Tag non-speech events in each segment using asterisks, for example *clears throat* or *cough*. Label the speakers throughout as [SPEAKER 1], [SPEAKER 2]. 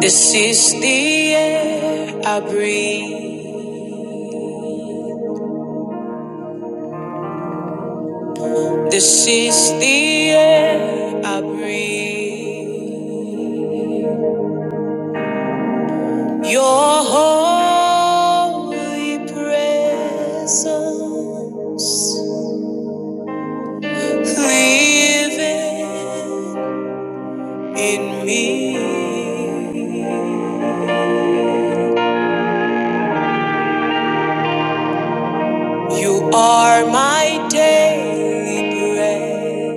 [SPEAKER 1] This is the air I breathe. This is the air I breathe. Your holy presence living in me. You are my daily bread.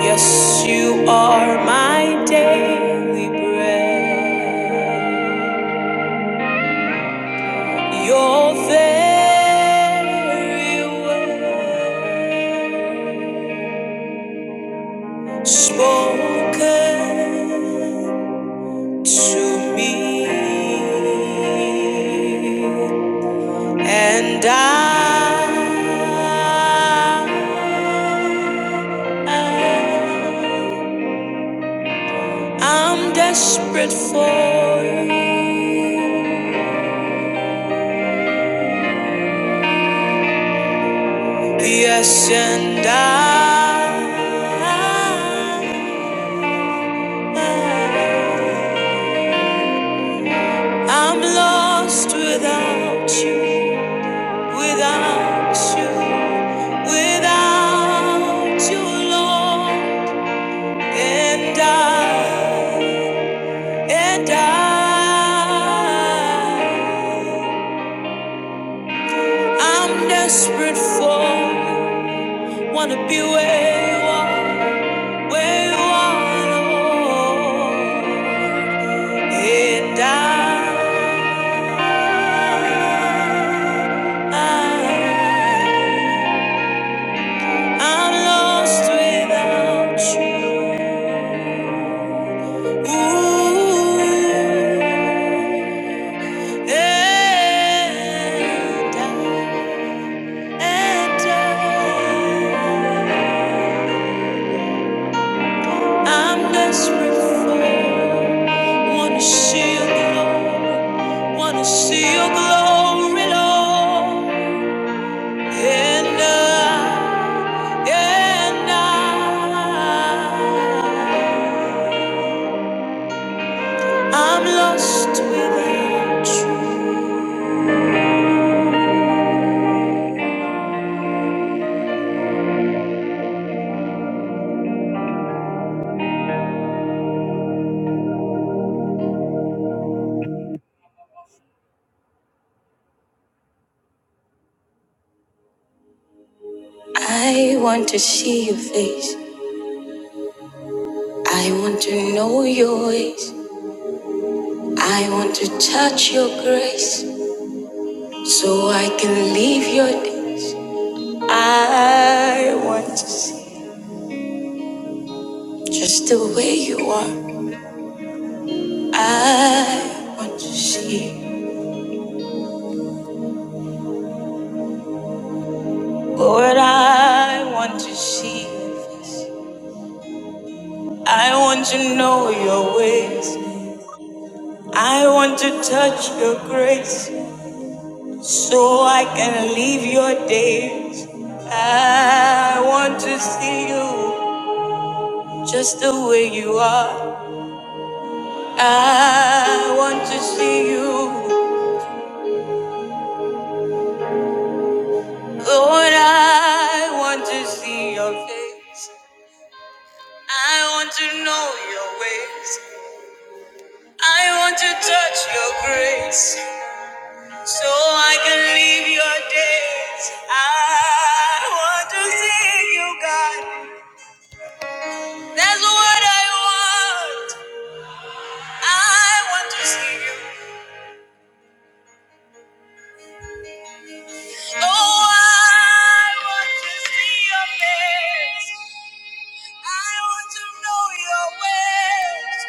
[SPEAKER 1] Yes, you are my daily bread. Your very word spoken to me, and I, I I'm desperate for you. Yes, and I. I'm lost without you, without you, without you, Lord. And I, and I, I'm desperate for you. Wanna be where you are, where you are, Lord. And I, I I'm lost without you. Ooh, and I, and I, I'm desperate for. Wanna see your glory. Wanna see your glory, Lord. And I, and I. I'm lost without you. I want to see your face. I want to know your ways. I want to touch your grace so I can leave your days. I want to see just the way you are. I want to see Lord. I want to see. your face. I want to know your ways. I want to touch your grace. so I can leave your days. I want to see you just the way you are. I want to see you, Lord. I want to see your face. I want to know your ways. I want to touch your grace so I can leave your days. I want to see you, God. That's what I want. I want to see you. Oh, I want to see your face. I want to know your ways.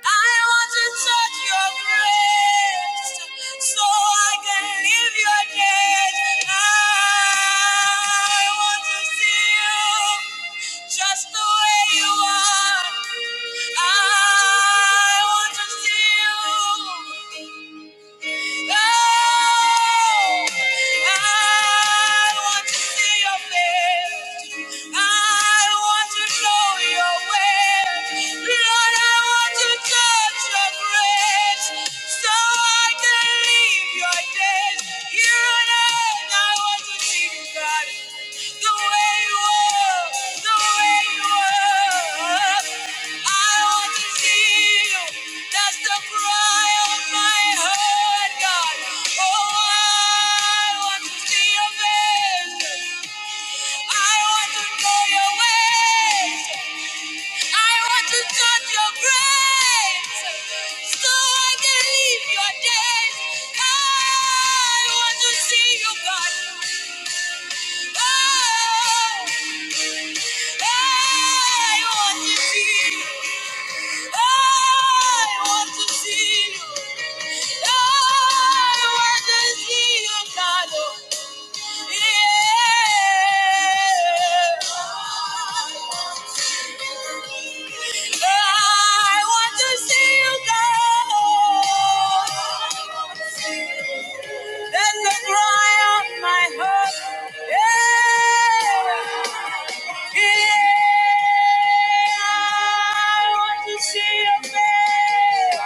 [SPEAKER 1] I want to touch your grace so I can live your days. I want to see you just the way you are. I want to see you. Oh, I want to see your face. I want to know your way. Lord, I want to touch your grace so I can live your days. You know, I want to see you, God. The way you are, the way you are. were. That's the cry of my heart, God. Oh, I want to see your face. I want to know your ways. I want to touch your grace so I can leave your days. I want to see you, God. Oh. I want to see you, God. Let the cry of my heart. Yeah. Yeah. I want to see your face.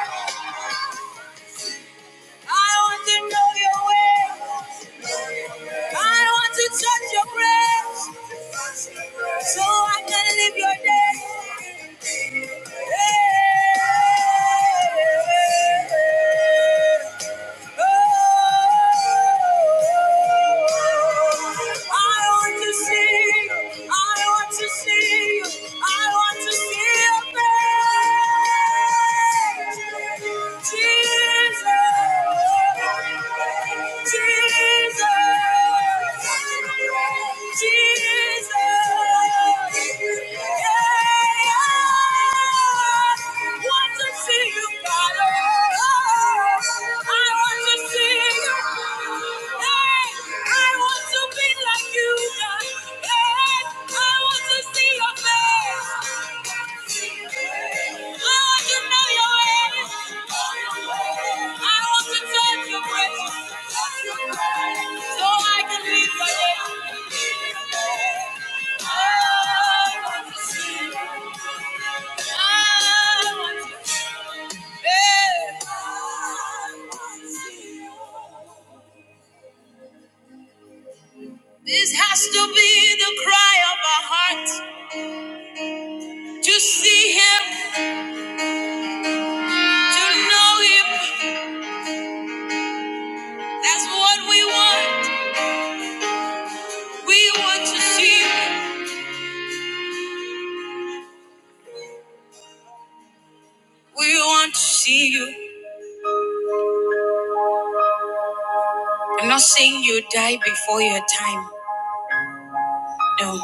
[SPEAKER 1] I want to know your way. I want to touch your breath. So I can live your day. Yeah. Jesus, Jesus, Jesus. I want to see your face. This has to be the cry of our heart to see Him, to know Him. That's what we want. We want to see you. We want to see you. I'm not saying you die before your time. No.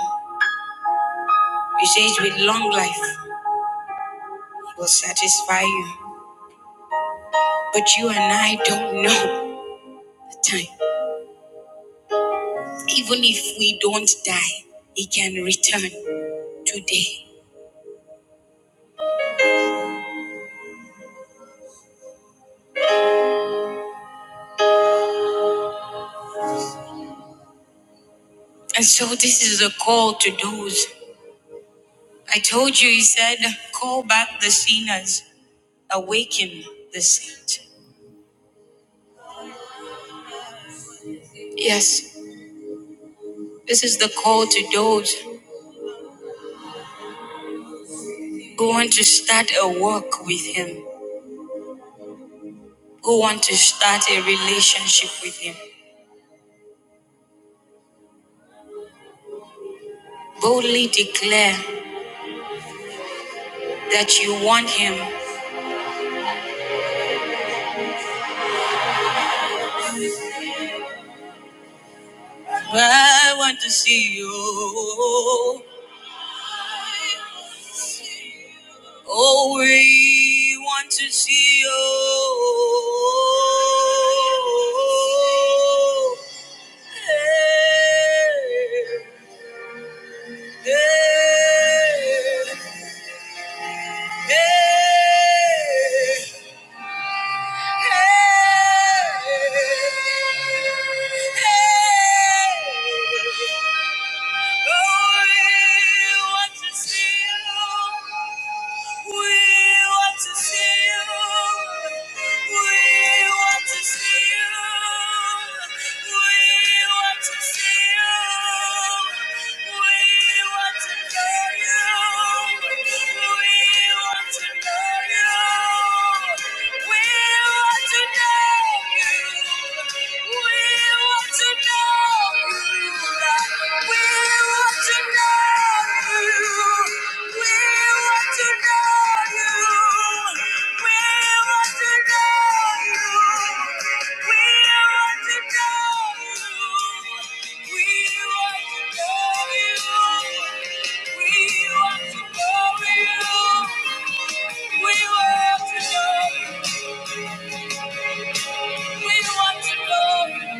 [SPEAKER 1] And so this is a call to those. I told you, he said, call back the sinners, awaken the saint. Yes, this is the call to those who want to start a walk with him, who want to start a relationship with him. Boldly declare that you want him. I want to see you. Oh, we want to see you. Hey, hey, hey. We want to know you. We want to know you. We want to know. We want to know.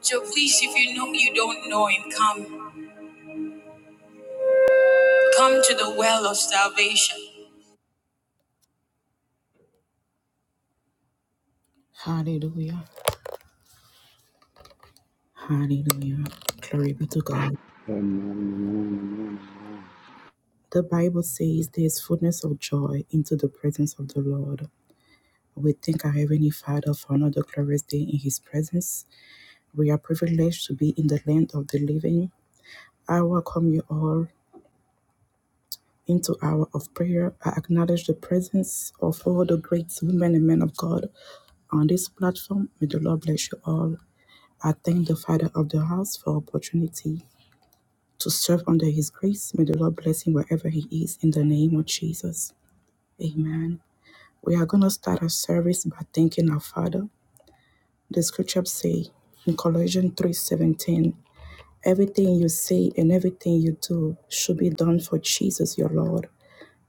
[SPEAKER 1] So please, if you know you don't know him, come. Come to the well of salvation. Hallelujah. Hallelujah. Glory be to God.
[SPEAKER 2] Have mercy
[SPEAKER 1] The Bible says there's fullness of joy into the presence of the Lord. We thank our Heavenly Father for another glorious day in His presence. We are privileged to be in the land of the living. I welcome you all. into hour of prayer. I acknowledge the presence of all the great women and men of God on this platform. May the Lord bless you all. I thank the Father of the house for opportunity to serve under His grace. May the Lord bless him wherever he is. In the name of Jesus, Amen. We are gonna start our service by thanking our Father. The Scriptures say in Colossians three seventeen, everything you say and everything you do should be done for Jesus your Lord.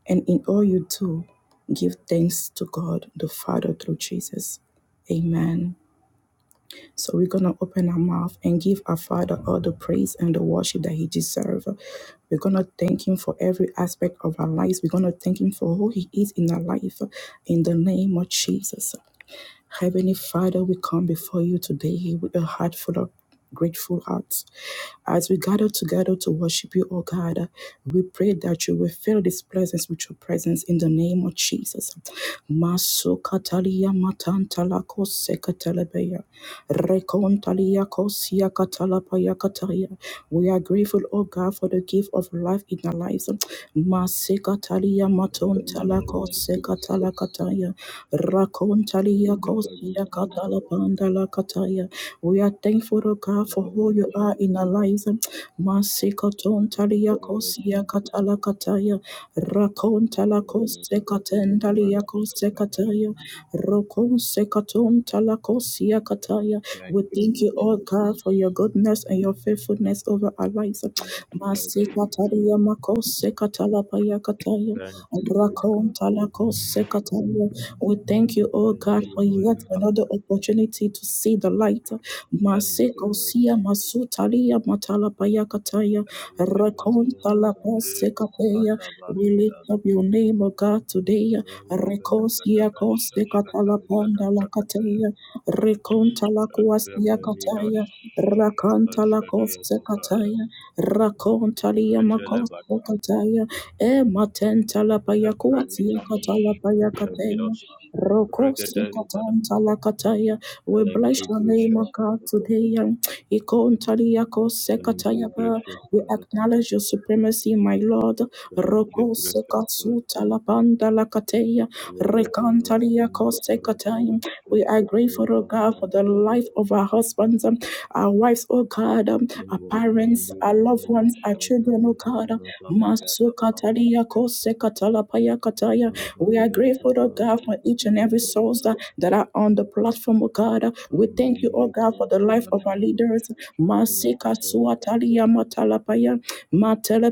[SPEAKER 1] And in all you do, give thanks to God the Father through Jesus. Amen. So we're going to open our mouth and give our Father all the praise and the worship that He deserves. We're going to thank Him for every aspect of our lives. We're going to thank Him for who He is in our life in the name of Jesus. Heavenly Father, we come before you today with a heart full of grateful hearts. As we gather together to worship you, O God, we pray that you will fill this presence with your presence in the name of Jesus. Masukatalia matantalako sekatelebeya. Rekontalia kosia katalapaya kataya. We are grateful, O God, for the gift of life in our lives. Masikatalia
[SPEAKER 3] Thank you, Lord
[SPEAKER 1] matontalako
[SPEAKER 3] Jesus.
[SPEAKER 1] sekatalakataya.
[SPEAKER 3] Thank
[SPEAKER 1] Shaliya
[SPEAKER 3] you, Lord
[SPEAKER 1] Kosia
[SPEAKER 3] Jesus.
[SPEAKER 1] Katala Pandala Kataya. We are thankful, O God,
[SPEAKER 3] Thank
[SPEAKER 1] for
[SPEAKER 3] you,
[SPEAKER 1] who
[SPEAKER 3] Lord
[SPEAKER 1] you are in
[SPEAKER 3] Jesus.
[SPEAKER 1] our lives. Masikaton
[SPEAKER 3] Thank
[SPEAKER 1] Talia
[SPEAKER 3] you, Lord
[SPEAKER 1] Kosia
[SPEAKER 3] Jesus.
[SPEAKER 1] Katala Kataya. Rakon
[SPEAKER 3] Oh,
[SPEAKER 1] Talakos
[SPEAKER 3] da, ba, da, ba,
[SPEAKER 1] Sekaten
[SPEAKER 3] dee, da, ba,
[SPEAKER 1] Talia
[SPEAKER 3] da, ba, da, ba, da, ba.
[SPEAKER 1] Kosekataya. Rokon Sekaton Talakosia Kataya. We
[SPEAKER 3] Thank you,
[SPEAKER 1] thank
[SPEAKER 3] Lord
[SPEAKER 1] you, O
[SPEAKER 3] Jesus.
[SPEAKER 1] God, for your goodness and your faithfulness over our lives.
[SPEAKER 3] Thank you, Lord Jesus.
[SPEAKER 1] Masikataria Makose Katalapaya Kataya.
[SPEAKER 3] Thank you, great
[SPEAKER 1] Rakon
[SPEAKER 3] God.
[SPEAKER 1] Talakose Kataya. We thank Thank you, oh
[SPEAKER 3] Thank
[SPEAKER 1] God,
[SPEAKER 3] you,
[SPEAKER 1] for
[SPEAKER 3] Holy
[SPEAKER 1] yet another
[SPEAKER 3] Father.
[SPEAKER 1] opportunity to see the light.
[SPEAKER 3] Thank you,
[SPEAKER 1] Maseko
[SPEAKER 3] Lord
[SPEAKER 1] sia
[SPEAKER 3] Jesus.
[SPEAKER 1] masutalia matalapaya kataya
[SPEAKER 3] Elemeni
[SPEAKER 1] rekonta la
[SPEAKER 3] anta kepo
[SPEAKER 1] pasekapeya.
[SPEAKER 3] fata
[SPEAKER 1] We
[SPEAKER 3] bayada.
[SPEAKER 1] lift up your name, O God, today.
[SPEAKER 3] Rembe bada bada
[SPEAKER 1] Rekosia
[SPEAKER 3] ba
[SPEAKER 1] kose
[SPEAKER 3] shashkata jada
[SPEAKER 1] katalapanda la
[SPEAKER 3] bada.
[SPEAKER 1] kataya rekonta la kuasia
[SPEAKER 3] Elemeni
[SPEAKER 1] kataya
[SPEAKER 3] nosh.
[SPEAKER 1] rakanta la
[SPEAKER 3] Shashkata
[SPEAKER 1] kose
[SPEAKER 3] yakaba
[SPEAKER 1] kataya rakonta
[SPEAKER 3] Regelebata,
[SPEAKER 1] kataya e matenta la paya kuasia
[SPEAKER 3] Efranina,
[SPEAKER 1] katala paya kataya
[SPEAKER 3] Rantavidas,
[SPEAKER 1] Roko
[SPEAKER 3] Regedeira.
[SPEAKER 1] sikatanta lakataya. We
[SPEAKER 3] Thank
[SPEAKER 1] bless
[SPEAKER 3] you,
[SPEAKER 1] your name, O
[SPEAKER 3] gracious
[SPEAKER 1] God,
[SPEAKER 3] Father.
[SPEAKER 1] today. um, Ikontariako
[SPEAKER 3] Thank
[SPEAKER 1] sekataya
[SPEAKER 3] you,
[SPEAKER 1] ba.
[SPEAKER 3] gracious
[SPEAKER 1] We
[SPEAKER 3] Father.
[SPEAKER 1] acknowledge your supremacy, my Lord.
[SPEAKER 3] Thank you,
[SPEAKER 1] Roko
[SPEAKER 3] gracious Father.
[SPEAKER 1] sekatsuta labanda lakataya.
[SPEAKER 3] Oh,
[SPEAKER 1] Rekantariako
[SPEAKER 3] Zalakam Paratira
[SPEAKER 1] sekataya. We are grateful,
[SPEAKER 3] Shashkatai
[SPEAKER 1] O God, for the
[SPEAKER 3] Zalabrata.
[SPEAKER 1] life of our husbands, um, our wives, O God, um, our
[SPEAKER 3] Levo
[SPEAKER 1] parents,
[SPEAKER 3] Zande
[SPEAKER 1] our loved
[SPEAKER 3] Gabaya
[SPEAKER 1] ones, our
[SPEAKER 3] Shaja
[SPEAKER 1] children, O God.
[SPEAKER 3] Bajamba Babaja
[SPEAKER 1] Masuka
[SPEAKER 3] Daba
[SPEAKER 1] Kataya. We are
[SPEAKER 3] Babaya
[SPEAKER 1] grateful, oh
[SPEAKER 3] Daba
[SPEAKER 1] God, for
[SPEAKER 3] Shada
[SPEAKER 1] each and every
[SPEAKER 3] Braga
[SPEAKER 1] souls
[SPEAKER 3] Daba
[SPEAKER 1] that, that are on the platform, oh God. We thank you, oh
[SPEAKER 3] Amayi
[SPEAKER 1] God, for the life
[SPEAKER 3] Kopaya
[SPEAKER 1] of our
[SPEAKER 3] Daba
[SPEAKER 1] leaders.
[SPEAKER 3] Shashka
[SPEAKER 1] Masika
[SPEAKER 3] Vrata
[SPEAKER 1] Suatalia Matalapaya,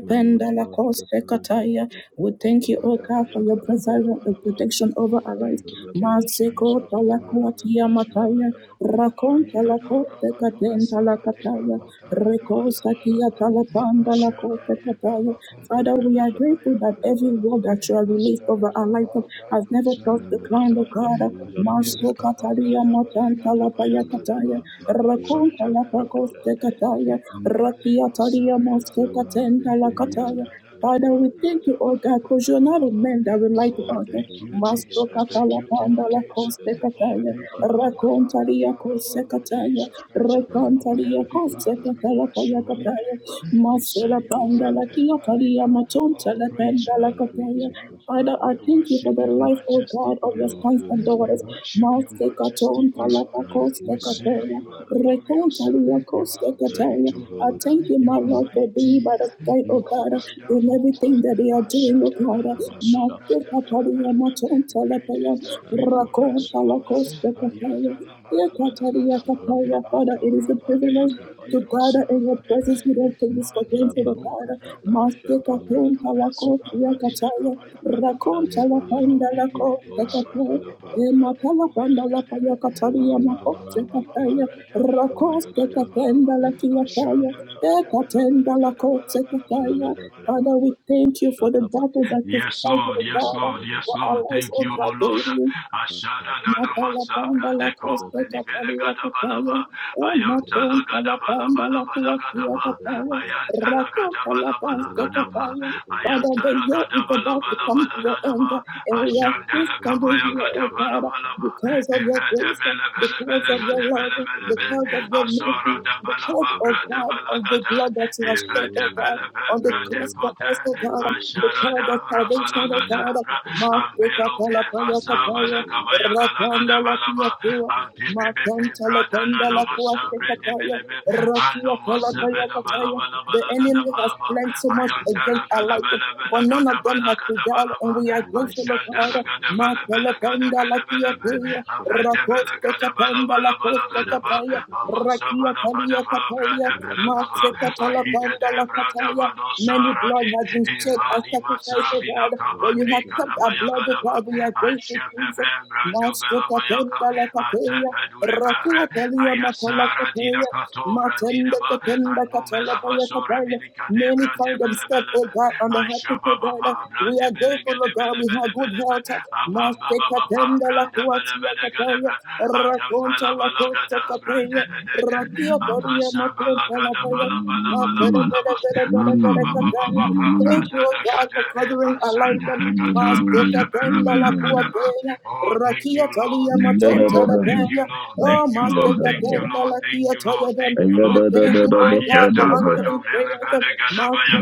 [SPEAKER 3] Thank you,
[SPEAKER 1] la Kosekataya. We thank you,
[SPEAKER 4] Oh,
[SPEAKER 1] oh God, for your preservation and protection over our lives.
[SPEAKER 4] thank you, King of Kings,
[SPEAKER 1] Masiko
[SPEAKER 4] Abba Father, we
[SPEAKER 1] Talakuatia
[SPEAKER 4] bless your holy
[SPEAKER 1] Mataya,
[SPEAKER 4] name.
[SPEAKER 1] Rakonta la
[SPEAKER 4] Ayeda Rabadoga
[SPEAKER 1] Kosekatenta la
[SPEAKER 4] Sava Deva
[SPEAKER 1] Kataya,
[SPEAKER 4] Kotara Dagada
[SPEAKER 1] Rekosatia
[SPEAKER 4] Balaba,
[SPEAKER 1] Talapanda la ko,
[SPEAKER 4] Ashanda Deva Bakunta
[SPEAKER 1] Father, we are
[SPEAKER 4] Rebela
[SPEAKER 1] grateful
[SPEAKER 4] Gaya
[SPEAKER 1] that
[SPEAKER 4] Gada
[SPEAKER 1] every
[SPEAKER 4] Balaba,
[SPEAKER 1] word that you have released
[SPEAKER 4] Astara
[SPEAKER 1] over our life
[SPEAKER 4] Dava
[SPEAKER 1] has
[SPEAKER 4] Brado
[SPEAKER 1] never touched the ground, O
[SPEAKER 4] Salabelaba,
[SPEAKER 1] God.
[SPEAKER 4] Ayunila
[SPEAKER 1] Maso
[SPEAKER 4] Kababra
[SPEAKER 1] kataria
[SPEAKER 4] Dabala
[SPEAKER 1] matanta
[SPEAKER 4] Gada
[SPEAKER 1] la Kataya,
[SPEAKER 4] Gadaba,
[SPEAKER 1] rakonta
[SPEAKER 4] Ashada
[SPEAKER 1] la pakos
[SPEAKER 4] Baba Babade,
[SPEAKER 1] tekataya,
[SPEAKER 4] Manle
[SPEAKER 1] rakia taria
[SPEAKER 4] Basare
[SPEAKER 1] maso
[SPEAKER 4] radaba.
[SPEAKER 1] katenta la kataya. Father, we thank you, O God, because you're not a man that will lie to
[SPEAKER 4] Oh,
[SPEAKER 1] us.
[SPEAKER 4] thank you,
[SPEAKER 1] Masto
[SPEAKER 4] Jesus. Thank
[SPEAKER 1] katala
[SPEAKER 4] you, King of
[SPEAKER 1] panda la
[SPEAKER 4] Kings.
[SPEAKER 1] koste
[SPEAKER 4] Oh,
[SPEAKER 1] kataya,
[SPEAKER 4] thank you, Abba Father,
[SPEAKER 1] rakontaria
[SPEAKER 4] Father of
[SPEAKER 1] kose
[SPEAKER 4] our Lord
[SPEAKER 1] kataya,
[SPEAKER 4] Jesus Christ. Our
[SPEAKER 1] rakontaria
[SPEAKER 4] Heavenly
[SPEAKER 3] gracious
[SPEAKER 1] kose
[SPEAKER 4] Father,
[SPEAKER 3] Father.
[SPEAKER 4] we
[SPEAKER 1] katala
[SPEAKER 4] bless your
[SPEAKER 1] paya
[SPEAKER 4] holy
[SPEAKER 1] kataya,
[SPEAKER 4] name. We say,
[SPEAKER 1] masela
[SPEAKER 3] Thank
[SPEAKER 4] Your
[SPEAKER 3] you,
[SPEAKER 1] panda
[SPEAKER 3] Holy
[SPEAKER 1] la
[SPEAKER 3] God.
[SPEAKER 1] kia karia matonta
[SPEAKER 4] All
[SPEAKER 1] la
[SPEAKER 4] praise
[SPEAKER 1] panda
[SPEAKER 4] and
[SPEAKER 1] la
[SPEAKER 3] Thank
[SPEAKER 4] honor
[SPEAKER 3] you,
[SPEAKER 4] be
[SPEAKER 1] kataya.
[SPEAKER 4] to
[SPEAKER 3] gracious
[SPEAKER 4] you.
[SPEAKER 1] Father,
[SPEAKER 3] Father.
[SPEAKER 1] I
[SPEAKER 4] We
[SPEAKER 1] thank you for
[SPEAKER 4] worship
[SPEAKER 1] the
[SPEAKER 4] your
[SPEAKER 1] life, O
[SPEAKER 4] majesty
[SPEAKER 1] God,
[SPEAKER 4] majesty, O
[SPEAKER 1] of your
[SPEAKER 3] Thank
[SPEAKER 4] Lord.
[SPEAKER 1] sons
[SPEAKER 3] you,
[SPEAKER 1] and
[SPEAKER 3] Holy
[SPEAKER 4] We
[SPEAKER 1] daughters.
[SPEAKER 3] God.
[SPEAKER 4] worship your
[SPEAKER 1] Sekaton
[SPEAKER 4] majesty, O Lord.
[SPEAKER 3] Thank
[SPEAKER 1] Kalapakos
[SPEAKER 3] you,
[SPEAKER 4] We
[SPEAKER 3] gracious
[SPEAKER 4] say
[SPEAKER 1] Sekateria.
[SPEAKER 4] you
[SPEAKER 3] Father.
[SPEAKER 4] are glorious. You
[SPEAKER 1] Rekontaliakos
[SPEAKER 4] are
[SPEAKER 3] Thank
[SPEAKER 4] great,
[SPEAKER 1] Sekateria.
[SPEAKER 4] O
[SPEAKER 3] you,
[SPEAKER 1] I
[SPEAKER 3] Holy
[SPEAKER 4] Lord.
[SPEAKER 3] God.
[SPEAKER 1] thank you, my
[SPEAKER 4] You are
[SPEAKER 1] Lord, for being by
[SPEAKER 4] mighty.
[SPEAKER 1] the side, O
[SPEAKER 4] You are
[SPEAKER 1] God, in
[SPEAKER 4] wonderful.
[SPEAKER 1] everything that they are doing, O God.
[SPEAKER 4] Ashadanana
[SPEAKER 3] Limo
[SPEAKER 4] masobra
[SPEAKER 1] Master
[SPEAKER 3] shakataba.
[SPEAKER 1] Kataria Maton
[SPEAKER 4] Great
[SPEAKER 1] Talapaya.
[SPEAKER 4] is thy
[SPEAKER 3] Anka
[SPEAKER 4] faithfulness, O
[SPEAKER 3] pakata
[SPEAKER 4] Lord.
[SPEAKER 1] Rakontalakos
[SPEAKER 3] shatakata.
[SPEAKER 1] Sekateria. Ekataria Kapaya. Father, it is a
[SPEAKER 3] Rabakatakapa
[SPEAKER 4] Rabade
[SPEAKER 1] privilege to
[SPEAKER 4] Brandero
[SPEAKER 3] shatapayada.
[SPEAKER 1] gather in your presence. We
[SPEAKER 4] Savadebe
[SPEAKER 1] don't take this for
[SPEAKER 4] Mani
[SPEAKER 1] granted.
[SPEAKER 4] Ibuku
[SPEAKER 1] Father.
[SPEAKER 3] Rabakakakaba
[SPEAKER 4] Vebare
[SPEAKER 1] Master
[SPEAKER 4] Capabra
[SPEAKER 1] Katonta
[SPEAKER 3] shatamayataba.
[SPEAKER 4] Dobesu
[SPEAKER 1] Lakota
[SPEAKER 4] Avadina
[SPEAKER 1] Yakataya,
[SPEAKER 4] Capaya Gadaba
[SPEAKER 1] Rakonta La
[SPEAKER 3] Alabayada
[SPEAKER 1] Panda
[SPEAKER 4] Antobri
[SPEAKER 1] Lakota
[SPEAKER 4] Dibiba
[SPEAKER 3] shotom
[SPEAKER 1] Kataya,
[SPEAKER 4] Rababa
[SPEAKER 3] patayapayada.
[SPEAKER 4] Brade
[SPEAKER 1] Ematala Panda
[SPEAKER 4] Comele
[SPEAKER 1] La
[SPEAKER 4] Gadebe
[SPEAKER 1] Payakataria
[SPEAKER 3] O
[SPEAKER 4] Ambaba
[SPEAKER 1] Makote
[SPEAKER 3] varande
[SPEAKER 4] Baba
[SPEAKER 1] Kataya,
[SPEAKER 3] gira
[SPEAKER 4] Brade Capaya
[SPEAKER 3] shashkanda
[SPEAKER 1] Rakoste
[SPEAKER 3] gira
[SPEAKER 1] Katenda
[SPEAKER 4] Gadabalaba
[SPEAKER 3] shkata
[SPEAKER 1] La
[SPEAKER 3] izada
[SPEAKER 1] Kiataya,
[SPEAKER 4] Ashandela
[SPEAKER 3] brakata.
[SPEAKER 4] Gadabella Bella
[SPEAKER 1] Ekatenda
[SPEAKER 4] Gadabala Bella Bella Gadabala
[SPEAKER 1] Father, we
[SPEAKER 3] Jelabadabadabadaba.
[SPEAKER 1] thank you for the battle
[SPEAKER 3] Shatabadabadaba.
[SPEAKER 1] that is
[SPEAKER 4] Yes,
[SPEAKER 1] fight,
[SPEAKER 4] Lord.
[SPEAKER 1] O
[SPEAKER 3] You
[SPEAKER 4] Yes,
[SPEAKER 1] God,
[SPEAKER 4] Lord. Yes,
[SPEAKER 1] for our
[SPEAKER 4] Lord.
[SPEAKER 1] lives,
[SPEAKER 4] Thank
[SPEAKER 1] O
[SPEAKER 4] you, O
[SPEAKER 1] God,
[SPEAKER 4] Lord.
[SPEAKER 1] daily.
[SPEAKER 4] Ashada gada
[SPEAKER 1] Matalapanda
[SPEAKER 4] masabra
[SPEAKER 1] la
[SPEAKER 4] deko
[SPEAKER 1] coste
[SPEAKER 4] belivele
[SPEAKER 1] capalia
[SPEAKER 4] gada
[SPEAKER 1] capaya,
[SPEAKER 4] balaba.
[SPEAKER 1] o maton
[SPEAKER 4] Ayantala gada balaba
[SPEAKER 1] talapanda la
[SPEAKER 4] laba gada
[SPEAKER 1] cuatia
[SPEAKER 4] ba.
[SPEAKER 1] capaya,
[SPEAKER 4] Ayantala
[SPEAKER 1] raka
[SPEAKER 4] gada balaba
[SPEAKER 1] talapaste
[SPEAKER 4] gada ba.
[SPEAKER 1] capaya. Father, the
[SPEAKER 4] Ayantala
[SPEAKER 1] year
[SPEAKER 4] gada
[SPEAKER 1] is about
[SPEAKER 4] balaba
[SPEAKER 1] to come
[SPEAKER 4] laba
[SPEAKER 1] to an
[SPEAKER 4] gada
[SPEAKER 3] alone
[SPEAKER 1] end,
[SPEAKER 4] ba.
[SPEAKER 1] and we are still
[SPEAKER 4] Ashandala
[SPEAKER 1] standing
[SPEAKER 4] kapaya
[SPEAKER 1] here,
[SPEAKER 4] gada
[SPEAKER 1] oh God,
[SPEAKER 4] balaba laba.
[SPEAKER 1] because of your
[SPEAKER 4] Evede
[SPEAKER 1] grace,
[SPEAKER 4] mele bele
[SPEAKER 1] because
[SPEAKER 4] bele
[SPEAKER 1] of your
[SPEAKER 4] gada
[SPEAKER 1] love,
[SPEAKER 4] bele mele be.
[SPEAKER 1] because of your
[SPEAKER 4] Asora
[SPEAKER 1] mercy,
[SPEAKER 4] da
[SPEAKER 1] because,
[SPEAKER 4] balaba
[SPEAKER 1] oh
[SPEAKER 4] bra
[SPEAKER 1] God, of the blood that
[SPEAKER 4] balagada
[SPEAKER 1] you have shed, oh
[SPEAKER 4] evrede
[SPEAKER 3] are
[SPEAKER 1] God,
[SPEAKER 4] bele
[SPEAKER 3] God,
[SPEAKER 1] on the
[SPEAKER 3] you
[SPEAKER 4] bebrede
[SPEAKER 1] cross
[SPEAKER 3] alone are
[SPEAKER 1] for
[SPEAKER 4] kote
[SPEAKER 1] us,
[SPEAKER 3] God,
[SPEAKER 1] oh
[SPEAKER 3] you
[SPEAKER 1] God,
[SPEAKER 3] alone are God.
[SPEAKER 1] because
[SPEAKER 4] aşarada
[SPEAKER 1] of
[SPEAKER 4] rabala
[SPEAKER 1] salvation, oh
[SPEAKER 3] None of us
[SPEAKER 4] gada
[SPEAKER 1] God.
[SPEAKER 4] bra
[SPEAKER 3] are God.
[SPEAKER 1] Masika
[SPEAKER 4] ambelo bir
[SPEAKER 1] palapaya
[SPEAKER 4] vasa
[SPEAKER 3] Rumble
[SPEAKER 1] kapaya,
[SPEAKER 4] bala kabaya gada
[SPEAKER 1] rakanda
[SPEAKER 4] gada
[SPEAKER 3] the
[SPEAKER 1] la
[SPEAKER 4] bala
[SPEAKER 1] pia
[SPEAKER 4] ba
[SPEAKER 1] tua,
[SPEAKER 4] ampipi bipi
[SPEAKER 1] matanta la
[SPEAKER 4] brada
[SPEAKER 1] kanda
[SPEAKER 4] nana
[SPEAKER 1] la
[SPEAKER 3] Robo
[SPEAKER 4] masa
[SPEAKER 1] kuase
[SPEAKER 4] brede
[SPEAKER 1] kataya,
[SPEAKER 4] bele be
[SPEAKER 3] shakatadadadadadadadada.
[SPEAKER 1] rakia
[SPEAKER 4] anno masa
[SPEAKER 1] palapaya
[SPEAKER 3] Robo
[SPEAKER 4] bela bala
[SPEAKER 1] kataya.
[SPEAKER 4] bala
[SPEAKER 1] The
[SPEAKER 4] bala gada
[SPEAKER 1] enemy
[SPEAKER 3] shakatadadadadadadadada.
[SPEAKER 1] has
[SPEAKER 4] bala ba
[SPEAKER 1] planned so much
[SPEAKER 3] Robo
[SPEAKER 1] against
[SPEAKER 4] ayantara
[SPEAKER 1] our
[SPEAKER 4] kala
[SPEAKER 1] life,
[SPEAKER 4] bela bela
[SPEAKER 1] but none of
[SPEAKER 4] gada
[SPEAKER 1] them
[SPEAKER 4] bala
[SPEAKER 1] has
[SPEAKER 3] shakatadadadadadadadada.
[SPEAKER 4] gada
[SPEAKER 1] prevailed,
[SPEAKER 4] bala
[SPEAKER 1] and
[SPEAKER 4] ba
[SPEAKER 1] we are
[SPEAKER 3] Robo
[SPEAKER 1] grateful, oh
[SPEAKER 4] aşandala
[SPEAKER 1] God.
[SPEAKER 4] gada bela
[SPEAKER 3] shakatadadadadadada.
[SPEAKER 1] Matala
[SPEAKER 4] bela gada
[SPEAKER 1] panda la
[SPEAKER 4] bela
[SPEAKER 1] pia
[SPEAKER 4] bela be
[SPEAKER 1] tua,
[SPEAKER 4] avede bela
[SPEAKER 1] rakoste
[SPEAKER 4] gada bala bala
[SPEAKER 1] kapanda
[SPEAKER 4] bala
[SPEAKER 3] Robo shakatadadadadadada. Robo
[SPEAKER 1] sekataya,
[SPEAKER 3] shakatadadadadada.
[SPEAKER 1] rakia talia kapaya,
[SPEAKER 3] Robo
[SPEAKER 1] matse katala panda kataya.
[SPEAKER 3] shakatadadadadada.
[SPEAKER 1] Many blood has been shed as
[SPEAKER 4] Imani
[SPEAKER 1] sacrifice of
[SPEAKER 4] masabina
[SPEAKER 1] God, but
[SPEAKER 3] Robo
[SPEAKER 1] you have
[SPEAKER 4] kabadri
[SPEAKER 1] kept our
[SPEAKER 4] kadabaya
[SPEAKER 1] blood of
[SPEAKER 4] gadaba
[SPEAKER 1] God.
[SPEAKER 3] shakatadadadadada.
[SPEAKER 1] We are grateful, Jesus.
[SPEAKER 4] Anşefefe brandu
[SPEAKER 1] Master
[SPEAKER 4] bela bayaka
[SPEAKER 1] katenda la kapaya,
[SPEAKER 4] Atepe
[SPEAKER 1] rakia
[SPEAKER 4] durefere
[SPEAKER 1] talia matala
[SPEAKER 4] Ayasara dina
[SPEAKER 1] kapaya, matende katenda katala baya kataya. Many find themselves, oh God, on the hospital bed. We are grateful, oh God. We have good health. Master
[SPEAKER 4] ba pa
[SPEAKER 1] to la
[SPEAKER 4] branda ba da ba da
[SPEAKER 1] kuatia
[SPEAKER 4] ga da
[SPEAKER 1] Cataya,
[SPEAKER 4] ba ayam pa
[SPEAKER 1] Raconta
[SPEAKER 4] la ba
[SPEAKER 1] la
[SPEAKER 4] la ga
[SPEAKER 1] Costa
[SPEAKER 4] da branda
[SPEAKER 1] Cataya,
[SPEAKER 4] da da da
[SPEAKER 5] Yadalabaya, Yadadadado,
[SPEAKER 1] Ratia Doria
[SPEAKER 4] apasa ba la
[SPEAKER 1] Maconta
[SPEAKER 4] ga
[SPEAKER 1] la
[SPEAKER 4] da ba
[SPEAKER 1] Paya,
[SPEAKER 4] la ba la ba la
[SPEAKER 1] Matere
[SPEAKER 4] ba la
[SPEAKER 1] Bere
[SPEAKER 4] ba
[SPEAKER 1] Bere Bere
[SPEAKER 4] apa
[SPEAKER 1] Bere
[SPEAKER 4] ba ba ba
[SPEAKER 1] Cataya.
[SPEAKER 4] ba ba
[SPEAKER 1] Thank you,
[SPEAKER 4] branda
[SPEAKER 1] O
[SPEAKER 4] da ga
[SPEAKER 1] God, for
[SPEAKER 4] da
[SPEAKER 1] covering
[SPEAKER 4] asanda
[SPEAKER 1] Alaida,
[SPEAKER 4] da ga
[SPEAKER 1] Mas
[SPEAKER 4] da branda ba la
[SPEAKER 1] Decatenda
[SPEAKER 4] ba
[SPEAKER 1] la
[SPEAKER 4] la ga da ba
[SPEAKER 1] Cuatena,
[SPEAKER 4] oh thank
[SPEAKER 1] Rakia
[SPEAKER 4] you lord
[SPEAKER 1] Talia
[SPEAKER 4] thank you
[SPEAKER 1] Matonta
[SPEAKER 4] lord
[SPEAKER 1] la
[SPEAKER 4] thank you
[SPEAKER 1] Paya,
[SPEAKER 4] lord
[SPEAKER 1] Oh,
[SPEAKER 4] thank you
[SPEAKER 1] Master,
[SPEAKER 4] lord thank you lord thank
[SPEAKER 1] we
[SPEAKER 4] you lord thank you lord
[SPEAKER 1] thank you, oh
[SPEAKER 4] ayya
[SPEAKER 1] God, for
[SPEAKER 4] da ba do
[SPEAKER 1] answering
[SPEAKER 4] me le ba
[SPEAKER 1] prayers.
[SPEAKER 4] da ga da ba
[SPEAKER 1] Master,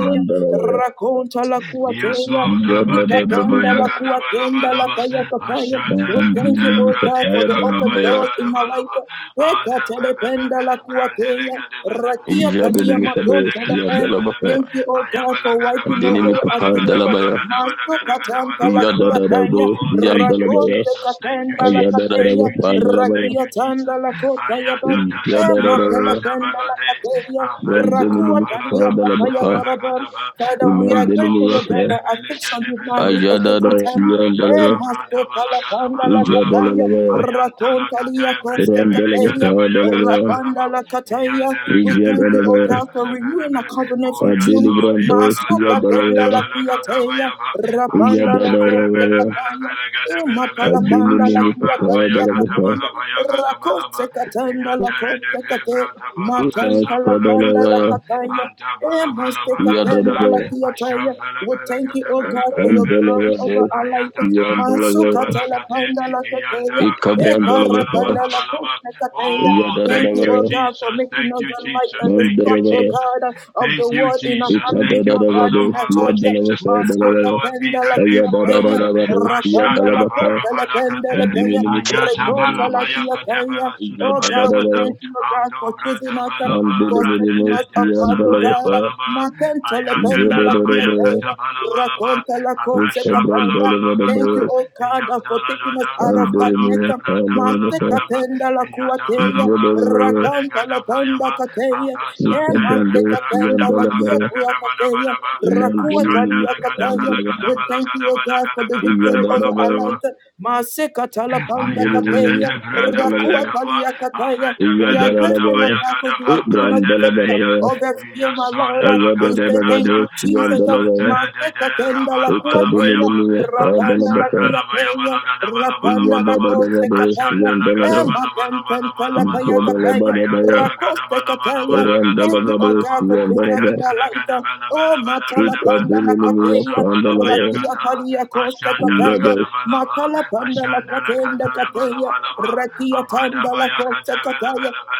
[SPEAKER 4] ba
[SPEAKER 1] raconta la
[SPEAKER 4] Yes,
[SPEAKER 1] cuateya,
[SPEAKER 4] Lord. Abadi
[SPEAKER 1] Nikatenda
[SPEAKER 4] kabaya
[SPEAKER 1] la
[SPEAKER 4] gada
[SPEAKER 1] kuatenda
[SPEAKER 4] Balaba bala
[SPEAKER 1] la
[SPEAKER 4] ba.
[SPEAKER 1] kaya kapaya. We
[SPEAKER 4] Ashadela
[SPEAKER 1] thank you, oh
[SPEAKER 4] katebra
[SPEAKER 1] God, for the
[SPEAKER 4] divela
[SPEAKER 1] open
[SPEAKER 4] kabaya
[SPEAKER 1] doors
[SPEAKER 4] gada
[SPEAKER 1] in her
[SPEAKER 4] Balaba ba.
[SPEAKER 1] life. Eka
[SPEAKER 4] Ade be be
[SPEAKER 1] penda
[SPEAKER 4] be
[SPEAKER 1] la
[SPEAKER 4] brandele
[SPEAKER 1] kuatea,
[SPEAKER 4] gada bele bele
[SPEAKER 1] rakia
[SPEAKER 4] bele bele
[SPEAKER 1] talia
[SPEAKER 4] gada bele
[SPEAKER 1] matonta la
[SPEAKER 4] gada bele
[SPEAKER 1] e.
[SPEAKER 4] bele be.
[SPEAKER 1] Thank you, O God,
[SPEAKER 4] Ayabala
[SPEAKER 1] for
[SPEAKER 4] gada
[SPEAKER 1] wiping
[SPEAKER 4] bala
[SPEAKER 1] away
[SPEAKER 4] gada
[SPEAKER 1] our
[SPEAKER 4] bala gada
[SPEAKER 1] tears.
[SPEAKER 4] bala gada bala
[SPEAKER 1] Masto
[SPEAKER 4] gada gada
[SPEAKER 1] katanta
[SPEAKER 4] bala
[SPEAKER 1] la
[SPEAKER 4] bala ba.
[SPEAKER 1] kia kaya,
[SPEAKER 4] Oh, thank you,
[SPEAKER 5] Yandalabaya,
[SPEAKER 1] rakote
[SPEAKER 4] Jesus. Thank you,
[SPEAKER 1] katenda la
[SPEAKER 4] Jesus. Thank
[SPEAKER 1] katea,
[SPEAKER 5] Ayadadadaba,
[SPEAKER 4] you, Jesus.
[SPEAKER 5] Pandalabaya,
[SPEAKER 4] Thank
[SPEAKER 1] rakia
[SPEAKER 4] you,
[SPEAKER 1] tanda
[SPEAKER 4] Jesus.
[SPEAKER 1] la kota ya ban,
[SPEAKER 4] Ayada da
[SPEAKER 1] e
[SPEAKER 4] da da.
[SPEAKER 1] matele
[SPEAKER 5] Yadadadabaya,
[SPEAKER 4] Rada
[SPEAKER 1] penda la
[SPEAKER 4] Balade
[SPEAKER 1] katea,
[SPEAKER 4] de.
[SPEAKER 5] Brandemini
[SPEAKER 1] rakua
[SPEAKER 4] Balaka.
[SPEAKER 5] mikapa
[SPEAKER 1] talia kataya
[SPEAKER 5] dalabapa.
[SPEAKER 1] paraban.
[SPEAKER 4] Kadaba,
[SPEAKER 1] Father, we are
[SPEAKER 5] Imandenimi
[SPEAKER 1] grateful,
[SPEAKER 4] Abantoza
[SPEAKER 1] O God,
[SPEAKER 5] yapa.
[SPEAKER 1] that
[SPEAKER 4] Belebele
[SPEAKER 1] affliction did not
[SPEAKER 4] Kedebelebe,
[SPEAKER 1] raise a
[SPEAKER 5] Ayada
[SPEAKER 1] second
[SPEAKER 5] da
[SPEAKER 1] time.
[SPEAKER 4] Ashara
[SPEAKER 5] piyan
[SPEAKER 1] Ema
[SPEAKER 5] dalaba.
[SPEAKER 4] Dadabra
[SPEAKER 1] masto
[SPEAKER 4] Dabala
[SPEAKER 1] tala panda
[SPEAKER 4] Gadabala
[SPEAKER 1] la katea,
[SPEAKER 5] Ijada
[SPEAKER 4] Balaba,
[SPEAKER 1] Kataya,
[SPEAKER 5] lalabaya.
[SPEAKER 4] Ayantana
[SPEAKER 1] Rakontalia
[SPEAKER 4] Kadebre Devele
[SPEAKER 1] Kostekapeya,
[SPEAKER 5] Randalabapa
[SPEAKER 4] Gadabaya
[SPEAKER 5] dalabaya.
[SPEAKER 1] Rapanda
[SPEAKER 4] Gadabalaba,
[SPEAKER 1] la Kataya.
[SPEAKER 4] Yandele
[SPEAKER 1] We
[SPEAKER 5] Ijada
[SPEAKER 1] thank you,
[SPEAKER 4] Kedebele
[SPEAKER 1] O
[SPEAKER 5] dalabaya.
[SPEAKER 4] Bele
[SPEAKER 1] God, for
[SPEAKER 4] Bele Bele
[SPEAKER 1] renewing our
[SPEAKER 4] Be,
[SPEAKER 1] covenant with
[SPEAKER 5] Adeli
[SPEAKER 4] Oyaslo
[SPEAKER 1] you.
[SPEAKER 5] brando
[SPEAKER 4] Ribala
[SPEAKER 5] siya
[SPEAKER 1] Masaka
[SPEAKER 4] Dabra
[SPEAKER 1] Tenda
[SPEAKER 5] dalabaya.
[SPEAKER 1] la
[SPEAKER 4] Dabala
[SPEAKER 1] Kuyateya,
[SPEAKER 4] Gadabayaba,
[SPEAKER 1] Rapanda
[SPEAKER 5] Ijada
[SPEAKER 1] la
[SPEAKER 4] Ashandebele Bele
[SPEAKER 5] dalabaya.
[SPEAKER 4] Bele
[SPEAKER 1] Kostekapaya,
[SPEAKER 4] Bele Gadabele Be,
[SPEAKER 1] Imapala Panda
[SPEAKER 5] Adimini
[SPEAKER 1] la kia
[SPEAKER 4] Ashambala
[SPEAKER 5] mikapa
[SPEAKER 4] Baya
[SPEAKER 1] Kuyakadia
[SPEAKER 5] dalabapa.
[SPEAKER 1] Kapeya,
[SPEAKER 4] Gadabala Baya Gadabalaba,
[SPEAKER 1] Rakosekatanda la
[SPEAKER 4] Yantere
[SPEAKER 1] Kostekate,
[SPEAKER 4] Oh,
[SPEAKER 1] Matanta
[SPEAKER 5] Imasta
[SPEAKER 1] la Panda la
[SPEAKER 5] dalabaya.
[SPEAKER 1] Kataya.
[SPEAKER 5] Iyada dalabaya.
[SPEAKER 1] Emastekatendalakiataya. We thank you, O God, for your glory over
[SPEAKER 5] Andalabados.
[SPEAKER 1] our life.
[SPEAKER 5] siya dalabaya.
[SPEAKER 1] Masukata la panda la Masukatalapandalaketeya.
[SPEAKER 5] Ikabran dalabapa.
[SPEAKER 1] Ekaratandalakotekateya.
[SPEAKER 5] Iyada
[SPEAKER 1] Thank
[SPEAKER 4] thank
[SPEAKER 1] you,
[SPEAKER 4] you,
[SPEAKER 1] O
[SPEAKER 5] dalabaya.
[SPEAKER 1] God, for
[SPEAKER 4] Jesus.
[SPEAKER 1] making
[SPEAKER 4] Thank
[SPEAKER 1] us
[SPEAKER 4] you,
[SPEAKER 1] the light and
[SPEAKER 4] Jesus.
[SPEAKER 1] the
[SPEAKER 4] Thank you,
[SPEAKER 1] spark, O
[SPEAKER 5] Mandarabaya.
[SPEAKER 4] Jesus.
[SPEAKER 1] God, of the
[SPEAKER 4] Thank you,
[SPEAKER 1] world in our
[SPEAKER 4] Jesus.
[SPEAKER 5] Ikada
[SPEAKER 1] family.
[SPEAKER 4] Thank
[SPEAKER 1] O
[SPEAKER 4] you,
[SPEAKER 1] God,
[SPEAKER 4] Father
[SPEAKER 5] dalabaya.
[SPEAKER 1] in
[SPEAKER 4] of
[SPEAKER 1] our
[SPEAKER 4] our
[SPEAKER 5] Siyan
[SPEAKER 4] Lord
[SPEAKER 1] church.
[SPEAKER 4] Jesus.
[SPEAKER 5] dalabapa
[SPEAKER 4] Our
[SPEAKER 5] dalabaya.
[SPEAKER 4] Lord be
[SPEAKER 1] Masukatenda
[SPEAKER 4] thy
[SPEAKER 1] la
[SPEAKER 4] name,
[SPEAKER 5] Iya,
[SPEAKER 4] O
[SPEAKER 5] Ibrahim
[SPEAKER 1] kiataya.
[SPEAKER 4] Lord.
[SPEAKER 5] Dalabaya,
[SPEAKER 1] Ratanda la
[SPEAKER 4] Ashada barabada kade.
[SPEAKER 1] Masukatendalakiataya. Rakandalakotelependelepaya.
[SPEAKER 4] Ayata
[SPEAKER 1] Rekontalakiataya.
[SPEAKER 4] Sudabaya
[SPEAKER 1] Oh
[SPEAKER 4] Sudabaya
[SPEAKER 1] God, we
[SPEAKER 4] Gada
[SPEAKER 1] thank you, oh God, for
[SPEAKER 4] Andobra
[SPEAKER 1] choosing us
[SPEAKER 4] Dabalaba
[SPEAKER 1] for
[SPEAKER 4] Brada
[SPEAKER 1] setting us
[SPEAKER 4] de
[SPEAKER 1] apart, O
[SPEAKER 4] Sabaya
[SPEAKER 1] God.
[SPEAKER 4] Balaba
[SPEAKER 1] Matenta la tenda la
[SPEAKER 4] Ayadabalabaya
[SPEAKER 1] fiatella,
[SPEAKER 4] Katabalabalaba
[SPEAKER 1] raconta la cosa
[SPEAKER 4] Apasha
[SPEAKER 1] capella. Thank you,
[SPEAKER 4] Balabalagada
[SPEAKER 1] O God, for taking us
[SPEAKER 4] Yamdaladada
[SPEAKER 1] out of
[SPEAKER 4] Rabado
[SPEAKER 1] darkness.
[SPEAKER 4] Hebra
[SPEAKER 1] Masteka
[SPEAKER 4] Dabalagadaba
[SPEAKER 1] tenda la cuatella,
[SPEAKER 4] Yatamalaba Rabade
[SPEAKER 1] racanta la tenda
[SPEAKER 4] Gadabayaba
[SPEAKER 1] catella, and
[SPEAKER 4] Afasante
[SPEAKER 1] masteka
[SPEAKER 4] Rebela
[SPEAKER 1] tenda la
[SPEAKER 4] Gadabalagada
[SPEAKER 1] fiatua catella,
[SPEAKER 4] Gadabadabadaba
[SPEAKER 1] racuatalia
[SPEAKER 4] Ashrandala
[SPEAKER 1] catella.
[SPEAKER 4] Gadabalagada
[SPEAKER 1] We thank
[SPEAKER 4] Balagada
[SPEAKER 1] you, O God, for
[SPEAKER 4] Balagada
[SPEAKER 1] the victory over our
[SPEAKER 4] Gadabalaba
[SPEAKER 1] lives. Maseka talapanda catella,
[SPEAKER 4] afeta branda Melekapa,
[SPEAKER 1] racuatalia catella.
[SPEAKER 4] Afeta
[SPEAKER 1] We are
[SPEAKER 5] Ayada
[SPEAKER 1] grateful, Lord
[SPEAKER 5] Dalabaya,
[SPEAKER 4] Melekatabaya
[SPEAKER 1] God, because you
[SPEAKER 4] Gadapa,
[SPEAKER 1] are giving us faith. uh,
[SPEAKER 4] Brandeleria,
[SPEAKER 1] Oh, that's here, my Lord.
[SPEAKER 4] Yasona
[SPEAKER 1] Uh,
[SPEAKER 4] la
[SPEAKER 1] We say thank you,
[SPEAKER 4] Catebrada,
[SPEAKER 5] Sian
[SPEAKER 1] Jesus. Uh,
[SPEAKER 5] Dalabaya,
[SPEAKER 4] Asontere de
[SPEAKER 1] Maseka tenda la kuateya,
[SPEAKER 4] Rabalabalaba,
[SPEAKER 5] Ikademenemia padala
[SPEAKER 1] rapanda la
[SPEAKER 4] afesan
[SPEAKER 5] baka
[SPEAKER 1] kiateya,
[SPEAKER 4] Ayadadada
[SPEAKER 1] rapanda la
[SPEAKER 4] bradamalakapa,
[SPEAKER 5] iyadada
[SPEAKER 4] afatamalakatabayagadapa brandelereya, yasonalakatebrada, asonteredede rabalabalabayaba,
[SPEAKER 1] kose
[SPEAKER 4] afesanvalabalabalagadabalabalabalaba,
[SPEAKER 5] davados
[SPEAKER 1] kataya,
[SPEAKER 5] yandala
[SPEAKER 1] ema ten ten telepaya
[SPEAKER 4] ashandalagadabalabalabalabalaba,
[SPEAKER 5] ijadala
[SPEAKER 1] kataya,
[SPEAKER 5] badabaya
[SPEAKER 1] rakoste kataya.
[SPEAKER 5] randala
[SPEAKER 1] Thank you, oh
[SPEAKER 5] vados
[SPEAKER 4] ayandalagadabalabalabalagadabalabalaba,
[SPEAKER 1] God, for
[SPEAKER 5] yandala ba
[SPEAKER 1] preserving our life. uh, Oh, matala
[SPEAKER 4] ayandalagadabalabalabalagadaba,
[SPEAKER 1] panda la
[SPEAKER 5] ikademenemia
[SPEAKER 1] kateya,
[SPEAKER 5] padala baya
[SPEAKER 1] rakia
[SPEAKER 4] abasabalabayagada,
[SPEAKER 1] palia kose
[SPEAKER 4] Ashandala
[SPEAKER 1] kataya,
[SPEAKER 5] iyadosh
[SPEAKER 4] Gadabalaba,
[SPEAKER 1] matala panda la
[SPEAKER 4] Ashandala
[SPEAKER 1] katenda kateya,
[SPEAKER 4] Kadabalabalaba,
[SPEAKER 1] Rakia Tanda
[SPEAKER 4] Abadabaya
[SPEAKER 1] Lakosa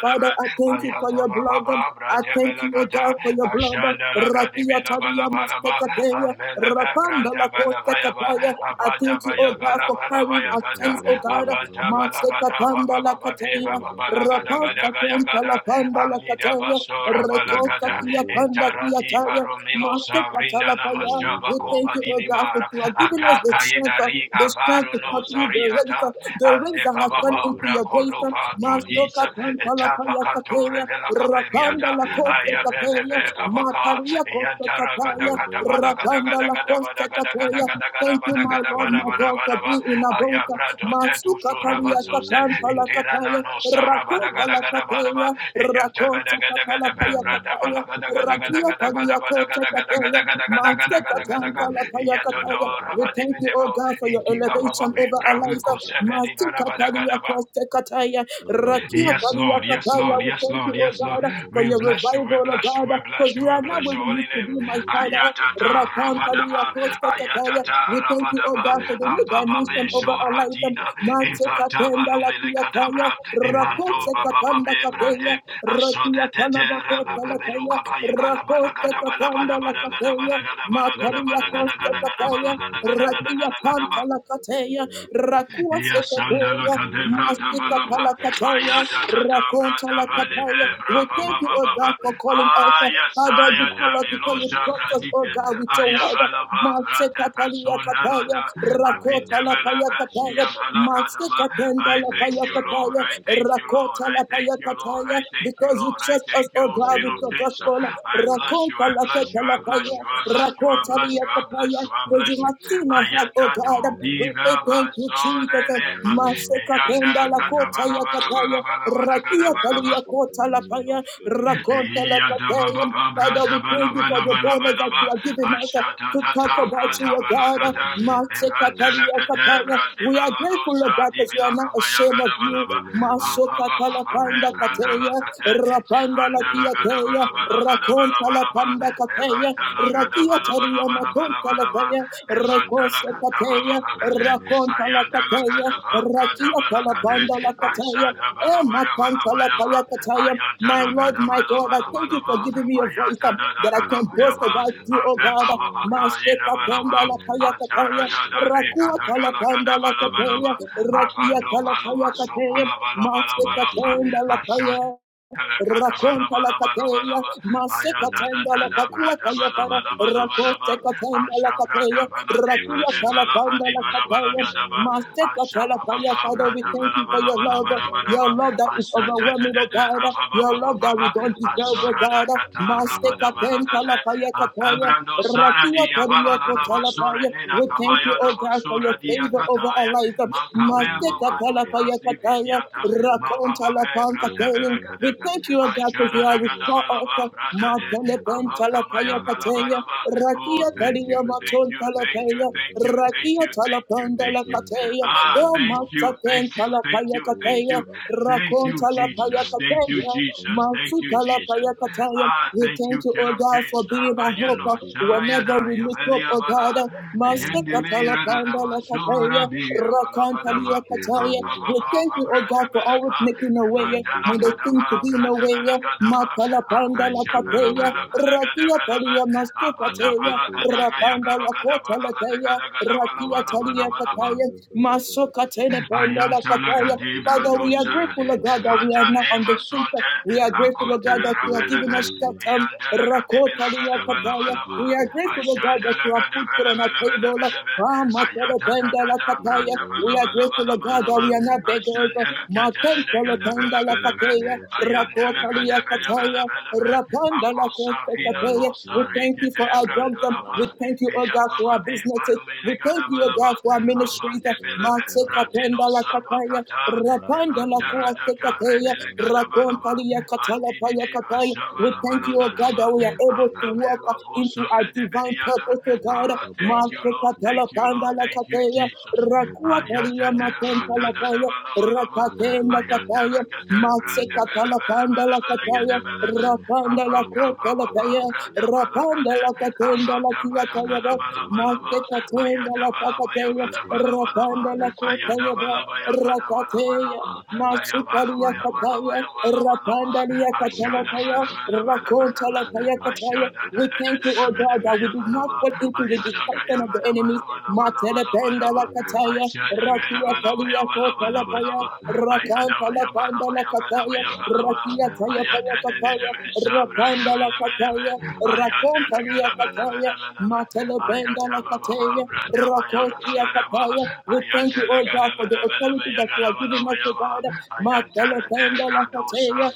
[SPEAKER 1] Father, I thank you for your blood.
[SPEAKER 4] Ayadababa,
[SPEAKER 1] I thank you, O
[SPEAKER 4] Brajabelakata,
[SPEAKER 1] God, for your blood.
[SPEAKER 4] Ashandala
[SPEAKER 1] Rakia
[SPEAKER 4] Kadibila
[SPEAKER 1] Tadia
[SPEAKER 4] Balabalaba,
[SPEAKER 1] Mastekataya.
[SPEAKER 4] Amelebe
[SPEAKER 1] Rapanda Lakosa
[SPEAKER 4] Brantabalabayaba,
[SPEAKER 1] Kataya. I thank you, O
[SPEAKER 4] Abadabaya
[SPEAKER 1] God,
[SPEAKER 3] Father,
[SPEAKER 1] for carrying
[SPEAKER 4] Galabalabaya
[SPEAKER 1] our
[SPEAKER 4] Gada,
[SPEAKER 1] sins, O God.
[SPEAKER 3] Stakabradea
[SPEAKER 4] Avantabala
[SPEAKER 3] Bradavada,
[SPEAKER 4] Gadababa
[SPEAKER 1] Masekatanda Lakataya.
[SPEAKER 4] Baba
[SPEAKER 3] Rabba
[SPEAKER 4] Bala Gada
[SPEAKER 3] Shakataba,
[SPEAKER 4] Gada
[SPEAKER 1] Rapata
[SPEAKER 4] Gada
[SPEAKER 1] kenta la
[SPEAKER 4] Gada,
[SPEAKER 1] panda la
[SPEAKER 4] Amida
[SPEAKER 1] kataya,
[SPEAKER 4] Basora
[SPEAKER 3] Ekom
[SPEAKER 1] rekota
[SPEAKER 4] Balagada,
[SPEAKER 1] kia
[SPEAKER 3] Paradero
[SPEAKER 1] panda kia
[SPEAKER 4] Intarativa
[SPEAKER 1] taya,
[SPEAKER 3] Shashatai,
[SPEAKER 4] Romilo
[SPEAKER 1] mate
[SPEAKER 4] Avrina
[SPEAKER 1] katala paya. We thank
[SPEAKER 4] Namasjabakoba
[SPEAKER 1] you, O God, for
[SPEAKER 4] Dinimara,
[SPEAKER 1] you are giving us the
[SPEAKER 3] Rabba
[SPEAKER 4] Akaka
[SPEAKER 1] strength, uh,
[SPEAKER 4] Yedari
[SPEAKER 1] the
[SPEAKER 3] Shatabaya,
[SPEAKER 1] strength
[SPEAKER 4] Avaro
[SPEAKER 1] to
[SPEAKER 4] no
[SPEAKER 3] Rabba
[SPEAKER 1] continue the race,
[SPEAKER 3] Shakata,
[SPEAKER 1] uh,
[SPEAKER 4] Zariata,
[SPEAKER 1] the race
[SPEAKER 4] Anne
[SPEAKER 1] that has turned
[SPEAKER 4] Baba
[SPEAKER 3] Rojo
[SPEAKER 1] into your grace.
[SPEAKER 3] Takata,
[SPEAKER 1] uh,
[SPEAKER 4] Brakorova
[SPEAKER 3] Mala
[SPEAKER 1] Maso
[SPEAKER 4] Todisa,
[SPEAKER 1] katanta la
[SPEAKER 4] Etapa
[SPEAKER 1] paya
[SPEAKER 3] Shatabrakata,
[SPEAKER 1] kataya,
[SPEAKER 4] Cantore Vela
[SPEAKER 1] rakanda
[SPEAKER 4] Caberiata,
[SPEAKER 1] la kote
[SPEAKER 3] Ezgiladaya,
[SPEAKER 1] kataya,
[SPEAKER 4] Ayabebe
[SPEAKER 3] Sovadaka,
[SPEAKER 4] Bavaka,
[SPEAKER 1] mataria kote
[SPEAKER 4] Yantara Gada
[SPEAKER 1] kataya,
[SPEAKER 4] Gada Bada
[SPEAKER 3] Rodoza
[SPEAKER 4] Gada
[SPEAKER 3] Dacha,
[SPEAKER 1] rakanda
[SPEAKER 4] Gada
[SPEAKER 1] la
[SPEAKER 4] Gada
[SPEAKER 1] kote
[SPEAKER 4] Bada Gada Gada
[SPEAKER 1] kataya.
[SPEAKER 4] Gada Gada
[SPEAKER 1] Thank you,
[SPEAKER 4] Bada
[SPEAKER 1] my
[SPEAKER 4] Gada
[SPEAKER 1] Lord,
[SPEAKER 4] Bada
[SPEAKER 1] my
[SPEAKER 4] Bada
[SPEAKER 3] Apelaya
[SPEAKER 1] Gauka
[SPEAKER 4] Bada Ba,
[SPEAKER 1] be in a
[SPEAKER 3] Saskata,
[SPEAKER 1] bota,
[SPEAKER 4] Ayabrado Tetu
[SPEAKER 1] Matsuka Paria
[SPEAKER 4] Suravasose,
[SPEAKER 3] Rebeyede
[SPEAKER 1] Katanta la
[SPEAKER 4] Indira
[SPEAKER 3] Vedabedabed,
[SPEAKER 4] Nano Sara Bada
[SPEAKER 1] Rakota
[SPEAKER 4] Gada
[SPEAKER 1] la
[SPEAKER 4] Gada
[SPEAKER 3] Shatabedabed,
[SPEAKER 4] Bada ba.
[SPEAKER 1] Rakota Katala Paya
[SPEAKER 3] Nana Saskata,
[SPEAKER 1] Ratia Talia
[SPEAKER 3] Vadabrakata,
[SPEAKER 1] Kota Kataya, Matse Katanta la
[SPEAKER 3] Ekabaya,
[SPEAKER 4] Yatodora
[SPEAKER 1] We
[SPEAKER 3] Shantabaya,
[SPEAKER 1] thank you, O
[SPEAKER 4] Badimedebo,
[SPEAKER 1] God, for your
[SPEAKER 4] Indica
[SPEAKER 3] Rabba
[SPEAKER 1] elevation
[SPEAKER 4] Papa
[SPEAKER 1] over our lives.
[SPEAKER 4] Bravico
[SPEAKER 3] Shatabedabed,
[SPEAKER 4] Seven in
[SPEAKER 1] Matsuka
[SPEAKER 3] Shakabaya,
[SPEAKER 1] Talia
[SPEAKER 4] Arabadagadaba,
[SPEAKER 1] Kota Kataya, Rakia
[SPEAKER 4] Yes,
[SPEAKER 3] Rajenta
[SPEAKER 1] Talia
[SPEAKER 4] Lord. Yes,
[SPEAKER 1] Kataya.
[SPEAKER 4] Lord.
[SPEAKER 3] Faradeo
[SPEAKER 1] We
[SPEAKER 4] Yes,
[SPEAKER 1] thank
[SPEAKER 4] Lord.
[SPEAKER 1] you, O
[SPEAKER 3] Saskata,
[SPEAKER 4] Yes, Lord.
[SPEAKER 1] God, for
[SPEAKER 4] We
[SPEAKER 1] your
[SPEAKER 4] bless you.
[SPEAKER 3] Vadabediakaba,
[SPEAKER 4] We
[SPEAKER 1] revival, O
[SPEAKER 4] bless you.
[SPEAKER 1] God,
[SPEAKER 4] We
[SPEAKER 1] because
[SPEAKER 4] bless
[SPEAKER 1] we
[SPEAKER 4] you. We
[SPEAKER 1] are not
[SPEAKER 4] bless
[SPEAKER 1] where
[SPEAKER 4] your
[SPEAKER 1] we
[SPEAKER 3] Ronto
[SPEAKER 4] holy
[SPEAKER 1] used to to
[SPEAKER 4] name.
[SPEAKER 1] do, my
[SPEAKER 3] parande
[SPEAKER 1] Father.
[SPEAKER 4] Ayatata
[SPEAKER 3] şaştamina şadi
[SPEAKER 1] Rakantalia
[SPEAKER 4] rabadaba.
[SPEAKER 3] şide
[SPEAKER 1] Koskataya.
[SPEAKER 3] şadeşte
[SPEAKER 4] Ayatata
[SPEAKER 1] We thank you, oh
[SPEAKER 4] rabadaba.
[SPEAKER 1] God, for the new
[SPEAKER 3] Roven
[SPEAKER 4] Ampababe
[SPEAKER 1] dimension over
[SPEAKER 3] efemenira
[SPEAKER 1] our life.
[SPEAKER 4] shoratina.
[SPEAKER 3] şaştata
[SPEAKER 1] Matse
[SPEAKER 3] izedeşte
[SPEAKER 4] Infanta
[SPEAKER 1] Katenda
[SPEAKER 4] balumele
[SPEAKER 1] Latiataya.
[SPEAKER 4] kadabra.
[SPEAKER 3] Ya
[SPEAKER 4] Imanto
[SPEAKER 1] Rakotse
[SPEAKER 3] tebaya
[SPEAKER 1] Katanda
[SPEAKER 4] bababe
[SPEAKER 1] Kataya.
[SPEAKER 3] şente
[SPEAKER 4] brande.
[SPEAKER 3] tepeye
[SPEAKER 1] Rakia
[SPEAKER 4] Asotete
[SPEAKER 1] Tanabakota
[SPEAKER 3] Robot
[SPEAKER 4] rabababe
[SPEAKER 1] Lataya.
[SPEAKER 4] lukabaye
[SPEAKER 3] şafatebe
[SPEAKER 4] galabala
[SPEAKER 1] Rakote
[SPEAKER 3] şadeye
[SPEAKER 4] gadabala
[SPEAKER 1] Katanda
[SPEAKER 3] şente
[SPEAKER 4] badabada gadabala
[SPEAKER 1] Lakataya.
[SPEAKER 3] bedebeşte
[SPEAKER 4] gadabala gadabala gadabala gadabala
[SPEAKER 1] Matalia Kosta
[SPEAKER 3] Rajem
[SPEAKER 4] gadabala
[SPEAKER 3] tepo
[SPEAKER 1] Kataya.
[SPEAKER 4] gadabala
[SPEAKER 3] barande
[SPEAKER 4] gadabala
[SPEAKER 1] Rakia
[SPEAKER 4] gadabala
[SPEAKER 3] gedegede
[SPEAKER 1] Kanta
[SPEAKER 4] gadabala
[SPEAKER 1] Lakataya.
[SPEAKER 3] izedeştedege
[SPEAKER 1] Rakua
[SPEAKER 4] Yasanda la
[SPEAKER 1] Sekataya.
[SPEAKER 3] Netkine yo
[SPEAKER 4] kadebra da
[SPEAKER 1] Mastika
[SPEAKER 3] şaştata
[SPEAKER 4] balaba.
[SPEAKER 3] izana
[SPEAKER 1] Talakataya.
[SPEAKER 4] Ayada
[SPEAKER 3] aradiya
[SPEAKER 4] da da
[SPEAKER 1] Rako we
[SPEAKER 4] bra da
[SPEAKER 3] Robot
[SPEAKER 4] balibe bra ba
[SPEAKER 3] şaştata
[SPEAKER 1] thank
[SPEAKER 4] ba
[SPEAKER 1] you,
[SPEAKER 4] ba
[SPEAKER 1] oh
[SPEAKER 4] ba
[SPEAKER 3] izedede
[SPEAKER 4] ba.
[SPEAKER 1] God, for calling
[SPEAKER 3] benzede
[SPEAKER 1] us. uh, Father, you
[SPEAKER 4] Ayasaya
[SPEAKER 3] Ya
[SPEAKER 1] call
[SPEAKER 4] da
[SPEAKER 1] us because you
[SPEAKER 4] milosha
[SPEAKER 3] kabaya
[SPEAKER 1] taught us, oh
[SPEAKER 4] pratite.
[SPEAKER 1] God, with
[SPEAKER 3] şefendere
[SPEAKER 1] your word.
[SPEAKER 3] deraşte
[SPEAKER 4] Ayavala ba
[SPEAKER 1] Mate
[SPEAKER 4] bra te
[SPEAKER 1] katalia
[SPEAKER 4] pasuna la
[SPEAKER 1] kataya,
[SPEAKER 4] da. Abinde
[SPEAKER 3] Epiladaya
[SPEAKER 1] rakota la
[SPEAKER 4] bela
[SPEAKER 1] paya
[SPEAKER 4] ba
[SPEAKER 3] Sashkapalda
[SPEAKER 1] kataya,
[SPEAKER 4] jia bala
[SPEAKER 1] mate
[SPEAKER 3] Satoshka
[SPEAKER 4] kadaba.
[SPEAKER 1] katenda
[SPEAKER 4] I
[SPEAKER 1] la
[SPEAKER 3] Reda
[SPEAKER 4] thank
[SPEAKER 1] paya
[SPEAKER 4] you,
[SPEAKER 3] Dada
[SPEAKER 4] Lord.
[SPEAKER 3] Dada
[SPEAKER 4] Lord.
[SPEAKER 1] kataya,
[SPEAKER 4] I
[SPEAKER 3] Dada
[SPEAKER 4] thank you,
[SPEAKER 3] Dada
[SPEAKER 4] Lord.
[SPEAKER 1] rakota
[SPEAKER 4] I
[SPEAKER 1] la
[SPEAKER 3] Sashka
[SPEAKER 4] thank
[SPEAKER 1] paya
[SPEAKER 3] Dada
[SPEAKER 4] you,
[SPEAKER 3] Dada
[SPEAKER 4] Lord. I
[SPEAKER 1] kataya,
[SPEAKER 4] thank you,
[SPEAKER 1] because you
[SPEAKER 4] Lord. I
[SPEAKER 1] trust
[SPEAKER 4] thank
[SPEAKER 1] us,
[SPEAKER 4] you,
[SPEAKER 1] oh
[SPEAKER 4] O
[SPEAKER 3] Dada
[SPEAKER 1] God,
[SPEAKER 4] King
[SPEAKER 1] with
[SPEAKER 4] of
[SPEAKER 1] your
[SPEAKER 3] Alura
[SPEAKER 4] Kings.
[SPEAKER 1] gospel.
[SPEAKER 3] Sasha
[SPEAKER 4] I
[SPEAKER 3] Taiva
[SPEAKER 4] bless you.
[SPEAKER 1] Rakota
[SPEAKER 4] I
[SPEAKER 1] la
[SPEAKER 4] bless you.
[SPEAKER 1] kata la
[SPEAKER 3] Anka
[SPEAKER 4] I bless
[SPEAKER 1] paya,
[SPEAKER 4] you. I
[SPEAKER 3] Prakata
[SPEAKER 4] bless you. I
[SPEAKER 3] Sada
[SPEAKER 1] rakota
[SPEAKER 4] bless
[SPEAKER 1] la
[SPEAKER 4] you. I
[SPEAKER 3] Prakata
[SPEAKER 4] bless
[SPEAKER 1] kataya,
[SPEAKER 4] you. I
[SPEAKER 1] because
[SPEAKER 4] bless
[SPEAKER 1] you
[SPEAKER 4] you.
[SPEAKER 1] have
[SPEAKER 3] Rojo
[SPEAKER 1] seen our
[SPEAKER 3] Koto
[SPEAKER 1] heart, oh God.
[SPEAKER 4] Ayatato
[SPEAKER 3] Shemenura
[SPEAKER 1] We thank
[SPEAKER 4] viva
[SPEAKER 1] you
[SPEAKER 3] Skata
[SPEAKER 1] Thank you,
[SPEAKER 4] baso de
[SPEAKER 1] Jesus.
[SPEAKER 4] nema.
[SPEAKER 3] Aleo
[SPEAKER 1] Masekatenda
[SPEAKER 4] Eyandela
[SPEAKER 1] la
[SPEAKER 3] Simpenino
[SPEAKER 1] kota
[SPEAKER 4] katabala
[SPEAKER 1] ya
[SPEAKER 4] bala
[SPEAKER 3] Skataiva
[SPEAKER 4] bala
[SPEAKER 1] kataya.
[SPEAKER 4] bala bala bala gada
[SPEAKER 1] Rakia
[SPEAKER 4] bala
[SPEAKER 1] tali
[SPEAKER 4] ba.
[SPEAKER 1] ya
[SPEAKER 3] Rodonto
[SPEAKER 1] kota la
[SPEAKER 3] Femenino
[SPEAKER 1] paya.
[SPEAKER 3] Skadisha
[SPEAKER 1] Rakonta la
[SPEAKER 4] Evangela
[SPEAKER 3] Skatashka
[SPEAKER 1] kataya. Father, we thank you for
[SPEAKER 3] Matabaya
[SPEAKER 1] the bonus that you are giving us
[SPEAKER 3] Sakompanashka
[SPEAKER 1] uh, to talk about you, oh
[SPEAKER 3] Rodonto
[SPEAKER 1] God.
[SPEAKER 3] Peraniro
[SPEAKER 1] Masekatali
[SPEAKER 3] Skataiva
[SPEAKER 1] ya
[SPEAKER 3] Dada Dada
[SPEAKER 1] kataya. We
[SPEAKER 3] Dada
[SPEAKER 1] are grateful, oh God, because we are not ashamed of you.
[SPEAKER 3] Avilaninos
[SPEAKER 1] Masokatala panda
[SPEAKER 3] Shpentagiros
[SPEAKER 1] kataya. Rapanda la
[SPEAKER 4] gada
[SPEAKER 3] Rozoto
[SPEAKER 1] kiataya.
[SPEAKER 4] bala bala gada
[SPEAKER 3] Parataros
[SPEAKER 4] bala
[SPEAKER 1] Rakonta la panda
[SPEAKER 3] Shoshkataida
[SPEAKER 4] bala ba
[SPEAKER 1] kataya
[SPEAKER 4] Evantala gada
[SPEAKER 1] rakia
[SPEAKER 4] bala
[SPEAKER 3] Aibaya
[SPEAKER 4] bala
[SPEAKER 1] taria
[SPEAKER 4] bala bala
[SPEAKER 1] matonta la
[SPEAKER 4] bala ba.
[SPEAKER 3] Shantekabaya
[SPEAKER 1] kaya,
[SPEAKER 4] Evantala
[SPEAKER 1] rekosa
[SPEAKER 3] Shemprakataida
[SPEAKER 4] kata bala
[SPEAKER 1] kateya,
[SPEAKER 4] bala de.
[SPEAKER 3] Romo
[SPEAKER 1] rakonta la
[SPEAKER 3] Jokotoda
[SPEAKER 4] Ayantala
[SPEAKER 1] kateya,
[SPEAKER 4] gada ba
[SPEAKER 3] Shekatabaya
[SPEAKER 4] brada
[SPEAKER 1] rakia
[SPEAKER 4] bala gade.
[SPEAKER 1] talapanda la
[SPEAKER 3] Mayekobaya
[SPEAKER 1] kateya,
[SPEAKER 4] Aisada
[SPEAKER 1] eh
[SPEAKER 4] bala
[SPEAKER 3] Shekatada
[SPEAKER 4] baya bala
[SPEAKER 1] matanta la
[SPEAKER 4] baya ba.
[SPEAKER 1] paya
[SPEAKER 3] Sheshkabrakataida
[SPEAKER 1] kateya. My
[SPEAKER 4] Ayantala
[SPEAKER 1] Lord,
[SPEAKER 4] gada
[SPEAKER 3] Romono
[SPEAKER 1] my
[SPEAKER 4] bala
[SPEAKER 1] God, I
[SPEAKER 4] bala
[SPEAKER 1] thank
[SPEAKER 4] bala
[SPEAKER 1] you
[SPEAKER 3] Shoshkabedi
[SPEAKER 1] for
[SPEAKER 4] ba.
[SPEAKER 1] giving me a
[SPEAKER 3] Yashkada
[SPEAKER 1] voice um,
[SPEAKER 4] Ayatada da
[SPEAKER 1] that I
[SPEAKER 4] gada
[SPEAKER 1] can
[SPEAKER 4] baya
[SPEAKER 1] boast
[SPEAKER 4] ba.
[SPEAKER 1] about
[SPEAKER 3] Ejgirabaya
[SPEAKER 1] you, oh
[SPEAKER 4] Ampe
[SPEAKER 1] God.
[SPEAKER 4] baba baka
[SPEAKER 3] Shkempayaba
[SPEAKER 1] Master
[SPEAKER 4] ina bala
[SPEAKER 1] katenda
[SPEAKER 4] ba.
[SPEAKER 1] la
[SPEAKER 3] Angabaya
[SPEAKER 1] paya kateya,
[SPEAKER 4] Ansara da da
[SPEAKER 3] Shkapajara
[SPEAKER 4] rika
[SPEAKER 1] rakua
[SPEAKER 4] da
[SPEAKER 3] Bragadaska
[SPEAKER 4] gala gada
[SPEAKER 1] talapanda la
[SPEAKER 4] bala bala
[SPEAKER 1] kateya,
[SPEAKER 4] ba.
[SPEAKER 3] Omnipotent
[SPEAKER 1] rakia
[SPEAKER 4] Abado
[SPEAKER 3] Father, I
[SPEAKER 4] balu
[SPEAKER 3] say
[SPEAKER 1] talapaya
[SPEAKER 3] thank
[SPEAKER 4] baso
[SPEAKER 3] you.
[SPEAKER 1] kateya,
[SPEAKER 4] bala bala bala
[SPEAKER 1] master
[SPEAKER 3] Thank
[SPEAKER 4] bala
[SPEAKER 3] you,
[SPEAKER 4] ba.
[SPEAKER 1] katenda
[SPEAKER 3] gracious
[SPEAKER 1] la
[SPEAKER 4] Ashad
[SPEAKER 1] paya
[SPEAKER 4] Bala
[SPEAKER 1] racconta la
[SPEAKER 4] bala bala bala
[SPEAKER 1] catena,
[SPEAKER 4] bala
[SPEAKER 1] ma se
[SPEAKER 3] Thank you,
[SPEAKER 1] catenda la
[SPEAKER 3] gracious
[SPEAKER 1] cacua
[SPEAKER 3] God.
[SPEAKER 1] para,
[SPEAKER 3] Thank you, gracious
[SPEAKER 1] racconta
[SPEAKER 3] God.
[SPEAKER 1] catenda la catena, racua
[SPEAKER 3] Eyabaraba,
[SPEAKER 1] calatanda la
[SPEAKER 3] Santa
[SPEAKER 1] catena, ma
[SPEAKER 3] Pamaneyadaba.
[SPEAKER 1] se catela paya, Father,
[SPEAKER 3] Thank
[SPEAKER 1] we
[SPEAKER 3] you
[SPEAKER 1] thank
[SPEAKER 3] that
[SPEAKER 1] you for your love,
[SPEAKER 3] Ozanamanero
[SPEAKER 1] your love that is
[SPEAKER 3] Sochkataija
[SPEAKER 1] overwhelming, oh
[SPEAKER 3] Dashka.
[SPEAKER 1] God, your love that we
[SPEAKER 3] Rababa
[SPEAKER 1] don't deserve, oh
[SPEAKER 3] Rabaya.
[SPEAKER 1] God, ma se
[SPEAKER 3] Rabaya
[SPEAKER 1] catenda
[SPEAKER 3] Barabaya.
[SPEAKER 1] la paya catena,
[SPEAKER 4] Afebrando sara
[SPEAKER 1] racua
[SPEAKER 4] di avala
[SPEAKER 1] calia
[SPEAKER 4] la
[SPEAKER 3] Rababa
[SPEAKER 4] la
[SPEAKER 1] catela
[SPEAKER 3] Rabaya.
[SPEAKER 4] basore
[SPEAKER 1] paya,
[SPEAKER 4] nera
[SPEAKER 1] we
[SPEAKER 3] Shikoto
[SPEAKER 1] thank you,
[SPEAKER 4] kabaya la
[SPEAKER 1] oh God,
[SPEAKER 3] Brakataba.
[SPEAKER 1] for your
[SPEAKER 4] basura di
[SPEAKER 3] Shadam
[SPEAKER 1] favor over our
[SPEAKER 4] akataya
[SPEAKER 3] Brakataba.
[SPEAKER 1] lives, ma se
[SPEAKER 3] Rumbo
[SPEAKER 4] makapevo badu
[SPEAKER 1] catela
[SPEAKER 3] Zakataba.
[SPEAKER 1] paya catena,
[SPEAKER 4] vidianta ma
[SPEAKER 3] Shashkataba.
[SPEAKER 1] racconta
[SPEAKER 4] baba
[SPEAKER 1] la
[SPEAKER 4] be
[SPEAKER 3] Thank
[SPEAKER 1] panca
[SPEAKER 4] brada
[SPEAKER 3] you,
[SPEAKER 4] bela
[SPEAKER 1] catena.
[SPEAKER 3] faithful
[SPEAKER 4] kada
[SPEAKER 1] We
[SPEAKER 4] be
[SPEAKER 1] thank you, O God, because
[SPEAKER 4] ashara
[SPEAKER 1] you
[SPEAKER 4] da
[SPEAKER 1] are
[SPEAKER 4] kada bala ba
[SPEAKER 1] with
[SPEAKER 3] Father.
[SPEAKER 1] us.
[SPEAKER 4] brada de
[SPEAKER 1] Matelepen
[SPEAKER 4] abanka baya
[SPEAKER 1] talapaya
[SPEAKER 3] Thank
[SPEAKER 4] gala
[SPEAKER 1] katenya,
[SPEAKER 4] bala ba oh
[SPEAKER 1] rakia
[SPEAKER 4] thank you
[SPEAKER 1] talia
[SPEAKER 4] thank
[SPEAKER 1] maton
[SPEAKER 4] you thank you
[SPEAKER 1] talapaya,
[SPEAKER 3] you,
[SPEAKER 4] thank you thank
[SPEAKER 1] rakia
[SPEAKER 4] you thank you
[SPEAKER 1] talapanda la
[SPEAKER 4] thank you
[SPEAKER 1] kateya.
[SPEAKER 4] ah
[SPEAKER 1] o
[SPEAKER 4] thank you thank
[SPEAKER 1] mataten
[SPEAKER 4] you
[SPEAKER 3] faithful
[SPEAKER 4] thank
[SPEAKER 1] talapaya
[SPEAKER 4] you thank
[SPEAKER 1] kateya.
[SPEAKER 4] you thank
[SPEAKER 1] rakon
[SPEAKER 4] you
[SPEAKER 1] talapaya
[SPEAKER 4] Jesus thank you
[SPEAKER 1] kateya.
[SPEAKER 4] Jesus
[SPEAKER 1] matu
[SPEAKER 4] thank you Jesus
[SPEAKER 1] talapaya
[SPEAKER 3] Father.
[SPEAKER 1] kateya.
[SPEAKER 4] ah
[SPEAKER 1] We
[SPEAKER 4] thank
[SPEAKER 1] thank
[SPEAKER 4] you
[SPEAKER 1] you,
[SPEAKER 4] can
[SPEAKER 1] O
[SPEAKER 4] King of
[SPEAKER 1] God, for
[SPEAKER 4] Kings,
[SPEAKER 1] being a hope
[SPEAKER 3] Thank
[SPEAKER 4] Abayano,
[SPEAKER 1] uh, whenever
[SPEAKER 4] Shayana,
[SPEAKER 1] we look up,
[SPEAKER 4] Yabelia
[SPEAKER 1] O God.
[SPEAKER 4] Bala,
[SPEAKER 1] uh, Master
[SPEAKER 3] you,
[SPEAKER 4] Yendili
[SPEAKER 3] faithful
[SPEAKER 4] Radada
[SPEAKER 1] katalapanda la
[SPEAKER 3] Father.
[SPEAKER 1] kateya.
[SPEAKER 4] Basura Bia
[SPEAKER 1] Rakon talia
[SPEAKER 3] Thank
[SPEAKER 4] Balagadava,
[SPEAKER 3] you,
[SPEAKER 1] kateya.
[SPEAKER 3] Holy God.
[SPEAKER 1] We thank
[SPEAKER 4] Ampababa
[SPEAKER 1] you, O
[SPEAKER 4] Brada
[SPEAKER 1] God, for always
[SPEAKER 4] Belaka,
[SPEAKER 1] making a way uh,
[SPEAKER 3] Thank
[SPEAKER 1] when
[SPEAKER 3] you,
[SPEAKER 4] Evantala
[SPEAKER 1] when they seem
[SPEAKER 3] faithful
[SPEAKER 1] to
[SPEAKER 4] Gadava,
[SPEAKER 1] be
[SPEAKER 3] Father.
[SPEAKER 4] Brada
[SPEAKER 1] nowhere.
[SPEAKER 4] Belagadava,
[SPEAKER 1] Makala panda
[SPEAKER 3] Thank
[SPEAKER 1] la
[SPEAKER 4] Ambasha
[SPEAKER 3] you,
[SPEAKER 4] Bella
[SPEAKER 3] Holy
[SPEAKER 1] kateya,
[SPEAKER 4] Bella
[SPEAKER 3] God.
[SPEAKER 4] Bella Gada
[SPEAKER 1] rakia
[SPEAKER 4] Bella
[SPEAKER 1] talia
[SPEAKER 4] Abada
[SPEAKER 3] Thank you,
[SPEAKER 1] masokateya,
[SPEAKER 4] Bala
[SPEAKER 3] faithful
[SPEAKER 4] Gadaga
[SPEAKER 3] Father.
[SPEAKER 1] rapanda
[SPEAKER 4] Yagala
[SPEAKER 1] la
[SPEAKER 4] Gada
[SPEAKER 1] kota
[SPEAKER 4] Bala
[SPEAKER 1] la
[SPEAKER 4] Gada Gada Gada
[SPEAKER 1] rakia
[SPEAKER 4] Bala Bala
[SPEAKER 1] talia
[SPEAKER 3] Yabana
[SPEAKER 4] Bala Bala
[SPEAKER 1] kataya,
[SPEAKER 3] Santa Karabarabasa.
[SPEAKER 1] masokatene panda la
[SPEAKER 4] Ayanta la
[SPEAKER 1] kataya.
[SPEAKER 3] Thank you for
[SPEAKER 4] kadibra
[SPEAKER 1] Father,
[SPEAKER 3] your
[SPEAKER 1] we are
[SPEAKER 4] dosa,
[SPEAKER 3] will
[SPEAKER 1] grateful,
[SPEAKER 3] that
[SPEAKER 1] O
[SPEAKER 3] is
[SPEAKER 1] God, that
[SPEAKER 3] being
[SPEAKER 1] we
[SPEAKER 3] done.
[SPEAKER 1] are
[SPEAKER 4] evata
[SPEAKER 1] not
[SPEAKER 4] ne
[SPEAKER 1] on the street.
[SPEAKER 4] masonte,
[SPEAKER 1] We are
[SPEAKER 3] Thank you
[SPEAKER 1] grateful, O
[SPEAKER 4] akonte
[SPEAKER 3] for
[SPEAKER 1] God,
[SPEAKER 3] your
[SPEAKER 1] that you have
[SPEAKER 3] glory
[SPEAKER 1] given
[SPEAKER 4] rabelebe,
[SPEAKER 3] that
[SPEAKER 1] us
[SPEAKER 3] is being
[SPEAKER 1] shelter.
[SPEAKER 3] seen.
[SPEAKER 4] iande la
[SPEAKER 1] Rakota
[SPEAKER 4] kadibila
[SPEAKER 1] liya
[SPEAKER 4] gada bala
[SPEAKER 3] Thank
[SPEAKER 1] kataya.
[SPEAKER 3] you,
[SPEAKER 4] bala
[SPEAKER 1] We
[SPEAKER 4] ba,
[SPEAKER 1] are
[SPEAKER 3] gracious
[SPEAKER 1] grateful,
[SPEAKER 3] God.
[SPEAKER 1] O God,
[SPEAKER 4] ashande
[SPEAKER 1] that
[SPEAKER 4] la
[SPEAKER 1] you have
[SPEAKER 4] gada
[SPEAKER 1] put food
[SPEAKER 4] bala
[SPEAKER 1] on our
[SPEAKER 4] bala bala
[SPEAKER 1] table.
[SPEAKER 4] bala ba,
[SPEAKER 1] Ah, makala
[SPEAKER 4] ayata da
[SPEAKER 1] panda
[SPEAKER 4] da
[SPEAKER 1] la
[SPEAKER 4] da
[SPEAKER 3] You
[SPEAKER 1] kataya.
[SPEAKER 4] brata
[SPEAKER 3] alone
[SPEAKER 1] We
[SPEAKER 4] bala
[SPEAKER 1] are
[SPEAKER 3] are
[SPEAKER 4] bala
[SPEAKER 3] God.
[SPEAKER 1] grateful,
[SPEAKER 4] bala
[SPEAKER 1] O
[SPEAKER 3] You
[SPEAKER 1] God,
[SPEAKER 4] bala
[SPEAKER 1] that
[SPEAKER 4] ba,
[SPEAKER 1] we are
[SPEAKER 3] alone
[SPEAKER 1] not
[SPEAKER 3] are God.
[SPEAKER 1] beggars.
[SPEAKER 4] ashande la ketere de
[SPEAKER 1] Makala
[SPEAKER 4] gada
[SPEAKER 3] King of
[SPEAKER 1] panda. Rapanda
[SPEAKER 4] bala
[SPEAKER 1] la
[SPEAKER 4] bala
[SPEAKER 3] kings,
[SPEAKER 4] ba,
[SPEAKER 3] Lord
[SPEAKER 1] Kateya,
[SPEAKER 3] of lords,
[SPEAKER 4] ayande la
[SPEAKER 3] we
[SPEAKER 1] Rakota
[SPEAKER 3] bless
[SPEAKER 1] Lia
[SPEAKER 4] gada
[SPEAKER 3] your
[SPEAKER 4] bala
[SPEAKER 3] name.
[SPEAKER 1] Kataya,
[SPEAKER 4] bala bala ba,
[SPEAKER 1] Rapanda la
[SPEAKER 4] akosa
[SPEAKER 1] Costa
[SPEAKER 4] vina
[SPEAKER 3] There is
[SPEAKER 1] Kateya. We
[SPEAKER 4] nosa
[SPEAKER 3] none
[SPEAKER 1] thank
[SPEAKER 3] like
[SPEAKER 1] you
[SPEAKER 3] you.
[SPEAKER 1] for
[SPEAKER 4] rekete
[SPEAKER 1] our
[SPEAKER 3] There is
[SPEAKER 1] jobs.
[SPEAKER 4] brando la
[SPEAKER 1] We
[SPEAKER 3] none
[SPEAKER 4] ba,
[SPEAKER 3] like
[SPEAKER 1] thank you, oh
[SPEAKER 4] iya
[SPEAKER 1] God, for
[SPEAKER 4] baba
[SPEAKER 1] our
[SPEAKER 4] bi
[SPEAKER 1] businesses.
[SPEAKER 4] malumile
[SPEAKER 1] We thank
[SPEAKER 4] gada
[SPEAKER 3] you.
[SPEAKER 1] you, oh
[SPEAKER 4] bala
[SPEAKER 3] There is
[SPEAKER 1] God, for our
[SPEAKER 3] none
[SPEAKER 4] ba,
[SPEAKER 3] like
[SPEAKER 1] ministries.
[SPEAKER 3] you. There
[SPEAKER 4] Ramandebele
[SPEAKER 3] is
[SPEAKER 1] Mate
[SPEAKER 3] none like
[SPEAKER 1] Katenda
[SPEAKER 4] Bradino
[SPEAKER 3] you.
[SPEAKER 1] la Kataya,
[SPEAKER 4] Sabakata
[SPEAKER 1] Rapanda la
[SPEAKER 4] Evantara
[SPEAKER 3] Rakabaya
[SPEAKER 1] Costa
[SPEAKER 4] Daka
[SPEAKER 1] Kateya,
[SPEAKER 4] Rebele
[SPEAKER 1] Rakonta
[SPEAKER 4] Gadabalaba
[SPEAKER 1] Lia
[SPEAKER 3] Shestavankabayadashi.
[SPEAKER 1] Katala
[SPEAKER 4] Andidi
[SPEAKER 1] Paya
[SPEAKER 4] Deva
[SPEAKER 1] Kataya. We thank you, oh
[SPEAKER 3] Rodoza
[SPEAKER 1] God,
[SPEAKER 4] Sabalabalagaba
[SPEAKER 1] that we are
[SPEAKER 3] Lebranka
[SPEAKER 1] able to walk
[SPEAKER 4] Ampabeba
[SPEAKER 3] Tabata
[SPEAKER 1] into
[SPEAKER 4] Bosa
[SPEAKER 1] our divine
[SPEAKER 4] Vedebediada
[SPEAKER 1] purpose, oh God.
[SPEAKER 4] Ah thank you
[SPEAKER 3] Yakabaya,
[SPEAKER 1] Mate
[SPEAKER 4] Lord
[SPEAKER 1] Katala
[SPEAKER 4] thank you
[SPEAKER 1] Panda
[SPEAKER 4] Lord
[SPEAKER 1] la
[SPEAKER 3] Yekubaya,
[SPEAKER 4] thank you
[SPEAKER 1] Kateya,
[SPEAKER 4] Jesus
[SPEAKER 3] Mekobaya,
[SPEAKER 4] Ayata
[SPEAKER 1] Rakuatalia Matenta la
[SPEAKER 3] Shankabiyaba,
[SPEAKER 1] Paya,
[SPEAKER 4] Radadabalabalaba
[SPEAKER 1] Rakatenda Kataya
[SPEAKER 4] Ayandela
[SPEAKER 1] kataya,
[SPEAKER 3] Rumvamayesha,
[SPEAKER 4] Gada
[SPEAKER 1] matse
[SPEAKER 4] Brandebele
[SPEAKER 1] katala
[SPEAKER 3] Bangabiyaba,
[SPEAKER 4] Bele
[SPEAKER 1] panda la kataya,
[SPEAKER 3] Runo
[SPEAKER 4] Gadebele
[SPEAKER 3] Menino,
[SPEAKER 1] rapanda la
[SPEAKER 4] Abaka
[SPEAKER 3] Shutaja,
[SPEAKER 1] kota la
[SPEAKER 3] Dapo,
[SPEAKER 4] Baba
[SPEAKER 1] kaya,
[SPEAKER 3] Pratiosha,
[SPEAKER 4] Bradabala
[SPEAKER 1] rapanda
[SPEAKER 4] Gade
[SPEAKER 1] la katenda la
[SPEAKER 4] Avada
[SPEAKER 1] kia
[SPEAKER 3] King
[SPEAKER 1] kaya
[SPEAKER 4] Bayagala
[SPEAKER 1] ba, matse
[SPEAKER 3] Kaprakatasha, Dasha,
[SPEAKER 1] katenda la pakataya,
[SPEAKER 3] Rubos,
[SPEAKER 4] Ayadabalabayagadabalaba.
[SPEAKER 1] rapanda la
[SPEAKER 3] Shutaisa,
[SPEAKER 1] kota ya
[SPEAKER 3] Dista,
[SPEAKER 1] ba,
[SPEAKER 3] Dadaya,
[SPEAKER 1] rakateya,
[SPEAKER 4] Ayadabalabayagadabalaba.
[SPEAKER 1] matse
[SPEAKER 3] Antadaya,
[SPEAKER 1] paria kataya,
[SPEAKER 3] Shankabaya,
[SPEAKER 4] Ayabalabayabalaba.
[SPEAKER 1] rapanda lia katala
[SPEAKER 3] Rubos,
[SPEAKER 1] kaya,
[SPEAKER 3] Shakatabadaba,
[SPEAKER 1] rakota
[SPEAKER 4] Ashadabalabalabalaba.
[SPEAKER 1] la kaya
[SPEAKER 3] Shutaisa,
[SPEAKER 1] kataya.
[SPEAKER 3] Labrade,
[SPEAKER 1] We thank you, oh God, that we did not
[SPEAKER 4] Ashadadadadadadagadayagalaba.
[SPEAKER 3] Imprakataba,
[SPEAKER 1] fall into the
[SPEAKER 3] Shutaja,
[SPEAKER 1] destruction of the
[SPEAKER 3] Dabrongo,
[SPEAKER 1] enemies.
[SPEAKER 3] Tudabaya,
[SPEAKER 1] Matele penda
[SPEAKER 4] Ayadagayagadabalabalabalaba.
[SPEAKER 1] la
[SPEAKER 3] Rožos
[SPEAKER 1] kataya, rakia
[SPEAKER 3] rodyža
[SPEAKER 1] kalia kota la
[SPEAKER 4] Ashadabalabalabayabalabalaba.
[SPEAKER 3] ingeskete
[SPEAKER 1] kaya,
[SPEAKER 3] ingeskete
[SPEAKER 1] la panda kataya,
[SPEAKER 3] rate
[SPEAKER 4] Ayadabayabalabayagadabayagalaba.
[SPEAKER 1] rakia
[SPEAKER 3] kaba
[SPEAKER 1] taya
[SPEAKER 3] yang
[SPEAKER 1] paya
[SPEAKER 3] kaba
[SPEAKER 1] kataya,
[SPEAKER 3] yaba shiva
[SPEAKER 1] rapanda
[SPEAKER 3] yaba
[SPEAKER 4] Ayadenenemesabradabalabalaba.
[SPEAKER 1] kataya,
[SPEAKER 3] rebe yaba
[SPEAKER 1] rakonta
[SPEAKER 3] shang kaba yaba
[SPEAKER 1] kataya,
[SPEAKER 4] Ayandelagalabalabalaba.
[SPEAKER 1] matele
[SPEAKER 3] rebe
[SPEAKER 1] benda
[SPEAKER 3] yaba yaba yaba
[SPEAKER 1] kataya,
[SPEAKER 3] yaba yaba yaba
[SPEAKER 1] rakosia kataya. We thank
[SPEAKER 3] yaba
[SPEAKER 1] you, oh
[SPEAKER 3] rata yaba
[SPEAKER 1] God, for the
[SPEAKER 3] yaba
[SPEAKER 1] authority
[SPEAKER 3] shate
[SPEAKER 1] that you are
[SPEAKER 3] yaba
[SPEAKER 1] giving us, oh God.
[SPEAKER 3] reko pom
[SPEAKER 1] Matele benda
[SPEAKER 3] sekare yaba
[SPEAKER 1] kataya,
[SPEAKER 3] yaba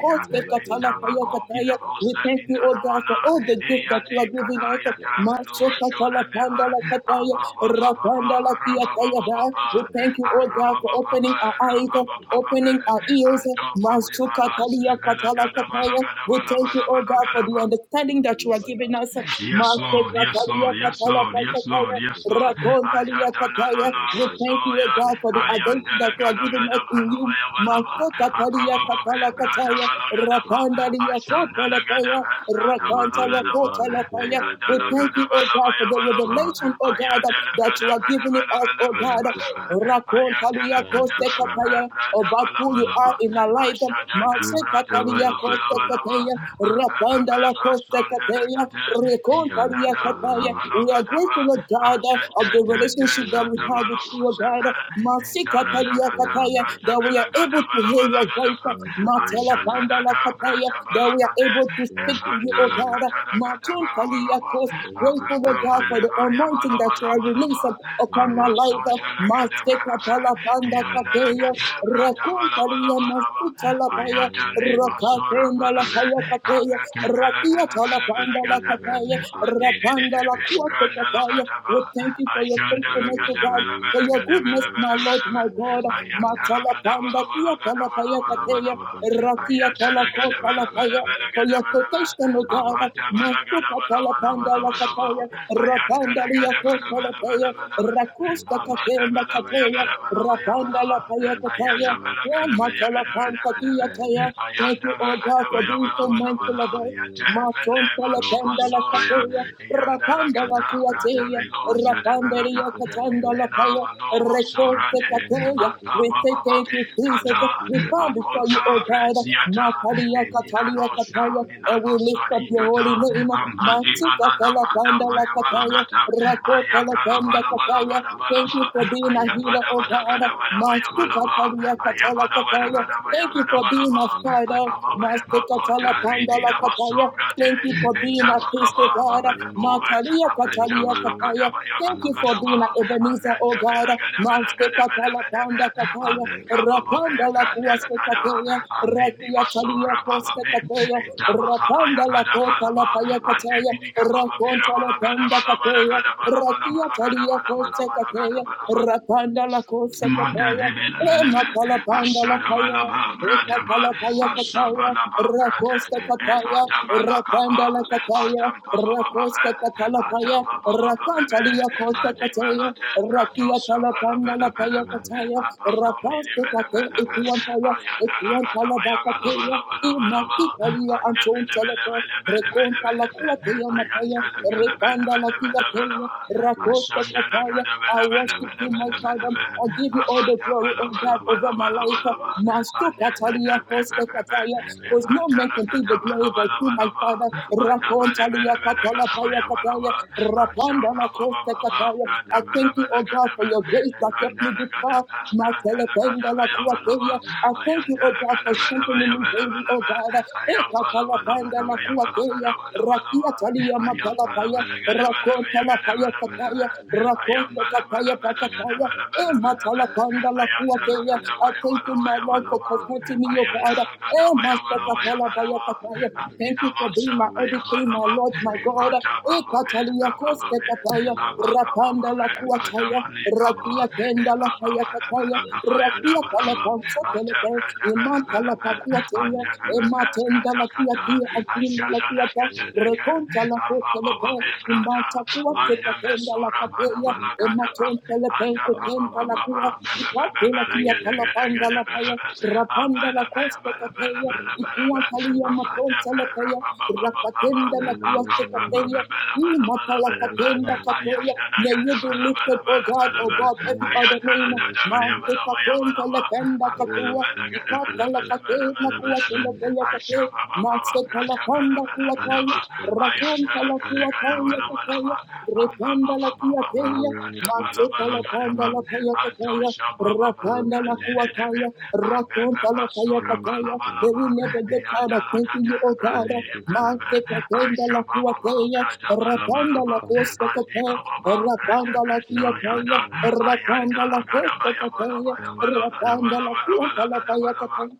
[SPEAKER 3] yang kaba
[SPEAKER 1] katala
[SPEAKER 3] yaba
[SPEAKER 1] paya
[SPEAKER 3] rosh rosh
[SPEAKER 1] kataya.
[SPEAKER 3] yaba
[SPEAKER 1] We
[SPEAKER 3] yaba
[SPEAKER 1] thank you,
[SPEAKER 3] yaba
[SPEAKER 1] oh God, for all the
[SPEAKER 3] rebe yaba
[SPEAKER 1] gifts that you
[SPEAKER 3] yaba
[SPEAKER 1] are
[SPEAKER 3] yaba
[SPEAKER 1] giving
[SPEAKER 3] yaba
[SPEAKER 1] us.
[SPEAKER 3] shiva
[SPEAKER 1] Maso
[SPEAKER 3] yaba
[SPEAKER 1] katala
[SPEAKER 3] yaba
[SPEAKER 1] panda
[SPEAKER 3] Your
[SPEAKER 1] kataya, rapanda kia taya We thank you, oh God, for opening our eyes eyes, opening our ears. Masuka talia
[SPEAKER 4] Vela
[SPEAKER 1] katala
[SPEAKER 4] Gadabala
[SPEAKER 1] kataya. We
[SPEAKER 4] Gadabala
[SPEAKER 1] thank you, oh
[SPEAKER 4] Balabala
[SPEAKER 1] God, for the
[SPEAKER 4] Gadaba.
[SPEAKER 1] understanding that you are giving us.
[SPEAKER 4] Yes, Lord.
[SPEAKER 1] Maseka
[SPEAKER 4] Yes, Lord.
[SPEAKER 1] talia
[SPEAKER 4] Yes,
[SPEAKER 1] katala
[SPEAKER 4] Lord. Yes, Lord.
[SPEAKER 1] kataya.
[SPEAKER 4] Yes, Lord.
[SPEAKER 1] Rakon talia kataya.
[SPEAKER 4] Ayadanana
[SPEAKER 1] We thank you, oh
[SPEAKER 4] basoya.
[SPEAKER 1] God, for the attention that you are giving
[SPEAKER 4] Ayandelagalaga
[SPEAKER 1] us in you.
[SPEAKER 4] balabaya balaba.
[SPEAKER 1] Masuka talia
[SPEAKER 4] Atababa
[SPEAKER 1] katala
[SPEAKER 4] bebra
[SPEAKER 1] kataya.
[SPEAKER 4] dabalaga daba.
[SPEAKER 1] Rapandalia kotala
[SPEAKER 4] Ashandalaga
[SPEAKER 1] kataya.
[SPEAKER 4] debra
[SPEAKER 3] will
[SPEAKER 1] Rakantala
[SPEAKER 3] be
[SPEAKER 4] dabalaga ba.
[SPEAKER 3] done, O
[SPEAKER 1] kotala
[SPEAKER 3] God,
[SPEAKER 1] kataya.
[SPEAKER 3] your
[SPEAKER 1] We
[SPEAKER 4] Ayadalaga
[SPEAKER 3] glory
[SPEAKER 1] thank
[SPEAKER 3] be
[SPEAKER 1] you, oh
[SPEAKER 3] seen.
[SPEAKER 1] God, for
[SPEAKER 4] dabalabaya
[SPEAKER 1] the
[SPEAKER 4] balaba.
[SPEAKER 3] Thank you,
[SPEAKER 1] revelation, oh
[SPEAKER 3] Father.
[SPEAKER 1] God,
[SPEAKER 4] Ayadalaga
[SPEAKER 1] that you are
[SPEAKER 4] dabala
[SPEAKER 1] giving it
[SPEAKER 4] bala
[SPEAKER 1] us, oh
[SPEAKER 4] bala bala
[SPEAKER 3] Thank
[SPEAKER 1] God.
[SPEAKER 3] you,
[SPEAKER 4] bala.
[SPEAKER 3] Father. Thank
[SPEAKER 1] Rakon
[SPEAKER 3] you,
[SPEAKER 4] Ayandalaga
[SPEAKER 3] Father.
[SPEAKER 1] Kosekataya,
[SPEAKER 4] brada
[SPEAKER 1] about
[SPEAKER 4] bala
[SPEAKER 1] who you
[SPEAKER 4] bala
[SPEAKER 3] Thank
[SPEAKER 1] are
[SPEAKER 3] you,
[SPEAKER 4] ba,
[SPEAKER 1] in our
[SPEAKER 3] Father.
[SPEAKER 1] life.
[SPEAKER 4] ashada da
[SPEAKER 3] Great
[SPEAKER 4] brada
[SPEAKER 3] God,
[SPEAKER 1] Masekatalia
[SPEAKER 3] I
[SPEAKER 4] bala
[SPEAKER 3] say
[SPEAKER 4] bala
[SPEAKER 3] thank
[SPEAKER 4] bala
[SPEAKER 3] you.
[SPEAKER 4] ba,
[SPEAKER 1] Kosekataya,
[SPEAKER 4] ambe be be
[SPEAKER 1] Rapandala
[SPEAKER 4] ba sonde le
[SPEAKER 1] Kosekataya,
[SPEAKER 4] iya
[SPEAKER 3] Thank
[SPEAKER 4] da
[SPEAKER 1] Rekontalia
[SPEAKER 3] you
[SPEAKER 4] da
[SPEAKER 3] for your
[SPEAKER 1] Kataya.
[SPEAKER 4] bala
[SPEAKER 1] We
[SPEAKER 3] angels.
[SPEAKER 1] are
[SPEAKER 4] kate ba,
[SPEAKER 1] grateful, Lord God,
[SPEAKER 4] ante te
[SPEAKER 1] of the
[SPEAKER 4] te
[SPEAKER 3] Thank you for
[SPEAKER 1] relationship that
[SPEAKER 3] your
[SPEAKER 1] we
[SPEAKER 3] Holy
[SPEAKER 1] have
[SPEAKER 4] bala
[SPEAKER 1] with you,
[SPEAKER 3] Spirit.
[SPEAKER 1] O God.
[SPEAKER 4] kusefe, intara
[SPEAKER 3] Thank
[SPEAKER 4] da
[SPEAKER 3] you
[SPEAKER 1] Masekatalia
[SPEAKER 3] for your
[SPEAKER 1] Kataya,
[SPEAKER 3] angels.
[SPEAKER 4] brada
[SPEAKER 1] that we
[SPEAKER 4] bela
[SPEAKER 1] are
[SPEAKER 4] kate
[SPEAKER 1] able to
[SPEAKER 4] bala
[SPEAKER 1] hear
[SPEAKER 4] bala
[SPEAKER 1] your
[SPEAKER 4] kate
[SPEAKER 1] voice.
[SPEAKER 4] ba,
[SPEAKER 3] Thank you for your
[SPEAKER 1] Matala
[SPEAKER 4] ashada
[SPEAKER 3] Holy
[SPEAKER 4] da
[SPEAKER 3] Spirit.
[SPEAKER 1] Pandala Kataya,
[SPEAKER 4] brada
[SPEAKER 1] that
[SPEAKER 4] bala
[SPEAKER 1] we are
[SPEAKER 4] kate,
[SPEAKER 1] able to
[SPEAKER 3] Thank
[SPEAKER 1] speak
[SPEAKER 3] you
[SPEAKER 1] to
[SPEAKER 3] for
[SPEAKER 1] you,
[SPEAKER 4] evanta
[SPEAKER 3] your
[SPEAKER 1] O
[SPEAKER 4] la
[SPEAKER 1] God.
[SPEAKER 3] angels.
[SPEAKER 4] bala bala
[SPEAKER 1] Matuntalia Kosekataya,
[SPEAKER 3] Thank you
[SPEAKER 1] grateful,
[SPEAKER 3] for
[SPEAKER 1] Lord
[SPEAKER 3] your
[SPEAKER 1] God,
[SPEAKER 3] Holy
[SPEAKER 1] for the
[SPEAKER 3] Spirit.
[SPEAKER 1] anointing that you are releasing upon
[SPEAKER 3] Melo
[SPEAKER 1] our life.
[SPEAKER 3] Shataba.
[SPEAKER 1] Maxe Catala Randa
[SPEAKER 3] Melo
[SPEAKER 1] Kateya,
[SPEAKER 3] Shataba.
[SPEAKER 1] Rakuntaria Masuta Lapaya,
[SPEAKER 3] Filamara Dero Shata
[SPEAKER 1] Rakatenda
[SPEAKER 3] Pradio
[SPEAKER 1] Lapaya
[SPEAKER 3] Shata.
[SPEAKER 1] Kateya, Rakia Talapanda La Kataya,
[SPEAKER 3] Filamara Dero Shata
[SPEAKER 1] Rapanda La
[SPEAKER 3] Pradio
[SPEAKER 1] Kuate
[SPEAKER 3] Shata.
[SPEAKER 1] Kataya. We thank you for your faithfulness, O
[SPEAKER 3] Eba
[SPEAKER 1] God,
[SPEAKER 3] Yim
[SPEAKER 1] for your goodness,
[SPEAKER 3] Paraniro
[SPEAKER 1] my Lord,
[SPEAKER 3] Shata
[SPEAKER 1] my God.
[SPEAKER 3] Pradio
[SPEAKER 1] Matala
[SPEAKER 4] Ayandala
[SPEAKER 1] Panda Kia Talapaya
[SPEAKER 4] Ayanda
[SPEAKER 3] Thank you
[SPEAKER 1] Kateya,
[SPEAKER 3] for making me a good
[SPEAKER 1] Rakia
[SPEAKER 3] sinner.
[SPEAKER 1] Talako Talapaya, for your protection, O God. Masuka Talapanda La Kataya, Rapanda Liako Talapaya, Rakusta Katenda Kataya, Rakanda la kaya kataya. Yeah, matala panta kia taya. Thank you, oh God, for
[SPEAKER 3] Thank
[SPEAKER 1] being
[SPEAKER 3] you
[SPEAKER 1] so
[SPEAKER 3] for
[SPEAKER 1] mindful of
[SPEAKER 3] appointing
[SPEAKER 1] us.
[SPEAKER 3] me, O God.
[SPEAKER 1] Matonta la
[SPEAKER 3] Thank you
[SPEAKER 1] kanda
[SPEAKER 3] for
[SPEAKER 1] la
[SPEAKER 3] saving
[SPEAKER 1] kataya.
[SPEAKER 3] me. O God.
[SPEAKER 4] la
[SPEAKER 1] Rapanda la
[SPEAKER 3] Thank you
[SPEAKER 4] gada
[SPEAKER 3] for
[SPEAKER 4] brada
[SPEAKER 1] kuateya.
[SPEAKER 3] delivering
[SPEAKER 4] veloce
[SPEAKER 3] me
[SPEAKER 4] de
[SPEAKER 3] from the
[SPEAKER 1] Rapanderia
[SPEAKER 4] belaka
[SPEAKER 3] wicked and
[SPEAKER 1] katanda la
[SPEAKER 4] Evena
[SPEAKER 3] unreasonable.
[SPEAKER 1] kaya.
[SPEAKER 4] manolo
[SPEAKER 3] Thank
[SPEAKER 1] Rekote
[SPEAKER 3] you
[SPEAKER 4] sorade,
[SPEAKER 3] for your hand of
[SPEAKER 1] kataya.
[SPEAKER 4] alta
[SPEAKER 1] We
[SPEAKER 3] protection.
[SPEAKER 1] say
[SPEAKER 4] baba
[SPEAKER 1] thank you,
[SPEAKER 4] babi
[SPEAKER 1] Jesus.
[SPEAKER 3] Thank
[SPEAKER 4] kata,
[SPEAKER 3] you,
[SPEAKER 1] We bow
[SPEAKER 3] Baruch
[SPEAKER 1] before you,
[SPEAKER 3] Shaka
[SPEAKER 1] oh
[SPEAKER 4] akonta
[SPEAKER 1] God.
[SPEAKER 4] vresiata,
[SPEAKER 1] Matalia
[SPEAKER 4] emina
[SPEAKER 3] Shaka
[SPEAKER 1] katalia kataya.
[SPEAKER 4] nosha, mina
[SPEAKER 1] And we lift up
[SPEAKER 4] nosari
[SPEAKER 1] your
[SPEAKER 3] We
[SPEAKER 1] holy
[SPEAKER 4] kata,
[SPEAKER 3] thank you
[SPEAKER 1] name.
[SPEAKER 3] for who
[SPEAKER 4] amadi
[SPEAKER 3] you are.
[SPEAKER 1] Matika
[SPEAKER 4] manana
[SPEAKER 1] la
[SPEAKER 3] We
[SPEAKER 4] manda
[SPEAKER 1] kanda la
[SPEAKER 3] thank
[SPEAKER 4] baya
[SPEAKER 3] you for what
[SPEAKER 1] kataya.
[SPEAKER 3] you've
[SPEAKER 4] balagata,
[SPEAKER 3] done.
[SPEAKER 1] Rakota la
[SPEAKER 3] We
[SPEAKER 4] ayangala
[SPEAKER 3] thank
[SPEAKER 1] kanda
[SPEAKER 4] bala
[SPEAKER 3] you
[SPEAKER 4] bala
[SPEAKER 3] for what
[SPEAKER 1] kataya.
[SPEAKER 4] gada
[SPEAKER 3] you have
[SPEAKER 4] bala
[SPEAKER 3] to
[SPEAKER 1] Thank you
[SPEAKER 4] ba,
[SPEAKER 3] do.
[SPEAKER 1] for being a healer
[SPEAKER 3] Forever
[SPEAKER 1] healer,
[SPEAKER 4] ayabada
[SPEAKER 1] oh
[SPEAKER 3] trust
[SPEAKER 4] bada
[SPEAKER 3] the
[SPEAKER 4] gada
[SPEAKER 1] God.
[SPEAKER 3] Lord.
[SPEAKER 4] bada baya
[SPEAKER 3] Forever trust
[SPEAKER 1] Masukatalia
[SPEAKER 3] the Lord.
[SPEAKER 1] katala
[SPEAKER 4] ayabada bada
[SPEAKER 1] kataya.
[SPEAKER 3] Forever
[SPEAKER 4] gada
[SPEAKER 3] trust
[SPEAKER 4] baya
[SPEAKER 1] Thank
[SPEAKER 3] the
[SPEAKER 1] you
[SPEAKER 4] gada
[SPEAKER 3] Lord.
[SPEAKER 1] for
[SPEAKER 4] bala
[SPEAKER 1] being
[SPEAKER 4] ba,
[SPEAKER 1] a
[SPEAKER 3] We thank
[SPEAKER 1] father.
[SPEAKER 3] you,
[SPEAKER 4] ayababa
[SPEAKER 3] God.
[SPEAKER 4] baya
[SPEAKER 3] We thank you,
[SPEAKER 1] Masukatala
[SPEAKER 3] Lord.
[SPEAKER 1] pandala
[SPEAKER 4] Ridina
[SPEAKER 3] We thank you,
[SPEAKER 1] kataya.
[SPEAKER 4] Masobra de
[SPEAKER 3] We
[SPEAKER 1] Thank you for
[SPEAKER 3] thank you,
[SPEAKER 1] being a
[SPEAKER 3] Lord. We
[SPEAKER 1] priest, oh
[SPEAKER 4] Entabakaba
[SPEAKER 1] God.
[SPEAKER 3] thank you,
[SPEAKER 4] Bababo
[SPEAKER 3] Lord.
[SPEAKER 1] Matalia katalia
[SPEAKER 3] Rabaye
[SPEAKER 1] kataya.
[SPEAKER 4] Aventabalakadaba
[SPEAKER 1] Thank you for
[SPEAKER 4] Yagalagadaba
[SPEAKER 1] being a
[SPEAKER 3] Minosakata
[SPEAKER 1] Ebenezer, oh God. Masukatala
[SPEAKER 4] Amendabelagadabelagadabelabedebe
[SPEAKER 1] panda kataya.
[SPEAKER 3] Maya Shkin
[SPEAKER 4] Avenkababe
[SPEAKER 1] Rapanda la
[SPEAKER 3] Payadabaya
[SPEAKER 1] kuaste
[SPEAKER 4] Brandelagada
[SPEAKER 1] kataya.
[SPEAKER 3] Shibrakataida
[SPEAKER 4] Amini
[SPEAKER 1] Rakia talia
[SPEAKER 4] Masora
[SPEAKER 1] koste
[SPEAKER 4] Bababe
[SPEAKER 1] kataya.
[SPEAKER 3] Rabashashkataida
[SPEAKER 4] Entabakaba
[SPEAKER 1] Rapanda la kota la
[SPEAKER 4] Yagadabalaba
[SPEAKER 3] Rabashaka
[SPEAKER 1] paya kataya.
[SPEAKER 4] Andebidikababa
[SPEAKER 1] Rakonta la penda kataya. Rakia talia koste
[SPEAKER 4] Birabalagadabalabalagadabalabalabalagadabalabalabalagadabalabalaba
[SPEAKER 1] kataya. Rapanda la kose
[SPEAKER 4] Manda de
[SPEAKER 1] kapaya, ema
[SPEAKER 4] belebelebe,
[SPEAKER 1] palapanda la paya,
[SPEAKER 4] ashadabalaba
[SPEAKER 1] eka
[SPEAKER 4] bradaba,
[SPEAKER 1] palapaya kataya,
[SPEAKER 4] asabalaba brada,
[SPEAKER 1] rakosta kataya, rapanda la
[SPEAKER 4] evadabalakaba,
[SPEAKER 1] kataya,
[SPEAKER 4] atampabababe,
[SPEAKER 1] rakosta katalapaya, rakanta
[SPEAKER 4] atampabababe,
[SPEAKER 1] liya kota kataya,
[SPEAKER 4] ademalade
[SPEAKER 1] rakia
[SPEAKER 4] bradosa
[SPEAKER 1] talapanda la paya
[SPEAKER 4] belebelebe,
[SPEAKER 1] kataya,
[SPEAKER 4] apakamili
[SPEAKER 1] rapasta kate
[SPEAKER 4] belebelebe,
[SPEAKER 1] ikuantaya, ikuantala bakataya,
[SPEAKER 4] ayadalagadabayagalabalabalabalaba,
[SPEAKER 1] Imatika lia antonta leke, rekonta la
[SPEAKER 3] Thank
[SPEAKER 4] andebelebelebelebelebelebe,
[SPEAKER 1] kua teia mataya, repanda la tia teia, rakoste
[SPEAKER 4] ayantelebelebelebelebelebe,
[SPEAKER 1] kataya.
[SPEAKER 4] I
[SPEAKER 1] I worship you, my Father. I give you all the glory, oh God, over my life. Masto katalia koste kataya, because no man can take the glory but you, my Father. Rakonta lia katala paya kataya, rapanda la koste kataya. I thank you, O God, for your grace that kept me this far. My Teleca I thank you, oh God, for strengthening me daily, oh God. Ekatala pandala kuateya, Rakia talia matalapaya,
[SPEAKER 4] am
[SPEAKER 1] rakotalapaya kataya,
[SPEAKER 4] baba
[SPEAKER 3] you.
[SPEAKER 1] Rakota Ekatalapandamakwakeya, rakiataliamatalapaya, rakotalapayakataya,
[SPEAKER 3] Thank you
[SPEAKER 1] rakosekatayapakataya,
[SPEAKER 3] for
[SPEAKER 1] ematalapandalakuakeya. I thank you, my Lord, for comforting me, oh God. E Emasakatalabayakataya. Thank you for being my everything, my Lord, my God. Ekataliakosekataya, rapandalakuataya kataya, rakia tenda la kataya, rakia kala
[SPEAKER 3] opening
[SPEAKER 1] pansa
[SPEAKER 3] our
[SPEAKER 1] telete,
[SPEAKER 3] eyes.
[SPEAKER 1] iman
[SPEAKER 3] Thank
[SPEAKER 1] kala
[SPEAKER 3] you for
[SPEAKER 1] pakua
[SPEAKER 3] opening
[SPEAKER 1] teya,
[SPEAKER 3] our ears. Thank you,
[SPEAKER 1] ema tenda la kia akunda la
[SPEAKER 3] Father,
[SPEAKER 1] kia
[SPEAKER 4] Ashadana
[SPEAKER 1] ta,
[SPEAKER 3] for
[SPEAKER 4] kete
[SPEAKER 3] your comfort.
[SPEAKER 1] rekonta la kotelete,
[SPEAKER 3] Thank you, Father,
[SPEAKER 1] iman takua
[SPEAKER 3] for your
[SPEAKER 1] teka tenda la
[SPEAKER 3] excellence.
[SPEAKER 1] kateya,
[SPEAKER 3] Thank you,
[SPEAKER 1] ema
[SPEAKER 3] Father,
[SPEAKER 1] tonta le
[SPEAKER 3] for how far
[SPEAKER 1] la
[SPEAKER 3] you
[SPEAKER 1] kua,
[SPEAKER 3] brought.
[SPEAKER 1] kia kala
[SPEAKER 3] Oh,
[SPEAKER 1] panda la rapanda la koste kateya, ikua talia
[SPEAKER 3] Rabashakata
[SPEAKER 1] matonta la rakatenda la kua
[SPEAKER 3] Oh,
[SPEAKER 1] teka
[SPEAKER 3] jolly brand,
[SPEAKER 4] Anda I
[SPEAKER 3] there is
[SPEAKER 1] Matalakatenda
[SPEAKER 3] none like,
[SPEAKER 1] Katoya. May you be lifted, O God,
[SPEAKER 3] there is
[SPEAKER 1] above every
[SPEAKER 3] none
[SPEAKER 1] other
[SPEAKER 3] like,
[SPEAKER 1] name.
[SPEAKER 3] there is none
[SPEAKER 1] Mante
[SPEAKER 3] like.
[SPEAKER 1] Katonda Lakenda
[SPEAKER 3] Oh,
[SPEAKER 1] Katua.
[SPEAKER 3] thank you, gracious God,
[SPEAKER 1] Ikatalakatenda
[SPEAKER 3] there is
[SPEAKER 1] Kuatenda
[SPEAKER 3] none like
[SPEAKER 1] Kaya
[SPEAKER 3] you.
[SPEAKER 1] Kate. Mante Kalakanda
[SPEAKER 3] Thank
[SPEAKER 1] Kuataya.
[SPEAKER 3] you, Prince of Peace,
[SPEAKER 1] Rakanta
[SPEAKER 3] there is
[SPEAKER 1] Lakuataya
[SPEAKER 3] none like you.
[SPEAKER 1] Kataya. Repanda la
[SPEAKER 4] am
[SPEAKER 3] Holy
[SPEAKER 1] cuatella,
[SPEAKER 3] One of
[SPEAKER 4] brada bala
[SPEAKER 3] Israel,
[SPEAKER 1] macheta
[SPEAKER 4] bala
[SPEAKER 3] there
[SPEAKER 1] la
[SPEAKER 3] is
[SPEAKER 4] gada
[SPEAKER 1] panda
[SPEAKER 4] ba
[SPEAKER 3] none
[SPEAKER 1] la
[SPEAKER 3] like you.
[SPEAKER 1] paya
[SPEAKER 4] anto
[SPEAKER 1] cataya,
[SPEAKER 4] shaba ba ba
[SPEAKER 3] Oh,
[SPEAKER 1] Rakanda la
[SPEAKER 3] thank
[SPEAKER 4] de
[SPEAKER 3] you,
[SPEAKER 4] de be
[SPEAKER 1] kuataya,
[SPEAKER 4] ambe be
[SPEAKER 1] raconta la paya
[SPEAKER 4] sura
[SPEAKER 3] thank
[SPEAKER 4] bala
[SPEAKER 3] you,
[SPEAKER 1] cataya.
[SPEAKER 4] bala
[SPEAKER 1] They
[SPEAKER 3] Father,
[SPEAKER 4] ba
[SPEAKER 1] will never get tired
[SPEAKER 4] yanda
[SPEAKER 1] of thanking
[SPEAKER 4] gada
[SPEAKER 1] you, O God.
[SPEAKER 4] bradi
[SPEAKER 3] thank you,
[SPEAKER 4] bala
[SPEAKER 3] Father,
[SPEAKER 4] be
[SPEAKER 1] Macheta tenda
[SPEAKER 4] asha
[SPEAKER 1] la
[SPEAKER 4] ba ba ba
[SPEAKER 1] kuataya,
[SPEAKER 4] bala
[SPEAKER 3] thank
[SPEAKER 4] bala
[SPEAKER 1] rakanda
[SPEAKER 3] you,
[SPEAKER 4] ba
[SPEAKER 1] la
[SPEAKER 3] Father,
[SPEAKER 1] costa
[SPEAKER 4] andi
[SPEAKER 1] cataya,
[SPEAKER 4] ba ba ba
[SPEAKER 1] Rakanda
[SPEAKER 4] be
[SPEAKER 1] la
[SPEAKER 4] sa
[SPEAKER 3] thank you,
[SPEAKER 1] cuataya,
[SPEAKER 4] yada
[SPEAKER 3] Father, thank you, Father.
[SPEAKER 4] ayanda
[SPEAKER 1] rakanda
[SPEAKER 4] la
[SPEAKER 1] la
[SPEAKER 4] gada ba
[SPEAKER 1] costa
[SPEAKER 4] bala ba
[SPEAKER 1] cataya,
[SPEAKER 3] We
[SPEAKER 4] bala gada
[SPEAKER 1] Rakanda
[SPEAKER 4] bala
[SPEAKER 1] la
[SPEAKER 4] bala bala
[SPEAKER 1] cuata la
[SPEAKER 4] gada
[SPEAKER 1] paya
[SPEAKER 4] bala ba
[SPEAKER 1] cataya,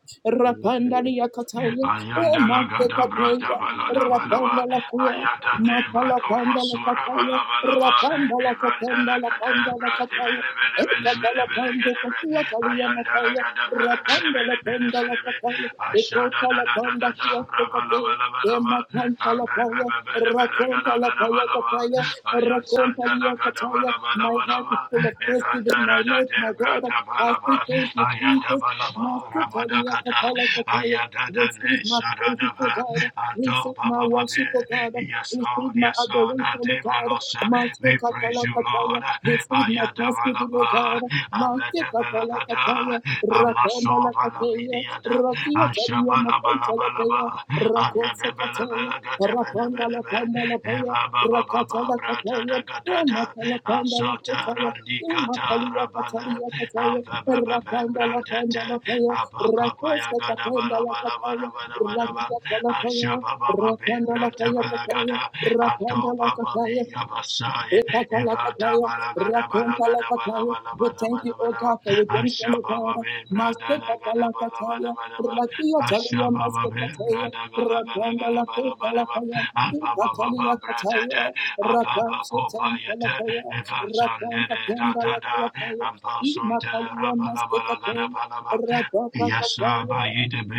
[SPEAKER 3] will shake
[SPEAKER 1] ratanda
[SPEAKER 3] it
[SPEAKER 1] la cataya, oh
[SPEAKER 4] Ayanda la gada brada
[SPEAKER 1] macheta
[SPEAKER 4] balada
[SPEAKER 1] Rapanda
[SPEAKER 4] balaba.
[SPEAKER 1] la kuya,
[SPEAKER 4] Ayada de
[SPEAKER 1] matala
[SPEAKER 4] bado
[SPEAKER 1] panda la
[SPEAKER 4] masura
[SPEAKER 1] kataya,
[SPEAKER 4] balaba laba.
[SPEAKER 1] rapanda la
[SPEAKER 4] Evanda
[SPEAKER 1] katanda
[SPEAKER 4] la
[SPEAKER 1] la
[SPEAKER 4] gada
[SPEAKER 1] panda la
[SPEAKER 4] brade
[SPEAKER 1] kataya,
[SPEAKER 4] bele bele bele
[SPEAKER 1] ekata
[SPEAKER 4] bele
[SPEAKER 1] la
[SPEAKER 4] bele
[SPEAKER 1] pando
[SPEAKER 4] gede be.
[SPEAKER 1] kashua kalia
[SPEAKER 4] Ayanda la
[SPEAKER 1] mataya,
[SPEAKER 4] gada bele
[SPEAKER 1] rapanda la
[SPEAKER 4] bele bele bele
[SPEAKER 1] panda la
[SPEAKER 4] bele be.
[SPEAKER 1] kataya,
[SPEAKER 4] Ashada
[SPEAKER 1] ekota
[SPEAKER 4] da
[SPEAKER 1] la
[SPEAKER 4] da da
[SPEAKER 1] panda
[SPEAKER 4] da da.
[SPEAKER 1] kuwa sekate,
[SPEAKER 4] Rabalaba laba laba.
[SPEAKER 1] ematanta la
[SPEAKER 4] Ambe be
[SPEAKER 1] kaya,
[SPEAKER 4] be bele bele
[SPEAKER 1] rakonta
[SPEAKER 4] gada
[SPEAKER 1] la
[SPEAKER 4] gada
[SPEAKER 1] kaya
[SPEAKER 4] balaba.
[SPEAKER 1] kataya,
[SPEAKER 4] Ayan
[SPEAKER 1] rakonta
[SPEAKER 4] sanda la
[SPEAKER 1] liya
[SPEAKER 4] gada
[SPEAKER 1] kataya,
[SPEAKER 4] bala bala
[SPEAKER 1] my
[SPEAKER 4] bala
[SPEAKER 1] heart
[SPEAKER 4] ba.
[SPEAKER 1] is full of thanksgiving, my
[SPEAKER 4] Evantara da
[SPEAKER 1] Lord, my God,
[SPEAKER 4] debra da
[SPEAKER 1] I
[SPEAKER 4] bala
[SPEAKER 1] say
[SPEAKER 4] ba.
[SPEAKER 1] thank you,
[SPEAKER 4] Ayada
[SPEAKER 1] Jesus,
[SPEAKER 4] bala ba rabada
[SPEAKER 1] Makatalia
[SPEAKER 4] kata.
[SPEAKER 1] Kapala Kapala.
[SPEAKER 4] Ayada da ne
[SPEAKER 1] Receive my praises,
[SPEAKER 4] sarada
[SPEAKER 1] O
[SPEAKER 4] ba.
[SPEAKER 1] God.
[SPEAKER 4] Anto
[SPEAKER 1] Receive
[SPEAKER 4] ba
[SPEAKER 1] my
[SPEAKER 4] ba ba
[SPEAKER 1] worship, O
[SPEAKER 4] be.
[SPEAKER 1] God.
[SPEAKER 4] Yes
[SPEAKER 1] Receive
[SPEAKER 4] Lord,
[SPEAKER 1] my
[SPEAKER 4] yes Lord.
[SPEAKER 1] adoration, O
[SPEAKER 4] Ante
[SPEAKER 1] God.
[SPEAKER 4] malosa.
[SPEAKER 1] Master
[SPEAKER 4] We praise
[SPEAKER 1] Katala
[SPEAKER 4] you
[SPEAKER 1] Kataya.
[SPEAKER 4] Lord.
[SPEAKER 1] Receive my
[SPEAKER 4] Ayada bala
[SPEAKER 1] thanksgiving, O
[SPEAKER 4] ba.
[SPEAKER 1] God. Master
[SPEAKER 4] Avete bala
[SPEAKER 1] Katala
[SPEAKER 4] kata.
[SPEAKER 1] Kataya. Rakanda
[SPEAKER 4] Amaso
[SPEAKER 1] La
[SPEAKER 4] bala
[SPEAKER 1] Kataya.
[SPEAKER 4] bidiada.
[SPEAKER 1] Rakia Talia Makanta La
[SPEAKER 4] Ashabalabalaba,
[SPEAKER 1] Kataya. Kosekataya, Rapanda la
[SPEAKER 4] Arabebelebelegatebelebelebe,
[SPEAKER 1] Panda la Paya, Rakata la Kataya,
[SPEAKER 4] Evabababababratadagadada,
[SPEAKER 1] Ramata la Panda la Kataya, Imatalia
[SPEAKER 4] Asotarandikatarabale,
[SPEAKER 1] Katalia Kataya, Rakanda la Panda la
[SPEAKER 4] Amfebebebebrandete,
[SPEAKER 1] Paya, Rakoska Katanda la Kataya, Rakata
[SPEAKER 4] Apakapayagadabalabalabalabalabalaba,
[SPEAKER 1] la Kalapaya, Rakanda la Paya Kataya,
[SPEAKER 4] Ashababababebratebelagada,
[SPEAKER 1] Rakanda la Kataya,
[SPEAKER 4] Antobababiyabasai,
[SPEAKER 1] Ekatalakataya, rakontalakataya. We thank you, O God,
[SPEAKER 4] Evadabalagadabalagadabalabalabalabalabalaba,
[SPEAKER 1] for redemption, O God. Mastekatalakataya,
[SPEAKER 4] Ashabababebrandadagadabalabalabalaba,
[SPEAKER 1] rakiatalia
[SPEAKER 4] Ashabababe,
[SPEAKER 1] maskekataya,
[SPEAKER 4] brada gala gala gala bala bala ba,
[SPEAKER 1] rakondalakotalakaya,
[SPEAKER 4] abababa brada
[SPEAKER 1] ikataliakataya,
[SPEAKER 4] da avaba kopa yete,
[SPEAKER 1] rakansotentalakaya,
[SPEAKER 4] evansande de da da da,
[SPEAKER 1] rakankatendalakataya,
[SPEAKER 4] ampasonte
[SPEAKER 1] imakalia
[SPEAKER 4] rabala bala gada
[SPEAKER 1] maskekataya,
[SPEAKER 4] bala ba, yasa
[SPEAKER 1] rakapakataya,
[SPEAKER 4] ba yede be,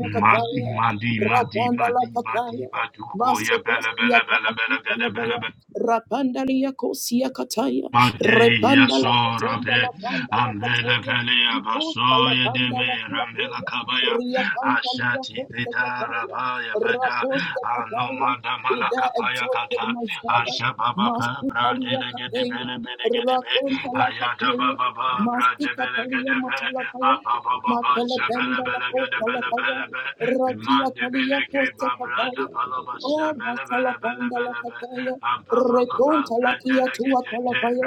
[SPEAKER 4] madi madi madi madi madi
[SPEAKER 1] rakondalakataya,
[SPEAKER 4] ba duko ya bela bela
[SPEAKER 1] masekosiaka
[SPEAKER 4] bela bela gada bela
[SPEAKER 1] akutalabaya, Rapandalia kosia kataya,
[SPEAKER 4] Mageia
[SPEAKER 1] repanda la katenda la
[SPEAKER 4] sorabe
[SPEAKER 1] panda la
[SPEAKER 4] ambele
[SPEAKER 1] kataya,
[SPEAKER 4] velea
[SPEAKER 1] ikuta la
[SPEAKER 4] basoye de
[SPEAKER 1] panda
[SPEAKER 4] me
[SPEAKER 1] la
[SPEAKER 4] rambela
[SPEAKER 1] kulataya,
[SPEAKER 4] kabaya
[SPEAKER 1] riakanta lia
[SPEAKER 4] ashati
[SPEAKER 1] kote
[SPEAKER 4] vida
[SPEAKER 1] kataya,
[SPEAKER 4] rabaya veda
[SPEAKER 1] rakote
[SPEAKER 4] ano
[SPEAKER 1] kataya, be
[SPEAKER 4] madamala
[SPEAKER 1] thou
[SPEAKER 4] kapaya
[SPEAKER 1] exalted,
[SPEAKER 4] kata
[SPEAKER 1] my father,
[SPEAKER 4] ashababa pa
[SPEAKER 1] mastika
[SPEAKER 3] up.
[SPEAKER 1] lia
[SPEAKER 4] brandele gede
[SPEAKER 1] kataya,
[SPEAKER 4] bele bele gede be
[SPEAKER 3] Thank
[SPEAKER 1] rakonta
[SPEAKER 3] you,
[SPEAKER 1] la
[SPEAKER 4] ayata
[SPEAKER 1] kataya,
[SPEAKER 4] baba pa brande
[SPEAKER 1] mastika talia
[SPEAKER 4] bele
[SPEAKER 1] matalapaya, matelependa la kota la paya, ratia talia kote kataya, Oh, matala panda la kataya, reconta la kia tua kalapaya,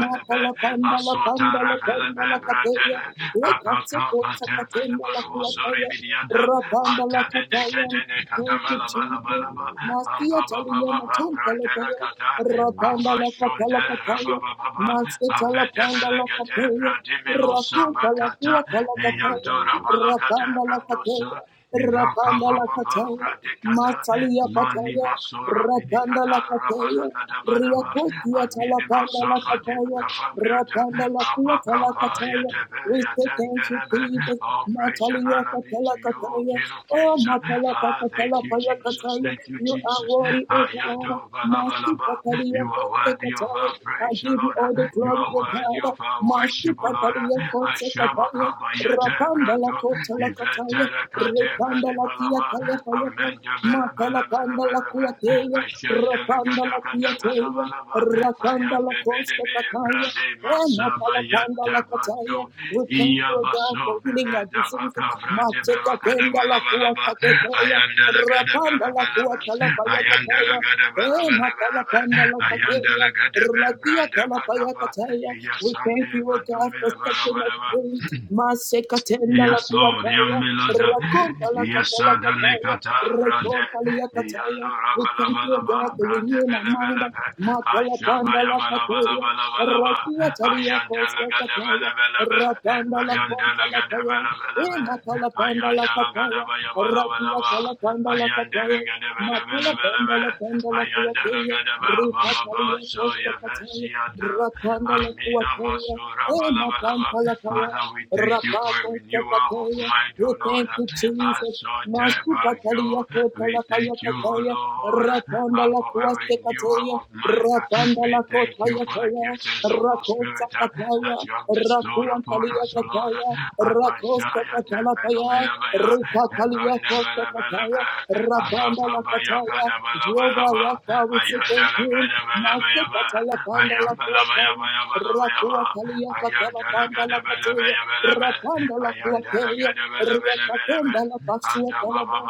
[SPEAKER 1] matala panda la panda la panda la kataya, lekatse kotsa katenda la
[SPEAKER 4] Baru Sori
[SPEAKER 1] kuataya,
[SPEAKER 4] Bidianda,
[SPEAKER 1] rapanda la
[SPEAKER 4] Antade de
[SPEAKER 1] kataya.
[SPEAKER 4] Ketene
[SPEAKER 1] Thank you,
[SPEAKER 4] Katamala
[SPEAKER 1] Jesus.
[SPEAKER 4] Balabalaba,
[SPEAKER 1] Masia
[SPEAKER 4] Ampa Baba
[SPEAKER 1] talia
[SPEAKER 4] Baba,
[SPEAKER 1] matum
[SPEAKER 4] Brandela
[SPEAKER 1] pelopea,
[SPEAKER 4] Kata,
[SPEAKER 1] rapanda
[SPEAKER 4] Ampa
[SPEAKER 1] la capella
[SPEAKER 4] Shonde
[SPEAKER 1] capaya,
[SPEAKER 4] Rababa Baba,
[SPEAKER 1] masia
[SPEAKER 4] Avete
[SPEAKER 1] talapanda la
[SPEAKER 4] Belegate,
[SPEAKER 1] capella,
[SPEAKER 4] Brandimelo
[SPEAKER 1] racupa la
[SPEAKER 4] Sabakata,
[SPEAKER 1] cuata la capaya,
[SPEAKER 4] Yanto
[SPEAKER 1] rapanda la
[SPEAKER 4] Rabalakate,
[SPEAKER 1] capella, rapanda la
[SPEAKER 4] Ivakababa
[SPEAKER 1] cataya,
[SPEAKER 4] Bradikata
[SPEAKER 1] matalia
[SPEAKER 4] Mani
[SPEAKER 1] pataya,
[SPEAKER 4] Masora
[SPEAKER 1] rapanda
[SPEAKER 4] Bidikata
[SPEAKER 1] la capella,
[SPEAKER 4] Rabalakadabadaba
[SPEAKER 1] riacotia
[SPEAKER 4] Amini
[SPEAKER 1] talapanda la
[SPEAKER 4] Masova
[SPEAKER 1] capaya,
[SPEAKER 4] Dibakabrata
[SPEAKER 1] rapanda la cuata la
[SPEAKER 4] Abakapa
[SPEAKER 1] cataya.
[SPEAKER 4] Yadebe
[SPEAKER 1] We say thank you,
[SPEAKER 4] Yatenderebe
[SPEAKER 1] Jesus.
[SPEAKER 4] All praise and
[SPEAKER 1] Natalia
[SPEAKER 4] honor be
[SPEAKER 1] Katala
[SPEAKER 4] to you, O
[SPEAKER 1] Kataya,
[SPEAKER 4] King of
[SPEAKER 1] oh
[SPEAKER 4] Kings.
[SPEAKER 1] Makala
[SPEAKER 4] Ah,
[SPEAKER 1] Katala
[SPEAKER 4] thank you,
[SPEAKER 1] Paya
[SPEAKER 4] Jesus.
[SPEAKER 1] Kataya,
[SPEAKER 4] Thank you,
[SPEAKER 1] you are
[SPEAKER 4] Jesus.
[SPEAKER 1] worthy, O God.
[SPEAKER 4] Ayato bala bala
[SPEAKER 1] Master
[SPEAKER 4] ba
[SPEAKER 1] Katalia
[SPEAKER 4] You are
[SPEAKER 1] Kote
[SPEAKER 4] worthy of
[SPEAKER 1] Kataya,
[SPEAKER 4] our
[SPEAKER 1] I
[SPEAKER 4] praise,
[SPEAKER 1] give you
[SPEAKER 4] Lord.
[SPEAKER 1] all the
[SPEAKER 4] You
[SPEAKER 1] glory,
[SPEAKER 4] are
[SPEAKER 1] O
[SPEAKER 4] worthy
[SPEAKER 1] God.
[SPEAKER 4] of our
[SPEAKER 1] Master
[SPEAKER 4] worship, O Lord.
[SPEAKER 1] Katalia Kote Kataya,
[SPEAKER 4] Ashabakaba
[SPEAKER 1] Rapanda
[SPEAKER 4] Yate
[SPEAKER 1] la
[SPEAKER 4] Mento,
[SPEAKER 1] Kota la Kataya,
[SPEAKER 4] Iventele Cate
[SPEAKER 1] Repanda
[SPEAKER 4] Badi
[SPEAKER 1] la Tia
[SPEAKER 4] Balava,
[SPEAKER 1] Taya Paya Paya,
[SPEAKER 4] Amendo Bella
[SPEAKER 1] Makala
[SPEAKER 4] Bella Bella
[SPEAKER 1] Panda la
[SPEAKER 4] Bella Bella,
[SPEAKER 1] Kuateya,
[SPEAKER 4] Ashandele
[SPEAKER 1] Rapanda la
[SPEAKER 4] Gada Gada
[SPEAKER 1] Tia
[SPEAKER 4] Gada
[SPEAKER 1] Taya,
[SPEAKER 4] Balava,
[SPEAKER 1] Rakanda la
[SPEAKER 4] Ayande Bede
[SPEAKER 1] Kosta Kataya,
[SPEAKER 4] Brade
[SPEAKER 1] oh
[SPEAKER 4] Massa
[SPEAKER 1] Makala Panda
[SPEAKER 4] Bayata
[SPEAKER 1] la Messiah.
[SPEAKER 4] Badu,
[SPEAKER 1] We thank you, God, for
[SPEAKER 4] Iabaso
[SPEAKER 1] healing
[SPEAKER 4] Bele
[SPEAKER 1] our diseases.
[SPEAKER 4] Dabaka Brade Bella Gada
[SPEAKER 1] Machekatenda la
[SPEAKER 4] Bella Bella
[SPEAKER 1] kuata
[SPEAKER 4] Bella,
[SPEAKER 1] kuatakekaya.
[SPEAKER 4] Ayandele Gada
[SPEAKER 1] Rapanda
[SPEAKER 4] Bella
[SPEAKER 1] la
[SPEAKER 4] Bella
[SPEAKER 1] kuata la
[SPEAKER 4] Bella, Ayandele
[SPEAKER 1] kuatalapayakataya.
[SPEAKER 4] Gada Bella
[SPEAKER 1] Eh,
[SPEAKER 4] Bella Bella
[SPEAKER 1] matalapanda
[SPEAKER 4] Bella,
[SPEAKER 1] la kateya.
[SPEAKER 4] Ayandele Gada Bella
[SPEAKER 1] Rakia
[SPEAKER 4] Brande Batava,
[SPEAKER 1] talapayakataya. We
[SPEAKER 4] Yasande
[SPEAKER 1] thank you, O God, for
[SPEAKER 4] Badumila Bella
[SPEAKER 1] setting us
[SPEAKER 4] Bella
[SPEAKER 1] free. Masekatenda la
[SPEAKER 4] Yes, Lord.
[SPEAKER 1] kuataya.
[SPEAKER 4] Yamilada.
[SPEAKER 1] Rakonta la
[SPEAKER 4] Yasada
[SPEAKER 1] katalakataya.
[SPEAKER 4] nekata brade.
[SPEAKER 1] Rekonta la
[SPEAKER 4] Yando
[SPEAKER 1] kataya. We thank you, O God,
[SPEAKER 4] rabalabalaba
[SPEAKER 1] for
[SPEAKER 4] brade
[SPEAKER 1] renewing our mind.
[SPEAKER 4] belebelebe. Ashaba
[SPEAKER 1] Matalapanda la kateya.
[SPEAKER 4] yabalabalabalaba.
[SPEAKER 1] Rakia talia
[SPEAKER 4] Ayandele
[SPEAKER 1] kosa kataya.
[SPEAKER 4] gadebelebelebe.
[SPEAKER 1] Rapanda la konta
[SPEAKER 4] Ayandele
[SPEAKER 1] la kaya.
[SPEAKER 4] gadebelebelebe.
[SPEAKER 1] Emata la panda la
[SPEAKER 4] Ayandele
[SPEAKER 1] kataya.
[SPEAKER 4] gadeba
[SPEAKER 1] Rakia
[SPEAKER 4] yabalabalaba.
[SPEAKER 1] tala panda la
[SPEAKER 4] Ayandele
[SPEAKER 1] kataya. Matala panda
[SPEAKER 4] gadebelebelebelebe.
[SPEAKER 1] la panda la
[SPEAKER 4] Ayandele
[SPEAKER 1] kuataya.
[SPEAKER 4] gadeba
[SPEAKER 1] Rika
[SPEAKER 4] bababa
[SPEAKER 1] talia kosa
[SPEAKER 4] Soya
[SPEAKER 1] kataya.
[SPEAKER 4] Vashiata,
[SPEAKER 1] Rapanda la
[SPEAKER 4] Amina
[SPEAKER 1] kuataya.
[SPEAKER 4] Masura Balabalaba.
[SPEAKER 1] Emata la kaya.
[SPEAKER 4] Father, we thank you for a
[SPEAKER 1] Rapako se
[SPEAKER 4] renewal of
[SPEAKER 1] kataya.
[SPEAKER 4] mind, O
[SPEAKER 1] We
[SPEAKER 4] Lord.
[SPEAKER 1] thank you, Jesus.
[SPEAKER 4] Asante
[SPEAKER 1] Masuka
[SPEAKER 4] Bajo,
[SPEAKER 1] talia kota
[SPEAKER 4] we
[SPEAKER 1] la kaya
[SPEAKER 4] thank you, O
[SPEAKER 1] kataya,
[SPEAKER 4] Lord,
[SPEAKER 1] rapanda
[SPEAKER 4] uh,
[SPEAKER 1] la
[SPEAKER 4] for a
[SPEAKER 1] kuaste
[SPEAKER 4] renewal
[SPEAKER 1] kataya,
[SPEAKER 4] of mind.
[SPEAKER 1] rapanda
[SPEAKER 4] We
[SPEAKER 1] la
[SPEAKER 4] thank
[SPEAKER 1] kota
[SPEAKER 4] you
[SPEAKER 1] ya
[SPEAKER 4] for the
[SPEAKER 1] kaya,
[SPEAKER 4] giftings of the
[SPEAKER 1] rakosa
[SPEAKER 4] Spirit uh,
[SPEAKER 1] kataya,
[SPEAKER 4] that you have bestowed
[SPEAKER 1] rakuan
[SPEAKER 4] upon
[SPEAKER 1] talia
[SPEAKER 4] us, O Lord.
[SPEAKER 1] kataya, rakosta
[SPEAKER 4] Abashaya
[SPEAKER 1] katala kaya, rika talia
[SPEAKER 4] Tebenubilabaya,
[SPEAKER 1] kosta
[SPEAKER 4] Yabba,
[SPEAKER 1] kataya, rapanda la kataya, Jehovah Rapha, we say thank you, Masuka tala panda la kuataya, Rakua kalia katala panda la kateya, rapanda la kuateya, riakatenda la pasua talaba,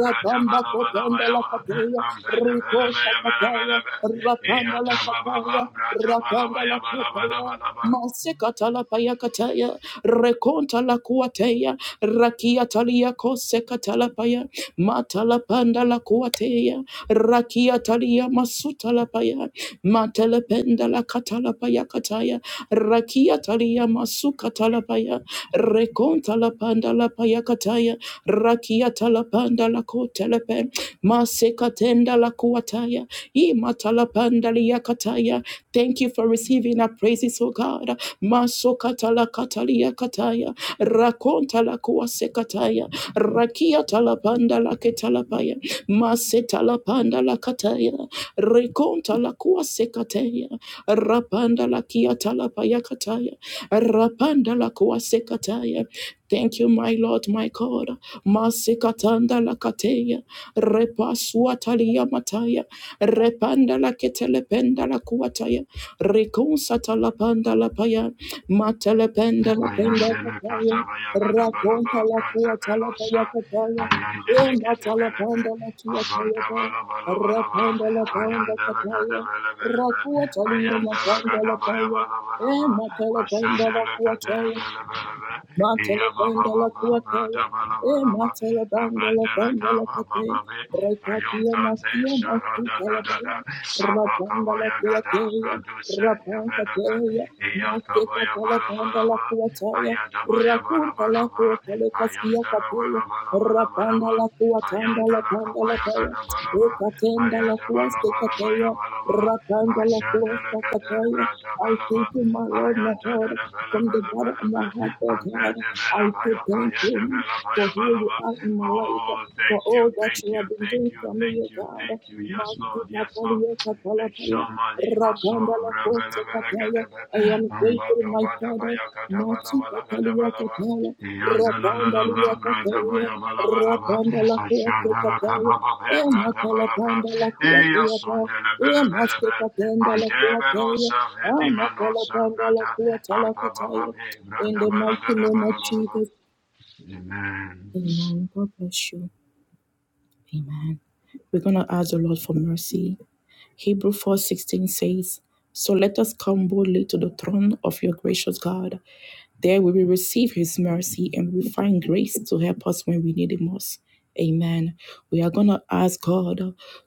[SPEAKER 1] rakamba kotenda la kateya, riko kataya, rapanda la kataya, rapanda la kotaya, Masekatala payakataya, rekontala kuateya, rakiatalia kosekatala paya, matala panda la kuateya, rakiatalia masutala paya, matala penda la katala payakataya, rakiatalia masukatala paya, rekontala panda la payakataya, rakiatala panda la kotelepe, masekatenda la kuataya, Imatalapandaliyakataya. Thank you for receiving our praises, O God. la la la talapanda la ketalapaya. Masetala panda la kataya. Rekonta la kuasekataya. Rapanda Masokatalakataliyakataya. Rakontalakuasekataya. Rakiatalapandalaketalapaya. Masetalapandalakataya. Rekontalakuasekataya. Rapandalakiatalapayakataya. Rapandalakuasekataya. Thank you, my Lord, my God. Matanda Lakateya, Repa Suatalia Mataya, Repanda la ketelependa la kuataya. Laketelependa Lakuataya, Recon Satalapanda Lapaya, Matelependa Lapenda
[SPEAKER 4] Ayandele
[SPEAKER 1] Lapaya,
[SPEAKER 4] katabaya gada balaba
[SPEAKER 1] Raconta la
[SPEAKER 4] branda velosa.
[SPEAKER 1] Talapaya Kataya,
[SPEAKER 4] Ayandele gede
[SPEAKER 1] emata la
[SPEAKER 4] belebe.
[SPEAKER 1] panda la Lakia
[SPEAKER 4] Avanda
[SPEAKER 1] Kayaba,
[SPEAKER 4] bala bala bala ba.
[SPEAKER 1] Rapanda la panda
[SPEAKER 4] Ayandele gada
[SPEAKER 1] Kataya,
[SPEAKER 4] bele bele be.
[SPEAKER 1] Rakua Talia
[SPEAKER 4] Ayandele
[SPEAKER 1] Matanda
[SPEAKER 4] gada baya
[SPEAKER 1] la
[SPEAKER 4] bala bala ba.
[SPEAKER 1] Emma la
[SPEAKER 4] Ashandele kate
[SPEAKER 1] Lakuataya,
[SPEAKER 4] bele bele be.
[SPEAKER 1] Matala
[SPEAKER 4] Iya ba ba ba
[SPEAKER 1] bandala
[SPEAKER 4] ba
[SPEAKER 1] kuataya.
[SPEAKER 4] brada bala
[SPEAKER 1] E
[SPEAKER 4] bala ba.
[SPEAKER 1] matala bandala
[SPEAKER 4] Avandele
[SPEAKER 1] bandala
[SPEAKER 4] Kaba
[SPEAKER 1] kate. Rekatia matia matu talabaya. Rabandala kuataya. Rabankateya. Mate katala bandala kuataya. Rakunta la kuatale kaskia kapeya. Rabandala kuatanda la bandala kaya. E katenda la kuaste kateya. Rapanda la
[SPEAKER 4] Ayanda la
[SPEAKER 1] fuerza
[SPEAKER 4] kada
[SPEAKER 1] Kataya.
[SPEAKER 4] brada
[SPEAKER 1] I thank
[SPEAKER 4] balaba
[SPEAKER 1] you, my
[SPEAKER 4] Oh,
[SPEAKER 1] Lord, my heart, from the bottom of my heart, oh God. I say thank you for who you are in my life, for
[SPEAKER 4] thank
[SPEAKER 1] all
[SPEAKER 4] you,
[SPEAKER 1] that
[SPEAKER 4] thank
[SPEAKER 1] you have
[SPEAKER 4] you,
[SPEAKER 1] been
[SPEAKER 4] thank
[SPEAKER 1] doing
[SPEAKER 4] you,
[SPEAKER 1] for me, oh
[SPEAKER 4] thank you, thank
[SPEAKER 1] God.
[SPEAKER 4] you. Yes,
[SPEAKER 1] Master
[SPEAKER 4] Lord, yes, Lord.
[SPEAKER 1] Katalia Katalapaya.
[SPEAKER 4] Shamali Maso
[SPEAKER 1] Rabanda la
[SPEAKER 4] Rebele
[SPEAKER 1] fuerza Kataya.
[SPEAKER 4] Belekadebe
[SPEAKER 1] I am grateful,
[SPEAKER 4] Ambado
[SPEAKER 1] my
[SPEAKER 4] Bada
[SPEAKER 1] Father.
[SPEAKER 4] Bayaka da bada
[SPEAKER 1] Master
[SPEAKER 4] bala kada
[SPEAKER 1] Katalia
[SPEAKER 4] bala ba.
[SPEAKER 1] Kataya.
[SPEAKER 4] Yandalala
[SPEAKER 1] Rapanda lia
[SPEAKER 4] brada
[SPEAKER 1] kukeya,
[SPEAKER 4] Yandalalalala, bradabalabalaba,
[SPEAKER 1] rapanda la kuate kakeya,
[SPEAKER 4] ashandalakababa,
[SPEAKER 1] e makala
[SPEAKER 4] bradabalaka,
[SPEAKER 1] panda la kuate yata, e maske
[SPEAKER 4] eyasondelebelebelebe,
[SPEAKER 1] katenda la kuateya,
[SPEAKER 4] antebelosa,
[SPEAKER 1] a makala
[SPEAKER 4] etimanosa,
[SPEAKER 1] la
[SPEAKER 4] brada,
[SPEAKER 1] kuata la kataya.
[SPEAKER 4] ampababa,
[SPEAKER 1] In the mighty name of
[SPEAKER 4] bradabalagadabalaba.
[SPEAKER 1] Jesus.
[SPEAKER 4] Amen.
[SPEAKER 1] Amen. God bless you. Amen. We're gonna ask the Lord for mercy. Hebrew 4:16 says, So let us come boldly to the throne of your gracious God There we will receive His mercy and we will find grace to help us when we need it most. Amen. We are going to ask God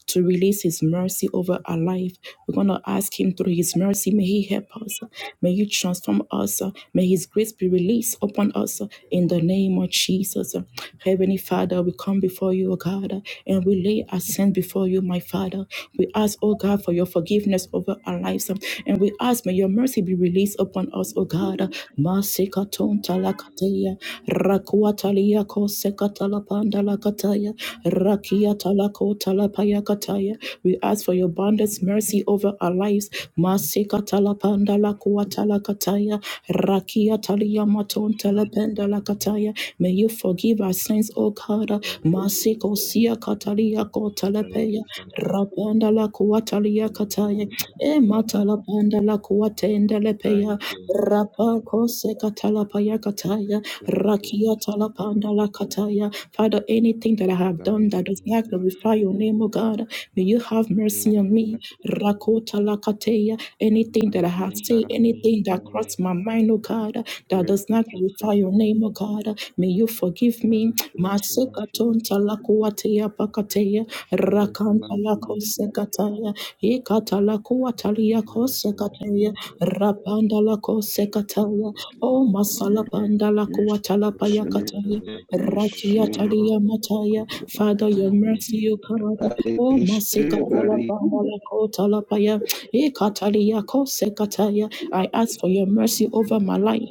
[SPEAKER 1] to release His mercy over our life. We're going to ask Him through His mercy, may He help us. May He transform us. May His grace be released upon us in the name of Jesus. Heavenly Father, we come before you, O God, and we lay our sin before you, my Father. We ask, O God, for your forgiveness over our lives. And we ask, may your mercy mercy be released upon us, O God. Masekaton talakateya, rakuatalia kosekatalapanda lakataya, rakiatalako talapaya kataya. We ask for your abundance mercy over our lives. Masekatalapanda lakuatalakataya, rakiatalia maton talapenda lakataya. May you forgive our sins, O God. Masikosia katalia
[SPEAKER 3] Father. Thank
[SPEAKER 1] kotalapeya,
[SPEAKER 3] you, Father.
[SPEAKER 1] rapanda lakuatalia
[SPEAKER 3] Thank you,
[SPEAKER 1] kataya
[SPEAKER 3] merciful
[SPEAKER 1] e
[SPEAKER 3] Father.
[SPEAKER 1] matalapanda la kuatende
[SPEAKER 3] Thank
[SPEAKER 1] lepeya
[SPEAKER 3] you, merciful
[SPEAKER 1] rapa
[SPEAKER 3] Father.
[SPEAKER 1] kose katala paya kataya
[SPEAKER 3] Thank you,
[SPEAKER 1] rakia
[SPEAKER 3] merciful
[SPEAKER 1] talapanda
[SPEAKER 3] Father.
[SPEAKER 1] la kataya. Father, anything that I have done
[SPEAKER 3] Thank
[SPEAKER 1] that
[SPEAKER 3] you,
[SPEAKER 1] does not
[SPEAKER 3] merciful
[SPEAKER 1] glorify
[SPEAKER 3] Father.
[SPEAKER 1] your name, O God, may you have mercy
[SPEAKER 3] Thank
[SPEAKER 1] on
[SPEAKER 3] you,
[SPEAKER 1] me.
[SPEAKER 3] merciful Father.
[SPEAKER 1] Rakota la kateya. Anything that I
[SPEAKER 3] Mercy
[SPEAKER 1] have said,
[SPEAKER 3] that I know
[SPEAKER 1] anything
[SPEAKER 3] every
[SPEAKER 1] that crossed
[SPEAKER 3] morning.
[SPEAKER 1] my mind, O God, that
[SPEAKER 3] Great
[SPEAKER 1] does not
[SPEAKER 3] is your
[SPEAKER 1] glorify your name,
[SPEAKER 3] faithfulness.
[SPEAKER 1] O God, may you forgive
[SPEAKER 3] Let
[SPEAKER 1] me.
[SPEAKER 3] us show us mercy this
[SPEAKER 1] Masekatonta tala
[SPEAKER 3] afternoon.
[SPEAKER 1] kuateya pakateya
[SPEAKER 3] Show us mercy this evening.
[SPEAKER 1] kosekataya, ikatala kuatalia
[SPEAKER 3] Show us mercy, O
[SPEAKER 1] kosekataya,
[SPEAKER 3] God.
[SPEAKER 1] rabanda la
[SPEAKER 3] Shatan
[SPEAKER 1] kosekataya, o
[SPEAKER 3] Patriakapa.
[SPEAKER 1] masala panda la kuatala payakataya,
[SPEAKER 2] on
[SPEAKER 3] Rabadabadabadabadabadabadabadabada.
[SPEAKER 1] ratiatalia mataya, Father, your mercy, O God, o
[SPEAKER 3] Romoshakadabadabadabadabadabadabada.
[SPEAKER 1] masikatala panda la kotala paya, ikatalia kosekataya, I ask for your mercy over my life,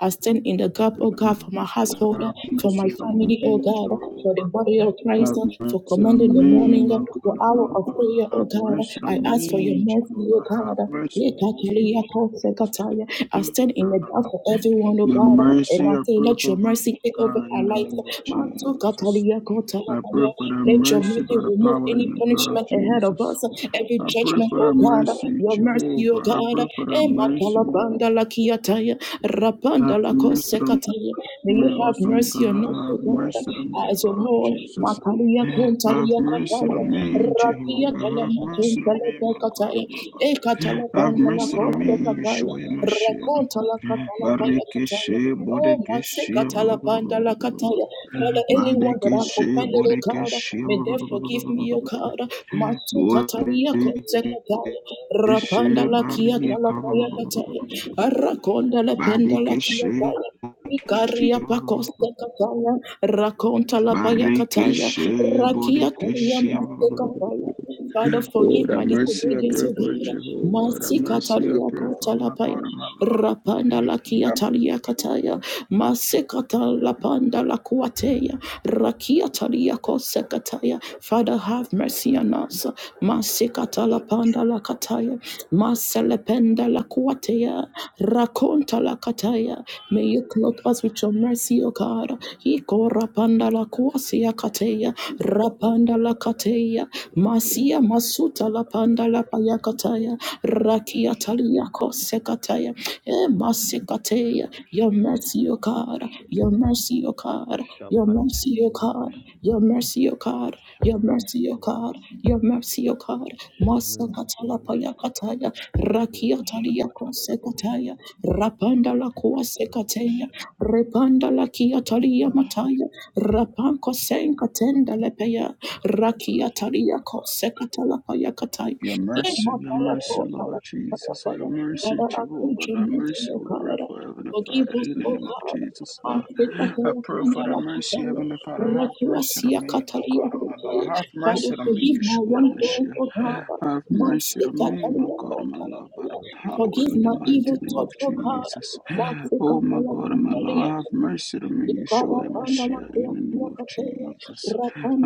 [SPEAKER 1] I stand in the gap, O God, for my household, for my family, O
[SPEAKER 2] me,
[SPEAKER 1] God, for the
[SPEAKER 2] Jehovah.
[SPEAKER 1] body of Christ.
[SPEAKER 2] Have
[SPEAKER 1] Christ, for
[SPEAKER 2] mercy
[SPEAKER 1] command in
[SPEAKER 2] on
[SPEAKER 1] the
[SPEAKER 2] me,
[SPEAKER 1] morning,
[SPEAKER 2] my
[SPEAKER 1] for
[SPEAKER 2] God.
[SPEAKER 1] hour of prayer, O
[SPEAKER 2] Have
[SPEAKER 1] God.
[SPEAKER 2] mercy
[SPEAKER 1] I
[SPEAKER 2] on
[SPEAKER 1] ask for your
[SPEAKER 2] me,
[SPEAKER 1] mercy, O
[SPEAKER 2] Jehovah.
[SPEAKER 1] God.
[SPEAKER 2] Have mercy.
[SPEAKER 3] Romoshakadabadabadabadabadabada.
[SPEAKER 1] Yekateriyakotsekataya. I stand in the gap for everyone, O
[SPEAKER 2] Your
[SPEAKER 1] God, and I
[SPEAKER 2] mercy, I
[SPEAKER 1] say,
[SPEAKER 2] pray
[SPEAKER 1] let your
[SPEAKER 2] for
[SPEAKER 1] mercy take over
[SPEAKER 2] God
[SPEAKER 1] our
[SPEAKER 2] in the
[SPEAKER 1] lives.
[SPEAKER 2] name of Jesus. I pray
[SPEAKER 1] Matsokateriyakotsekataya.
[SPEAKER 2] for that
[SPEAKER 1] Let your
[SPEAKER 2] mercy
[SPEAKER 1] mercy
[SPEAKER 2] by the
[SPEAKER 1] remove
[SPEAKER 2] power in
[SPEAKER 1] any
[SPEAKER 2] the blood of
[SPEAKER 1] punishment ahead of
[SPEAKER 2] Jesus.
[SPEAKER 1] us, every
[SPEAKER 2] I pray
[SPEAKER 1] judgment,
[SPEAKER 2] for
[SPEAKER 1] O
[SPEAKER 2] thy
[SPEAKER 1] God.
[SPEAKER 2] mercy,
[SPEAKER 1] Your mercy, O
[SPEAKER 2] Jehovah. I
[SPEAKER 1] God.
[SPEAKER 2] pray for thy mercy.
[SPEAKER 1] Ematalabandalakiyataya.
[SPEAKER 2] Have mercy on
[SPEAKER 1] Rapandalakosekataya. May you
[SPEAKER 2] me,
[SPEAKER 1] have
[SPEAKER 2] awesome God.
[SPEAKER 1] mercy on us,
[SPEAKER 2] Have mercy on me,
[SPEAKER 1] as of
[SPEAKER 2] Lord
[SPEAKER 1] all,
[SPEAKER 2] Jesus.
[SPEAKER 1] Makaria
[SPEAKER 2] Have
[SPEAKER 1] Kuntalia
[SPEAKER 2] mercy
[SPEAKER 1] Kataya,
[SPEAKER 2] on
[SPEAKER 3] Shower us
[SPEAKER 2] me,
[SPEAKER 3] with
[SPEAKER 1] Rapia
[SPEAKER 2] Jehovah. Have
[SPEAKER 1] Kalamatun
[SPEAKER 2] mercy on me,
[SPEAKER 1] Kaleta
[SPEAKER 2] my God,
[SPEAKER 1] Kataya,
[SPEAKER 2] my Lord.
[SPEAKER 3] your
[SPEAKER 1] Ekatala
[SPEAKER 2] Have
[SPEAKER 1] Kandala
[SPEAKER 3] mercy.
[SPEAKER 2] mercy on
[SPEAKER 1] Korte
[SPEAKER 2] me,
[SPEAKER 1] Kataya,
[SPEAKER 2] Yeshua, Mashiach.
[SPEAKER 1] Rakontala Katala Paya Kataya,
[SPEAKER 2] Barikeshe,
[SPEAKER 1] Oh Matse
[SPEAKER 2] Bodekeshe,
[SPEAKER 1] Katala Pandala Kataya, Father, anyone that I've
[SPEAKER 2] Madekeshe,
[SPEAKER 1] offended, O God,
[SPEAKER 2] Bodekeshe,
[SPEAKER 1] may they forgive me, O
[SPEAKER 2] Bodekeshe,
[SPEAKER 1] God, Matse Katalia Kote Kataya, Rapanda
[SPEAKER 2] Barikeshe,
[SPEAKER 1] Lakia Kalapaya
[SPEAKER 2] Barikeshe,
[SPEAKER 1] Kataya, Arakonda Lependa
[SPEAKER 2] Badikeshe,
[SPEAKER 1] Lakia Ikaria pakosta kataya, rakonta lapaya kataya,
[SPEAKER 2] Barikeshe,
[SPEAKER 1] rakia kalia
[SPEAKER 2] Bodikeshe.
[SPEAKER 1] maste kataya. Father,
[SPEAKER 2] Oh,
[SPEAKER 1] forgive
[SPEAKER 2] that
[SPEAKER 1] my
[SPEAKER 2] mercy I
[SPEAKER 1] disobedience,
[SPEAKER 2] pray
[SPEAKER 1] O
[SPEAKER 2] for
[SPEAKER 1] God.
[SPEAKER 2] Jehovah. That
[SPEAKER 1] Masi
[SPEAKER 2] mercy I
[SPEAKER 1] katalia
[SPEAKER 2] pray
[SPEAKER 1] kota
[SPEAKER 2] for my God
[SPEAKER 1] lapaya
[SPEAKER 2] and my Lord.
[SPEAKER 1] rapanda la kia
[SPEAKER 2] That
[SPEAKER 1] talia kataya masekata lapanda la kuateya rakia talia kosekataya father have mercy on us masekata lapanda la kataya maselependa la kuateya rakonta la kataya may you clothe us with your mercy o god iko rapanda la kuasia kataya
[SPEAKER 3] Shower
[SPEAKER 1] rapanda la kataya masia masuta lapanda la payakataya Ratia Talia Kosekataya, Masekataya, your mercy, O God, your mercy, O God, your mercy, O God, your mercy, O God, your
[SPEAKER 3] us
[SPEAKER 1] mercy,
[SPEAKER 3] with
[SPEAKER 1] O
[SPEAKER 3] your
[SPEAKER 1] God,
[SPEAKER 3] mercy.
[SPEAKER 1] your mercy, O God,
[SPEAKER 3] Shower us with your mercy,
[SPEAKER 1] Masakatalapaya
[SPEAKER 3] O God.
[SPEAKER 1] Kataya, Rakia Talia Kosekataya, Rapanda la Kosekataya, Repanda la Kia Talia Mataya, Rapanko Senkatenda Lepeya, Rakia Talia Kosekatala Payakataya.
[SPEAKER 2] Your mercy, your mercy, Lord
[SPEAKER 1] Father,
[SPEAKER 2] Jesus, your mercy,
[SPEAKER 1] Father, I pray
[SPEAKER 2] Jehovah,
[SPEAKER 1] your
[SPEAKER 2] thy
[SPEAKER 1] mercy,
[SPEAKER 2] mercy.
[SPEAKER 1] O
[SPEAKER 2] We pray
[SPEAKER 1] God.
[SPEAKER 2] for Heavenly
[SPEAKER 1] Forgive
[SPEAKER 2] Father
[SPEAKER 1] us,
[SPEAKER 2] in the
[SPEAKER 1] O
[SPEAKER 2] name of
[SPEAKER 1] God.
[SPEAKER 2] Jesus, Lord.
[SPEAKER 1] Father, forgive
[SPEAKER 2] I pray for thy mercy,
[SPEAKER 3] Rabba
[SPEAKER 2] Heavenly Father. Have mercy on me, my God, my Lord. Have mercy on me,
[SPEAKER 1] my
[SPEAKER 2] Yeshua, your
[SPEAKER 1] wrongdoing, O
[SPEAKER 2] Mashiach.
[SPEAKER 1] God.
[SPEAKER 2] Have mercy
[SPEAKER 1] Mercy,
[SPEAKER 2] on me,
[SPEAKER 1] Catalina,
[SPEAKER 2] my God,
[SPEAKER 1] O
[SPEAKER 2] my Lord, by the
[SPEAKER 1] God.
[SPEAKER 2] power
[SPEAKER 1] Forgive
[SPEAKER 2] in the
[SPEAKER 1] my
[SPEAKER 3] Rabashashkataba,
[SPEAKER 2] mighty
[SPEAKER 1] evil
[SPEAKER 2] name of
[SPEAKER 1] thoughts, O
[SPEAKER 2] Jesus.
[SPEAKER 1] God. Mercy,
[SPEAKER 2] Oh, my
[SPEAKER 1] Catalina,
[SPEAKER 2] God, my Lord,
[SPEAKER 1] Candelia.
[SPEAKER 3] Rabadabadabada,
[SPEAKER 2] have mercy on me,
[SPEAKER 1] Ikara,
[SPEAKER 2] Yeshua, your
[SPEAKER 1] Pandala,
[SPEAKER 2] Mashiach,
[SPEAKER 1] Kuya,
[SPEAKER 2] in the name
[SPEAKER 1] Kuya,
[SPEAKER 2] of
[SPEAKER 1] Catalina.
[SPEAKER 2] Jesus.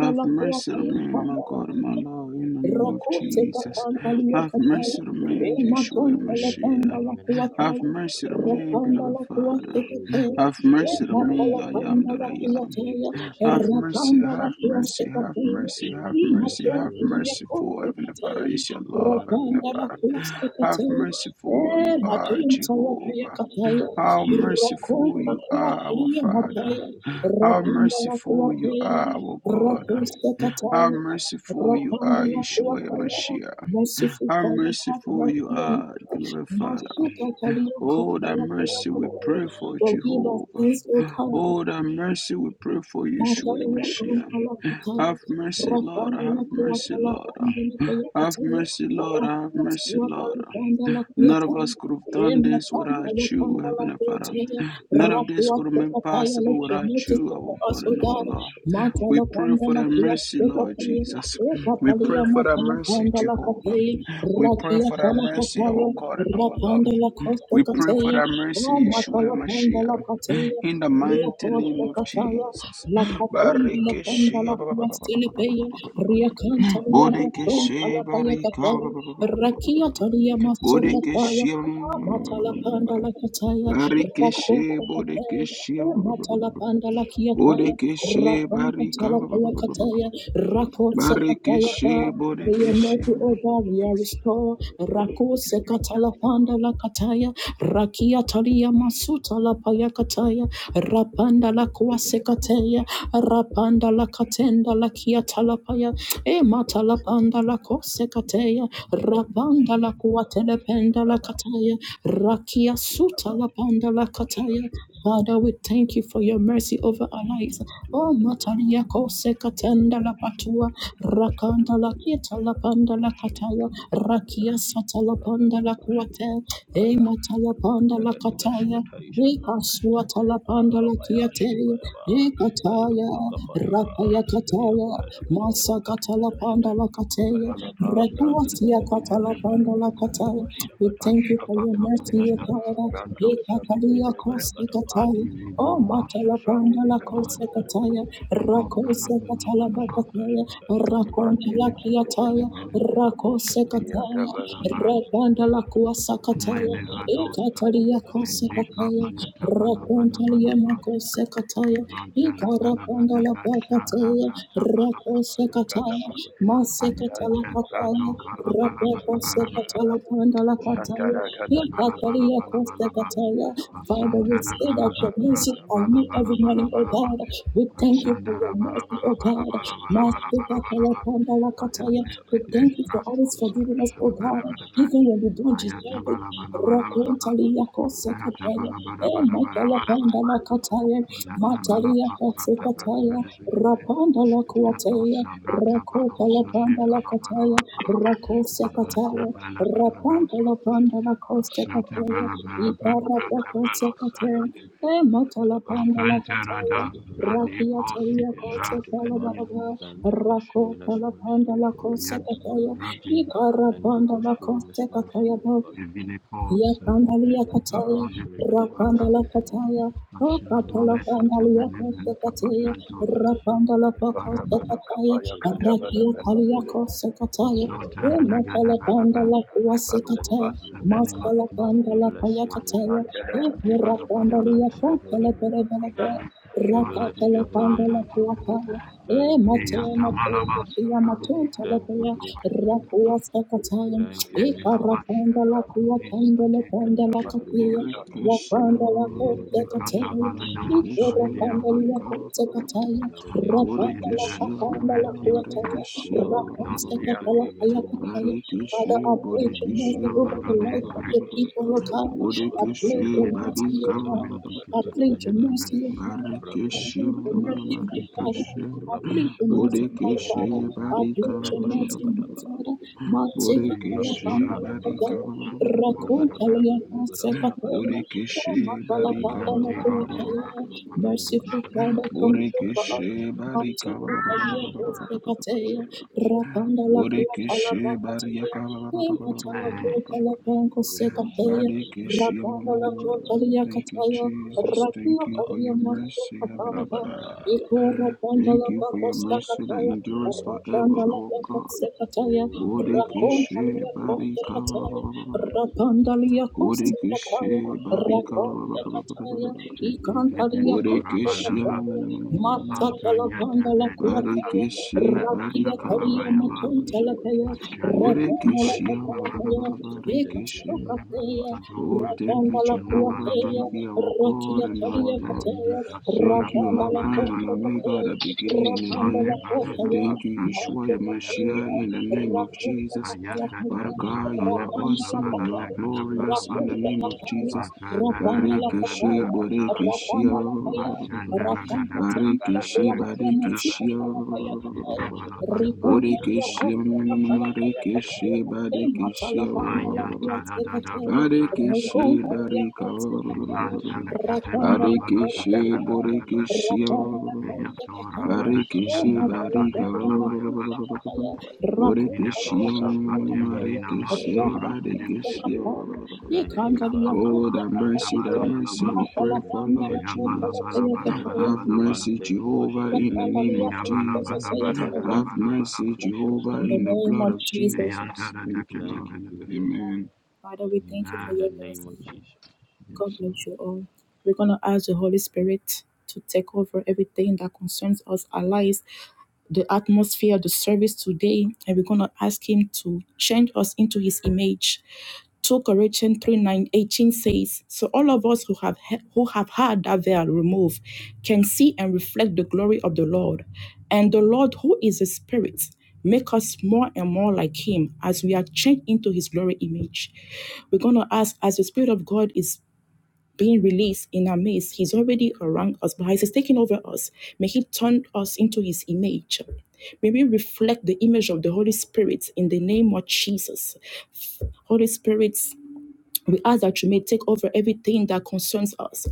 [SPEAKER 2] Have
[SPEAKER 1] Kuya,
[SPEAKER 2] mercy on
[SPEAKER 3] Rabashashkataba,
[SPEAKER 2] me, my
[SPEAKER 1] Kuya,
[SPEAKER 2] God, my Lord, in the name of
[SPEAKER 1] Rakose
[SPEAKER 2] Jesus.
[SPEAKER 1] katanta liya
[SPEAKER 2] Have
[SPEAKER 1] kataya.
[SPEAKER 2] mercy on
[SPEAKER 3] Karadashashkatashkatashka.
[SPEAKER 2] me,
[SPEAKER 1] Rematon
[SPEAKER 2] Yeshua
[SPEAKER 3] Oh,
[SPEAKER 1] teletanda
[SPEAKER 2] Mashiach.
[SPEAKER 1] la
[SPEAKER 3] Vayimen
[SPEAKER 2] Have
[SPEAKER 1] kuataya.
[SPEAKER 2] mercy on me,
[SPEAKER 1] Rotanda
[SPEAKER 3] Ashashkatashkatashka.
[SPEAKER 2] beloved
[SPEAKER 1] la kuate
[SPEAKER 2] Father.
[SPEAKER 3] Oh
[SPEAKER 1] kataya.
[SPEAKER 3] God,
[SPEAKER 2] Have
[SPEAKER 3] show
[SPEAKER 2] mercy
[SPEAKER 3] us
[SPEAKER 2] on me,
[SPEAKER 1] Rematala
[SPEAKER 3] mercy.
[SPEAKER 2] I am
[SPEAKER 1] tanda
[SPEAKER 2] that
[SPEAKER 1] la
[SPEAKER 2] I am.
[SPEAKER 3] Oh
[SPEAKER 1] kuataya.
[SPEAKER 3] God,
[SPEAKER 2] Have
[SPEAKER 3] show us
[SPEAKER 2] mercy,
[SPEAKER 1] Ratanda
[SPEAKER 3] mercy.
[SPEAKER 1] la
[SPEAKER 2] have
[SPEAKER 1] kuate
[SPEAKER 2] mercy, have
[SPEAKER 1] kataya.
[SPEAKER 2] mercy,
[SPEAKER 3] Oh
[SPEAKER 2] have
[SPEAKER 3] God,
[SPEAKER 2] mercy,
[SPEAKER 1] Rematon
[SPEAKER 2] have
[SPEAKER 3] show us
[SPEAKER 1] liya
[SPEAKER 3] mercy.
[SPEAKER 2] merciful
[SPEAKER 1] kote
[SPEAKER 2] Heavenly Father
[SPEAKER 1] kataya.
[SPEAKER 2] is your love,
[SPEAKER 3] Now
[SPEAKER 2] Heavenly
[SPEAKER 3] you
[SPEAKER 1] Rotanda
[SPEAKER 3] got
[SPEAKER 1] la
[SPEAKER 2] Father.
[SPEAKER 3] to
[SPEAKER 1] kuate
[SPEAKER 3] Vadashka,
[SPEAKER 2] Have
[SPEAKER 1] kataya.
[SPEAKER 3] and
[SPEAKER 2] merciful
[SPEAKER 1] Eh,
[SPEAKER 2] you are,
[SPEAKER 1] matinta la
[SPEAKER 3] Vadashashkatashka,
[SPEAKER 1] kuya
[SPEAKER 2] Jehovah.
[SPEAKER 1] kataya.
[SPEAKER 2] How merciful
[SPEAKER 1] Rakota
[SPEAKER 2] you
[SPEAKER 3] Ramashashkatashkatashka.
[SPEAKER 2] are,
[SPEAKER 1] kuate
[SPEAKER 2] our
[SPEAKER 1] liya
[SPEAKER 2] Father.
[SPEAKER 1] mataya.
[SPEAKER 2] How
[SPEAKER 3] Shashkatashka,
[SPEAKER 1] Ratanda la
[SPEAKER 2] merciful you
[SPEAKER 1] kuataya.
[SPEAKER 2] are, our God.
[SPEAKER 3] Shashkatashka,
[SPEAKER 1] Rakoste
[SPEAKER 2] How
[SPEAKER 1] kataya.
[SPEAKER 2] merciful you
[SPEAKER 1] Rakanda
[SPEAKER 2] are,
[SPEAKER 1] ya
[SPEAKER 3] Shashkatashka,
[SPEAKER 1] kuwa
[SPEAKER 2] Yeshua
[SPEAKER 1] kuwafanya
[SPEAKER 2] Yamashiach.
[SPEAKER 1] merciful
[SPEAKER 2] How
[SPEAKER 1] Father have
[SPEAKER 2] merciful you
[SPEAKER 1] mercy on us.
[SPEAKER 2] are, beloved Father.
[SPEAKER 1] Mercy totally your
[SPEAKER 2] Oh,
[SPEAKER 1] company,
[SPEAKER 2] that
[SPEAKER 3] This
[SPEAKER 1] your
[SPEAKER 3] is the
[SPEAKER 2] mercy we
[SPEAKER 3] first
[SPEAKER 1] company.
[SPEAKER 2] pray
[SPEAKER 3] time
[SPEAKER 2] for
[SPEAKER 3] I've
[SPEAKER 1] Forgive us
[SPEAKER 2] Jehovah.
[SPEAKER 1] sins, O God.
[SPEAKER 2] Oh, that mercy we pray for Yeshua
[SPEAKER 1] Matali ya kuwafanya
[SPEAKER 2] Yamashiach. Have
[SPEAKER 1] kutana.
[SPEAKER 2] mercy, Lord.
[SPEAKER 1] Rapanda
[SPEAKER 2] Have
[SPEAKER 1] ya
[SPEAKER 2] mercy,
[SPEAKER 1] kuwatala
[SPEAKER 2] Lord.
[SPEAKER 1] ambele ya
[SPEAKER 2] Have
[SPEAKER 1] katana.
[SPEAKER 2] mercy, Lord. Have
[SPEAKER 1] Rapanda
[SPEAKER 2] mercy,
[SPEAKER 1] ya kuwatala
[SPEAKER 2] Lord.
[SPEAKER 1] panda la
[SPEAKER 2] None of
[SPEAKER 1] kuyatana.
[SPEAKER 2] us could have done
[SPEAKER 1] Rema
[SPEAKER 2] this
[SPEAKER 1] panda
[SPEAKER 2] without
[SPEAKER 1] ya
[SPEAKER 2] you,
[SPEAKER 1] panda la
[SPEAKER 2] Heavenly Father.
[SPEAKER 1] kuyatana.
[SPEAKER 2] None of this
[SPEAKER 1] Rakua
[SPEAKER 2] could have been
[SPEAKER 1] Sekataya,
[SPEAKER 2] possible
[SPEAKER 1] let your
[SPEAKER 2] without
[SPEAKER 1] mercy speak
[SPEAKER 2] you,
[SPEAKER 1] for
[SPEAKER 2] our
[SPEAKER 1] us,
[SPEAKER 2] God
[SPEAKER 1] O
[SPEAKER 2] and our
[SPEAKER 1] God.
[SPEAKER 2] Lord. We
[SPEAKER 1] Matala
[SPEAKER 2] pray for
[SPEAKER 1] Pandala
[SPEAKER 2] that
[SPEAKER 1] Kia
[SPEAKER 2] mercy, Lord
[SPEAKER 1] Sekataya,
[SPEAKER 2] Jesus. We pray
[SPEAKER 1] Ekapalia
[SPEAKER 2] for that
[SPEAKER 1] Matala
[SPEAKER 2] mercy,
[SPEAKER 1] Pandala
[SPEAKER 2] Jehovah.
[SPEAKER 1] Kataya,
[SPEAKER 2] We pray
[SPEAKER 1] Rakia
[SPEAKER 2] for that
[SPEAKER 1] Tala
[SPEAKER 2] mercy, our
[SPEAKER 1] Kataya,
[SPEAKER 2] God and our love.
[SPEAKER 1] Rapandala Costa
[SPEAKER 2] We pray for
[SPEAKER 1] Kataya,
[SPEAKER 2] that
[SPEAKER 1] O
[SPEAKER 2] mercy, Yeshua
[SPEAKER 1] Matala Pandala Kataya,
[SPEAKER 2] Mashiach. In the
[SPEAKER 1] Ria
[SPEAKER 2] mighty name
[SPEAKER 1] Costa
[SPEAKER 2] of
[SPEAKER 1] Kataya,
[SPEAKER 2] Jesus.
[SPEAKER 1] La Catunda Pandala
[SPEAKER 2] Barikishia ba- ba- ba-
[SPEAKER 1] Kia
[SPEAKER 2] ba- ba- ba- ba-
[SPEAKER 1] Silipaya, Ria Cantaria Matun Palakaya
[SPEAKER 2] barika
[SPEAKER 1] Kataya,
[SPEAKER 2] ba- ba- ba- ba-
[SPEAKER 1] Rakia Taria Maria Masukataya,
[SPEAKER 2] mm, mm, mm, mm,
[SPEAKER 1] Matala
[SPEAKER 2] mm,
[SPEAKER 1] Panda
[SPEAKER 2] mm, mm.
[SPEAKER 1] Lakataya, Rako
[SPEAKER 3] ever done
[SPEAKER 1] Kataya,
[SPEAKER 3] this.
[SPEAKER 1] Matala
[SPEAKER 3] Thank
[SPEAKER 1] Panda Lakiataya, Rapanta Talapaya
[SPEAKER 2] barika
[SPEAKER 1] Kataya, Rako
[SPEAKER 2] Barikishe,
[SPEAKER 1] Sekataya, the
[SPEAKER 2] Borikishe,
[SPEAKER 1] Amoku Ovaria Restore, Rako Sekatala Panda Lakataya, Rakia Talia Masuta la paya Kataya, Rapanda Lakua Sekataya, Rapanda Lakatenda Lakia Paya, E Matalapanda la Cosecataya, Rabanda la Cuatelependa la Cataya, Rakia Suta la Panda la Father, we thank you for your mercy over our lives. Oh, Mataria Cosekatenda la Patua, Rakanda la Kieta la Panda la Cataya, Rakia Sata la Panda la Cuate, E
[SPEAKER 3] Rabalabashkabaya,
[SPEAKER 1] Matalapanda la kataya, Rika
[SPEAKER 3] Mkadagadagashkataishadabadashka,
[SPEAKER 1] Suata la Panda la teya,
[SPEAKER 3] Akabayashkibayaba,
[SPEAKER 1] ekataya,
[SPEAKER 3] Ayempakapaya,
[SPEAKER 1] rapaya kataya, masa katala
[SPEAKER 3] Ayempelabadiyakapendadashka,
[SPEAKER 1] pandala kataya,
[SPEAKER 4] Balaba, brando,
[SPEAKER 1] rekuasia katala
[SPEAKER 3] Mashkataishadabadagadagashka,
[SPEAKER 1] pandala la
[SPEAKER 4] sikedebelebe,
[SPEAKER 1] kataya. We thank you for your mercy, O
[SPEAKER 4] ashabakabayadaba,
[SPEAKER 1] Father.
[SPEAKER 4] brando,
[SPEAKER 3] Balabashakatamgadagashka,
[SPEAKER 1] Ekatalia
[SPEAKER 4] sabiledebe,
[SPEAKER 1] kosi kataya, o matala
[SPEAKER 3] Rajakatai
[SPEAKER 4] alimasura,
[SPEAKER 1] panda la
[SPEAKER 4] milika,
[SPEAKER 1] kosi kataya,
[SPEAKER 3] Rudashashkataishadagadagadagashka,
[SPEAKER 1] rakosi katala bakataya, rakontala
[SPEAKER 3] Ragadashkatashkatashkatashkatashkatashka,
[SPEAKER 1] kiataya,
[SPEAKER 4] imalibelebe,
[SPEAKER 3] Rubber
[SPEAKER 1] rakosi kataya, rabanda la kuasa kataya. Ikatalia kosekataya, rakuntalia makosekataya, ikarapanda la
[SPEAKER 4] Mashada
[SPEAKER 1] pakataya,
[SPEAKER 4] brata bala kabaya
[SPEAKER 1] rakosekataya,
[SPEAKER 4] gadaba.
[SPEAKER 1] masekatala
[SPEAKER 4] Ayante
[SPEAKER 1] kataya,
[SPEAKER 4] brado bala bala bala bala bala ba.
[SPEAKER 1] rapokosekatala panda la kataya,
[SPEAKER 4] Yantara gada bala bala
[SPEAKER 1] ikatalia
[SPEAKER 4] bala bala ba.
[SPEAKER 1] kosekataya. Father, we
[SPEAKER 4] Masantara
[SPEAKER 1] stay
[SPEAKER 4] bala
[SPEAKER 1] that the
[SPEAKER 4] bala
[SPEAKER 1] music
[SPEAKER 4] brata
[SPEAKER 1] I
[SPEAKER 4] bala
[SPEAKER 1] me
[SPEAKER 4] bala
[SPEAKER 1] every
[SPEAKER 4] bala
[SPEAKER 1] morning, oh
[SPEAKER 4] bala ba.
[SPEAKER 1] God. We thank you you for
[SPEAKER 4] Mashandara
[SPEAKER 1] your
[SPEAKER 4] bala
[SPEAKER 1] mercy,
[SPEAKER 4] bala
[SPEAKER 1] oh
[SPEAKER 4] bala
[SPEAKER 1] God.
[SPEAKER 4] bala bala bala bala bala ba. Ayande
[SPEAKER 1] We
[SPEAKER 4] rete
[SPEAKER 1] thank you for
[SPEAKER 4] brado
[SPEAKER 1] always
[SPEAKER 3] Robo
[SPEAKER 1] forgiving
[SPEAKER 4] sare
[SPEAKER 1] us, oh
[SPEAKER 4] bala
[SPEAKER 3] Shobodo
[SPEAKER 4] bala
[SPEAKER 1] God,
[SPEAKER 4] bala
[SPEAKER 3] Bragata
[SPEAKER 4] ba.
[SPEAKER 1] even when
[SPEAKER 3] Isola
[SPEAKER 1] we don't
[SPEAKER 3] Bragata
[SPEAKER 4] Ayata
[SPEAKER 1] deserve it.
[SPEAKER 3] Isola
[SPEAKER 4] bala bala
[SPEAKER 3] Brenta
[SPEAKER 4] bala bala ba.
[SPEAKER 3] Bragatashka Robo
[SPEAKER 4] Ayata
[SPEAKER 1] Rakentaliyakosakataya.
[SPEAKER 4] bala
[SPEAKER 3] Shonto
[SPEAKER 4] bala
[SPEAKER 1] Eh,
[SPEAKER 4] bala
[SPEAKER 3] Bragata
[SPEAKER 4] bala bala
[SPEAKER 3] Bragata
[SPEAKER 4] ba.
[SPEAKER 3] Ivaria
[SPEAKER 1] matalapandalakataya.
[SPEAKER 3] Bagaya Bada
[SPEAKER 4] Ayata
[SPEAKER 3] Bada Bada
[SPEAKER 4] bala bala
[SPEAKER 3] Boshka
[SPEAKER 4] brata bala
[SPEAKER 1] Mataliyakasekataya.
[SPEAKER 4] bala
[SPEAKER 3] Marosha
[SPEAKER 4] bala ba.
[SPEAKER 3] Katabada Bashkete
[SPEAKER 4] Yato
[SPEAKER 1] Rapandalakuataya.
[SPEAKER 3] Bragatashka
[SPEAKER 4] Sabrata Balo
[SPEAKER 3] Rebeda
[SPEAKER 4] Sadi Bala
[SPEAKER 3] Shadashka
[SPEAKER 4] Bala
[SPEAKER 1] Rakotalapandalakataya.
[SPEAKER 4] Bala
[SPEAKER 3] Arokota Boshka
[SPEAKER 4] Adasa
[SPEAKER 1] Rakosekataya.
[SPEAKER 3] Robosha
[SPEAKER 4] Bala Bala
[SPEAKER 3] Katabada
[SPEAKER 4] Bala
[SPEAKER 3] Bada Bashketa Brakataba
[SPEAKER 4] Ashata
[SPEAKER 1] Rapandalapandalakosekataya.
[SPEAKER 4] Bala Bala
[SPEAKER 3] Rabado
[SPEAKER 4] Bala
[SPEAKER 3] Maria
[SPEAKER 4] Brata
[SPEAKER 3] Katam
[SPEAKER 4] Bala
[SPEAKER 3] Bragata
[SPEAKER 1] Ikarabakosekataya.
[SPEAKER 4] Sadi
[SPEAKER 3] Ivaria
[SPEAKER 1] Eh,
[SPEAKER 3] Bada Bada Bashka
[SPEAKER 1] matalapandalakataya.
[SPEAKER 4] Aventerada
[SPEAKER 3] Rashketaba
[SPEAKER 4] Rani
[SPEAKER 1] Rakia
[SPEAKER 4] Kosi
[SPEAKER 1] Toria Kose
[SPEAKER 4] Deva
[SPEAKER 3] Rabashantikaba
[SPEAKER 4] Sanila
[SPEAKER 1] Palabaraba,
[SPEAKER 3] Thank
[SPEAKER 4] Masu
[SPEAKER 3] you for
[SPEAKER 1] Rako
[SPEAKER 3] showing us mercy,
[SPEAKER 1] Palapanda
[SPEAKER 3] O
[SPEAKER 1] La
[SPEAKER 3] God.
[SPEAKER 1] Kose
[SPEAKER 4] Yato
[SPEAKER 1] Kataya,
[SPEAKER 4] Rati
[SPEAKER 1] Ikara
[SPEAKER 3] Thank you
[SPEAKER 1] Panda
[SPEAKER 3] for
[SPEAKER 1] La
[SPEAKER 3] showing us
[SPEAKER 1] Kose
[SPEAKER 3] mercy,
[SPEAKER 1] Kataya,
[SPEAKER 3] O God.
[SPEAKER 4] Evine Kos
[SPEAKER 1] Yakandalia
[SPEAKER 4] Di
[SPEAKER 3] Thank you for
[SPEAKER 1] Kataya,
[SPEAKER 4] Baro de
[SPEAKER 3] showing us
[SPEAKER 4] Kaba
[SPEAKER 1] Rapanda
[SPEAKER 3] mercy,
[SPEAKER 1] La
[SPEAKER 3] O
[SPEAKER 4] Brande
[SPEAKER 3] God.
[SPEAKER 1] Kataya, O
[SPEAKER 3] We
[SPEAKER 1] Kapala
[SPEAKER 4] Ashadone
[SPEAKER 3] bless your holy
[SPEAKER 1] Pandalia
[SPEAKER 4] Katabele
[SPEAKER 3] name.
[SPEAKER 1] Kose
[SPEAKER 4] Bele Kaba
[SPEAKER 1] Kataya,
[SPEAKER 3] We
[SPEAKER 4] Brando
[SPEAKER 3] bless your
[SPEAKER 1] Rapanda La
[SPEAKER 3] holy name.
[SPEAKER 4] Bara
[SPEAKER 1] Kose
[SPEAKER 4] Bala
[SPEAKER 1] Kataya,
[SPEAKER 3] We bless your
[SPEAKER 1] Rakia
[SPEAKER 3] holy
[SPEAKER 4] Bala Bela
[SPEAKER 3] name.
[SPEAKER 1] Talia Kose
[SPEAKER 3] We
[SPEAKER 1] Kataya,
[SPEAKER 3] bless
[SPEAKER 4] Asota
[SPEAKER 3] your
[SPEAKER 1] O
[SPEAKER 3] holy
[SPEAKER 4] Rada
[SPEAKER 3] name.
[SPEAKER 4] Gada
[SPEAKER 1] Makala
[SPEAKER 4] Bala
[SPEAKER 1] Panda
[SPEAKER 4] Bala
[SPEAKER 1] La Kose Kataya,
[SPEAKER 4] Uvasa Bene
[SPEAKER 1] Masala
[SPEAKER 4] Manono
[SPEAKER 1] Panda
[SPEAKER 3] We
[SPEAKER 1] La
[SPEAKER 3] bless
[SPEAKER 1] Paya
[SPEAKER 3] your holy
[SPEAKER 1] Kataya, Yakura
[SPEAKER 4] Kadibana
[SPEAKER 3] We
[SPEAKER 4] Baya
[SPEAKER 1] Pandalia
[SPEAKER 3] bless
[SPEAKER 4] Kademe,
[SPEAKER 3] your
[SPEAKER 1] Kose
[SPEAKER 3] holy
[SPEAKER 1] La
[SPEAKER 3] name.
[SPEAKER 4] Kademe,
[SPEAKER 1] Pere
[SPEAKER 3] We
[SPEAKER 4] Shora
[SPEAKER 3] bless
[SPEAKER 1] Rakata
[SPEAKER 4] di
[SPEAKER 1] la
[SPEAKER 3] your holy name. We bless
[SPEAKER 1] panda
[SPEAKER 3] your holy
[SPEAKER 4] Kataba
[SPEAKER 1] la
[SPEAKER 3] name.
[SPEAKER 1] kuapaya.
[SPEAKER 4] Jemenete,
[SPEAKER 1] E
[SPEAKER 3] Thank you,
[SPEAKER 4] Eya
[SPEAKER 1] matena
[SPEAKER 3] merciful Father.
[SPEAKER 1] pepe
[SPEAKER 4] Damalaba
[SPEAKER 1] kia
[SPEAKER 4] Sura
[SPEAKER 1] matenta
[SPEAKER 4] Bidia
[SPEAKER 1] la
[SPEAKER 3] Thank you,
[SPEAKER 1] paya.
[SPEAKER 4] Dabakabaya
[SPEAKER 3] gracious God.
[SPEAKER 1] Rakua
[SPEAKER 4] Kadaba,
[SPEAKER 1] sakataya.
[SPEAKER 3] Thank you,
[SPEAKER 1] E
[SPEAKER 4] Efila
[SPEAKER 3] merciful
[SPEAKER 4] Bashe,
[SPEAKER 3] Father.
[SPEAKER 1] karapanda la
[SPEAKER 4] Ratu Lisa
[SPEAKER 1] kuatanda la
[SPEAKER 4] Tika,
[SPEAKER 1] panda
[SPEAKER 3] Thank
[SPEAKER 1] la
[SPEAKER 3] you,
[SPEAKER 1] kapia.
[SPEAKER 3] gracious God.
[SPEAKER 2] Borikishe,
[SPEAKER 1] Rapanda la
[SPEAKER 3] Oh,
[SPEAKER 1] kuta
[SPEAKER 4] Te
[SPEAKER 1] kataya.
[SPEAKER 4] Katabala
[SPEAKER 3] Barashanta
[SPEAKER 1] E
[SPEAKER 3] Kiro
[SPEAKER 2] Barikishe,
[SPEAKER 4] Yamasori
[SPEAKER 1] kurapanda la
[SPEAKER 3] Shakoto
[SPEAKER 2] Barika,
[SPEAKER 4] Yamaria,
[SPEAKER 1] kuta kataya.
[SPEAKER 3] Narodero
[SPEAKER 4] Abaka
[SPEAKER 1] Rapanda
[SPEAKER 3] Shakata
[SPEAKER 1] la
[SPEAKER 2] Borikishe,
[SPEAKER 4] Yedeve
[SPEAKER 3] Izalaban
[SPEAKER 1] kapanda la
[SPEAKER 3] Tetea,
[SPEAKER 4] Sureti Ke,
[SPEAKER 1] kuataya.
[SPEAKER 2] Marikishe,
[SPEAKER 3] O
[SPEAKER 1] Rakusta
[SPEAKER 3] Bayim
[SPEAKER 1] katala
[SPEAKER 4] Nasiandi,
[SPEAKER 1] paya
[SPEAKER 3] Tikemena
[SPEAKER 1] kataya.
[SPEAKER 3] Shashka
[SPEAKER 2] Barikishe,
[SPEAKER 1] Father,
[SPEAKER 3] Dashka,
[SPEAKER 1] I pray to
[SPEAKER 4] Lili
[SPEAKER 2] Borikishe,
[SPEAKER 1] mercy
[SPEAKER 3] Runda
[SPEAKER 1] over the
[SPEAKER 3] Gada
[SPEAKER 1] life of
[SPEAKER 3] Gada
[SPEAKER 4] Namarode,
[SPEAKER 1] the
[SPEAKER 3] Gada
[SPEAKER 1] people, O
[SPEAKER 3] Shanda Gada
[SPEAKER 1] God.
[SPEAKER 3] Gada
[SPEAKER 1] I
[SPEAKER 3] Gada
[SPEAKER 1] pray
[SPEAKER 2] Borikishe,
[SPEAKER 1] to
[SPEAKER 3] Gada
[SPEAKER 4] Shekila
[SPEAKER 1] mercy,
[SPEAKER 3] Gashka
[SPEAKER 1] O
[SPEAKER 4] Vasa
[SPEAKER 3] Gada Gada
[SPEAKER 1] God.
[SPEAKER 2] Barika,
[SPEAKER 3] Gada
[SPEAKER 1] I
[SPEAKER 4] Brendikite
[SPEAKER 3] Gada
[SPEAKER 1] plead
[SPEAKER 3] Gada
[SPEAKER 1] your
[SPEAKER 3] Gada
[SPEAKER 1] mercy,
[SPEAKER 4] Kayadeve,
[SPEAKER 1] O God.
[SPEAKER 3] Rabo
[SPEAKER 2] Barikeshe,
[SPEAKER 3] Shakataba,
[SPEAKER 1] Merciful
[SPEAKER 4] Madikado,
[SPEAKER 2] Marikeshe,
[SPEAKER 3] Rabo Shakataba,
[SPEAKER 2] Bodekeshe,
[SPEAKER 4] Shadikita
[SPEAKER 2] Barika,
[SPEAKER 3] Rabo
[SPEAKER 4] Rede,
[SPEAKER 3] Shakataba, Rabo
[SPEAKER 2] Bodekeshe,
[SPEAKER 4] Ridhisvara
[SPEAKER 3] Shakataba,
[SPEAKER 2] Barika,
[SPEAKER 4] badava,
[SPEAKER 3] Rabada
[SPEAKER 4] antakosha veda,
[SPEAKER 2] Bodekeshe, Barika,
[SPEAKER 4] ianti rodi vato mara mara
[SPEAKER 1] Father, come to
[SPEAKER 4] matu.
[SPEAKER 1] us.
[SPEAKER 2] Bodekeshe, Barika,
[SPEAKER 1] Rapandalia Costa Cataya, Racontalia
[SPEAKER 2] Bodekeshe,
[SPEAKER 1] Costa
[SPEAKER 4] Hey,
[SPEAKER 2] Barika, Barikishi, ma- Thank you, Jesus. Thank you for your mercy, Heavenly Father. Thank you for your mercy that endures forever, our God. Bodikishi, Barika, Bodikishi, Barika,
[SPEAKER 1] Cataya,
[SPEAKER 4] te dide be
[SPEAKER 1] Icantalia Costa
[SPEAKER 4] sura
[SPEAKER 3] Rabada
[SPEAKER 2] Bodikishi,
[SPEAKER 1] Cataya,
[SPEAKER 4] badava,
[SPEAKER 1] Matatala
[SPEAKER 4] manjoya te
[SPEAKER 1] Vandala
[SPEAKER 4] be di mana
[SPEAKER 1] Kuataya,
[SPEAKER 4] jukha
[SPEAKER 2] Barikishi,
[SPEAKER 4] be
[SPEAKER 1] Rakia
[SPEAKER 4] braja
[SPEAKER 2] Barika,
[SPEAKER 4] balava
[SPEAKER 1] Taria
[SPEAKER 4] yava,
[SPEAKER 1] Matun Talataya,
[SPEAKER 4] asyaan de be kava
[SPEAKER 1] Rapandala
[SPEAKER 2] Bodikishi,
[SPEAKER 4] yava
[SPEAKER 1] Catalataya,
[SPEAKER 4] balava.
[SPEAKER 2] Barikishi.
[SPEAKER 4] Ne
[SPEAKER 1] Ekastokatea,
[SPEAKER 4] balaka
[SPEAKER 2] Oh,
[SPEAKER 4] dobra de
[SPEAKER 2] thank
[SPEAKER 4] be
[SPEAKER 2] you,
[SPEAKER 1] Rapandala
[SPEAKER 4] suna
[SPEAKER 2] Jehovah.
[SPEAKER 4] balama
[SPEAKER 1] Kuataya,
[SPEAKER 2] Thank
[SPEAKER 4] nama,
[SPEAKER 2] you, our God
[SPEAKER 1] Rakia
[SPEAKER 2] and our
[SPEAKER 1] Taria
[SPEAKER 2] Lord.
[SPEAKER 4] antaridhi
[SPEAKER 1] Cataya,
[SPEAKER 4] be sura
[SPEAKER 2] Thank you,
[SPEAKER 1] Rapandala
[SPEAKER 2] Alpha
[SPEAKER 4] balava
[SPEAKER 2] and
[SPEAKER 4] balava.
[SPEAKER 1] Kostokatea,
[SPEAKER 2] Omega, the beginning and
[SPEAKER 4] Madhe
[SPEAKER 1] Rapandala
[SPEAKER 2] the end.
[SPEAKER 4] badava,
[SPEAKER 1] Kotaya,
[SPEAKER 2] Thank you,
[SPEAKER 4] braju
[SPEAKER 2] Yeshua, your
[SPEAKER 4] keta yada
[SPEAKER 1] Makokatea,
[SPEAKER 2] Mashiach, in the
[SPEAKER 4] yada.
[SPEAKER 2] name of
[SPEAKER 1] Rakusta
[SPEAKER 2] Jesus. Father
[SPEAKER 4] Ayatata
[SPEAKER 1] Catalataya,
[SPEAKER 2] God, you are
[SPEAKER 4] Ratonabasa
[SPEAKER 1] Rapandala
[SPEAKER 2] awesome. You are
[SPEAKER 1] Kataya,
[SPEAKER 4] Baladagada
[SPEAKER 2] glorious
[SPEAKER 4] Palava
[SPEAKER 2] in the
[SPEAKER 1] Rakusta
[SPEAKER 2] name of
[SPEAKER 1] Kataya,
[SPEAKER 2] Jesus.
[SPEAKER 4] Anfeve Bella
[SPEAKER 1] Rapandala
[SPEAKER 3] Rambudo
[SPEAKER 4] Bella
[SPEAKER 2] Barikeshe,
[SPEAKER 4] Bella
[SPEAKER 1] Kataya,
[SPEAKER 3] Sashkata
[SPEAKER 4] Kata
[SPEAKER 3] Ivera
[SPEAKER 2] Borekeshe,
[SPEAKER 3] Prakadeshka,
[SPEAKER 1] Rapamalapaya,
[SPEAKER 3] Rabo
[SPEAKER 4] Ashendela Gada
[SPEAKER 3] Sashkata
[SPEAKER 4] Bella
[SPEAKER 1] Rapankatanda,
[SPEAKER 4] Bella
[SPEAKER 3] Ivera
[SPEAKER 2] Barikeshe,
[SPEAKER 4] Gada Gada
[SPEAKER 3] Prakadeshka,
[SPEAKER 4] Bella
[SPEAKER 1] Lapamati,
[SPEAKER 4] Bella
[SPEAKER 2] Barikeshe,
[SPEAKER 3] Rabo
[SPEAKER 1] Palapaya,
[SPEAKER 3] Sashkata
[SPEAKER 1] Kataya,
[SPEAKER 3] Ivera
[SPEAKER 4] Itabala Balaba
[SPEAKER 1] Riponta,
[SPEAKER 3] Prakadeshka,
[SPEAKER 4] Branti
[SPEAKER 2] Borekeshe,
[SPEAKER 4] Bele
[SPEAKER 3] Ramo
[SPEAKER 4] Branti
[SPEAKER 3] Sashkata
[SPEAKER 1] Palapaya,
[SPEAKER 4] Kede
[SPEAKER 3] Ivera
[SPEAKER 1] Kataya,
[SPEAKER 2] Marikeshe,
[SPEAKER 3] Prakadiyavada,
[SPEAKER 1] Matalapamala,
[SPEAKER 3] Ramo
[SPEAKER 2] Barikeshe,
[SPEAKER 4] Ayatata
[SPEAKER 3] Sashkata
[SPEAKER 4] Dadaba
[SPEAKER 1] Tekataya,
[SPEAKER 3] Ivera
[SPEAKER 4] Brate
[SPEAKER 2] Barikishe
[SPEAKER 4] Bele
[SPEAKER 1] Riponta,
[SPEAKER 3] Prakadeshka,
[SPEAKER 4] Bele
[SPEAKER 2] barika
[SPEAKER 3] Jabudo Sashka
[SPEAKER 1] Tekataya,
[SPEAKER 4] Ivan
[SPEAKER 3] Bankava,
[SPEAKER 4] Telekate
[SPEAKER 1] Rapanda,
[SPEAKER 4] Bala Bala
[SPEAKER 3] Rankuba
[SPEAKER 2] Barikishe
[SPEAKER 4] Kade Bele
[SPEAKER 3] Yashka
[SPEAKER 1] Tekataya,
[SPEAKER 4] Bele Bele
[SPEAKER 3] Mayashka
[SPEAKER 2] borikishe
[SPEAKER 3] Ba,
[SPEAKER 1] Rapanda,
[SPEAKER 4] Eyatora
[SPEAKER 1] Tekataya,
[SPEAKER 2] Barikishe
[SPEAKER 4] Badasianta
[SPEAKER 3] Rabo
[SPEAKER 2] barika
[SPEAKER 4] Lakadi
[SPEAKER 3] Sashka
[SPEAKER 4] Balabaya
[SPEAKER 1] Matalapanda,
[SPEAKER 3] Baya,
[SPEAKER 4] Balaba
[SPEAKER 1] Tekataya,
[SPEAKER 4] Vina
[SPEAKER 3] Yava
[SPEAKER 2] Borikishe
[SPEAKER 4] Kosa
[SPEAKER 3] Sashka Baya.
[SPEAKER 1] Rakunta,
[SPEAKER 4] Patemini
[SPEAKER 3] Oh,
[SPEAKER 2] marikishe
[SPEAKER 3] thank
[SPEAKER 4] Namashura
[SPEAKER 3] you,
[SPEAKER 4] Bede
[SPEAKER 3] Father.
[SPEAKER 2] barikishe
[SPEAKER 4] Bede
[SPEAKER 3] Thank you,
[SPEAKER 4] Eka pa
[SPEAKER 3] Father.
[SPEAKER 4] pa
[SPEAKER 2] Oh,
[SPEAKER 4] pa
[SPEAKER 2] thy
[SPEAKER 4] bra ja
[SPEAKER 2] mercy,
[SPEAKER 4] ba.
[SPEAKER 2] thy
[SPEAKER 4] la ba.
[SPEAKER 3] Thank
[SPEAKER 4] la
[SPEAKER 3] you
[SPEAKER 2] mercy,
[SPEAKER 4] ba.
[SPEAKER 3] for
[SPEAKER 2] we pray
[SPEAKER 3] showing us
[SPEAKER 2] for Lord
[SPEAKER 3] mercy.
[SPEAKER 4] Eya ba. la ba
[SPEAKER 2] Jesus.
[SPEAKER 4] la ba la ba la ba
[SPEAKER 2] Have
[SPEAKER 3] Merciful
[SPEAKER 4] la ba la
[SPEAKER 3] One,
[SPEAKER 2] mercy,
[SPEAKER 4] ba.
[SPEAKER 3] thank you for
[SPEAKER 2] Jehovah,
[SPEAKER 3] showing
[SPEAKER 2] in
[SPEAKER 3] us
[SPEAKER 2] the name
[SPEAKER 3] mercy.
[SPEAKER 4] Eya
[SPEAKER 2] of
[SPEAKER 4] ba la ba
[SPEAKER 2] Jesus.
[SPEAKER 4] la ba la ga da
[SPEAKER 3] Oh,
[SPEAKER 4] ba
[SPEAKER 2] Have
[SPEAKER 4] la ba
[SPEAKER 3] thank
[SPEAKER 4] la
[SPEAKER 3] you,
[SPEAKER 2] mercy,
[SPEAKER 4] ba.
[SPEAKER 3] gracious
[SPEAKER 2] Jehovah,
[SPEAKER 1] in
[SPEAKER 3] God.
[SPEAKER 1] the
[SPEAKER 2] in the
[SPEAKER 1] name
[SPEAKER 2] blood
[SPEAKER 1] of
[SPEAKER 2] of
[SPEAKER 1] Jesus,
[SPEAKER 4] Eya nta
[SPEAKER 2] Jesus.
[SPEAKER 4] ra ja
[SPEAKER 2] Thank
[SPEAKER 4] ke
[SPEAKER 2] you,
[SPEAKER 4] te
[SPEAKER 2] Lord.
[SPEAKER 3] Thank
[SPEAKER 4] La
[SPEAKER 3] you,
[SPEAKER 4] da. be le be
[SPEAKER 3] gracious
[SPEAKER 1] amen.
[SPEAKER 3] God.
[SPEAKER 2] Amen.
[SPEAKER 1] Father, we thank you for
[SPEAKER 4] Amen.
[SPEAKER 3] In the
[SPEAKER 1] your
[SPEAKER 3] name of
[SPEAKER 1] mercy.
[SPEAKER 3] Jesus.
[SPEAKER 1] God
[SPEAKER 4] Yes, Lord.
[SPEAKER 1] bless you all. We're going to ask the Holy Spirit to take over everything that concerns us, our lives, the atmosphere, the service today, and we're going to ask Him to change us into His image. 2 Corinthians 3 9 18 says, So all of us who have he- who have had that veil removed can see and reflect the glory of the Lord. And the Lord, who is a spirit, make us more and more like him as we are changed into his glory image. We're gonna ask as the Spirit of God is being released in our midst. He's already around us, but He's taking over us. May He turn us into His image. May we reflect the image of the Holy Spirit in the name of Jesus. Holy Spirit, we ask that you may take over everything that concerns us.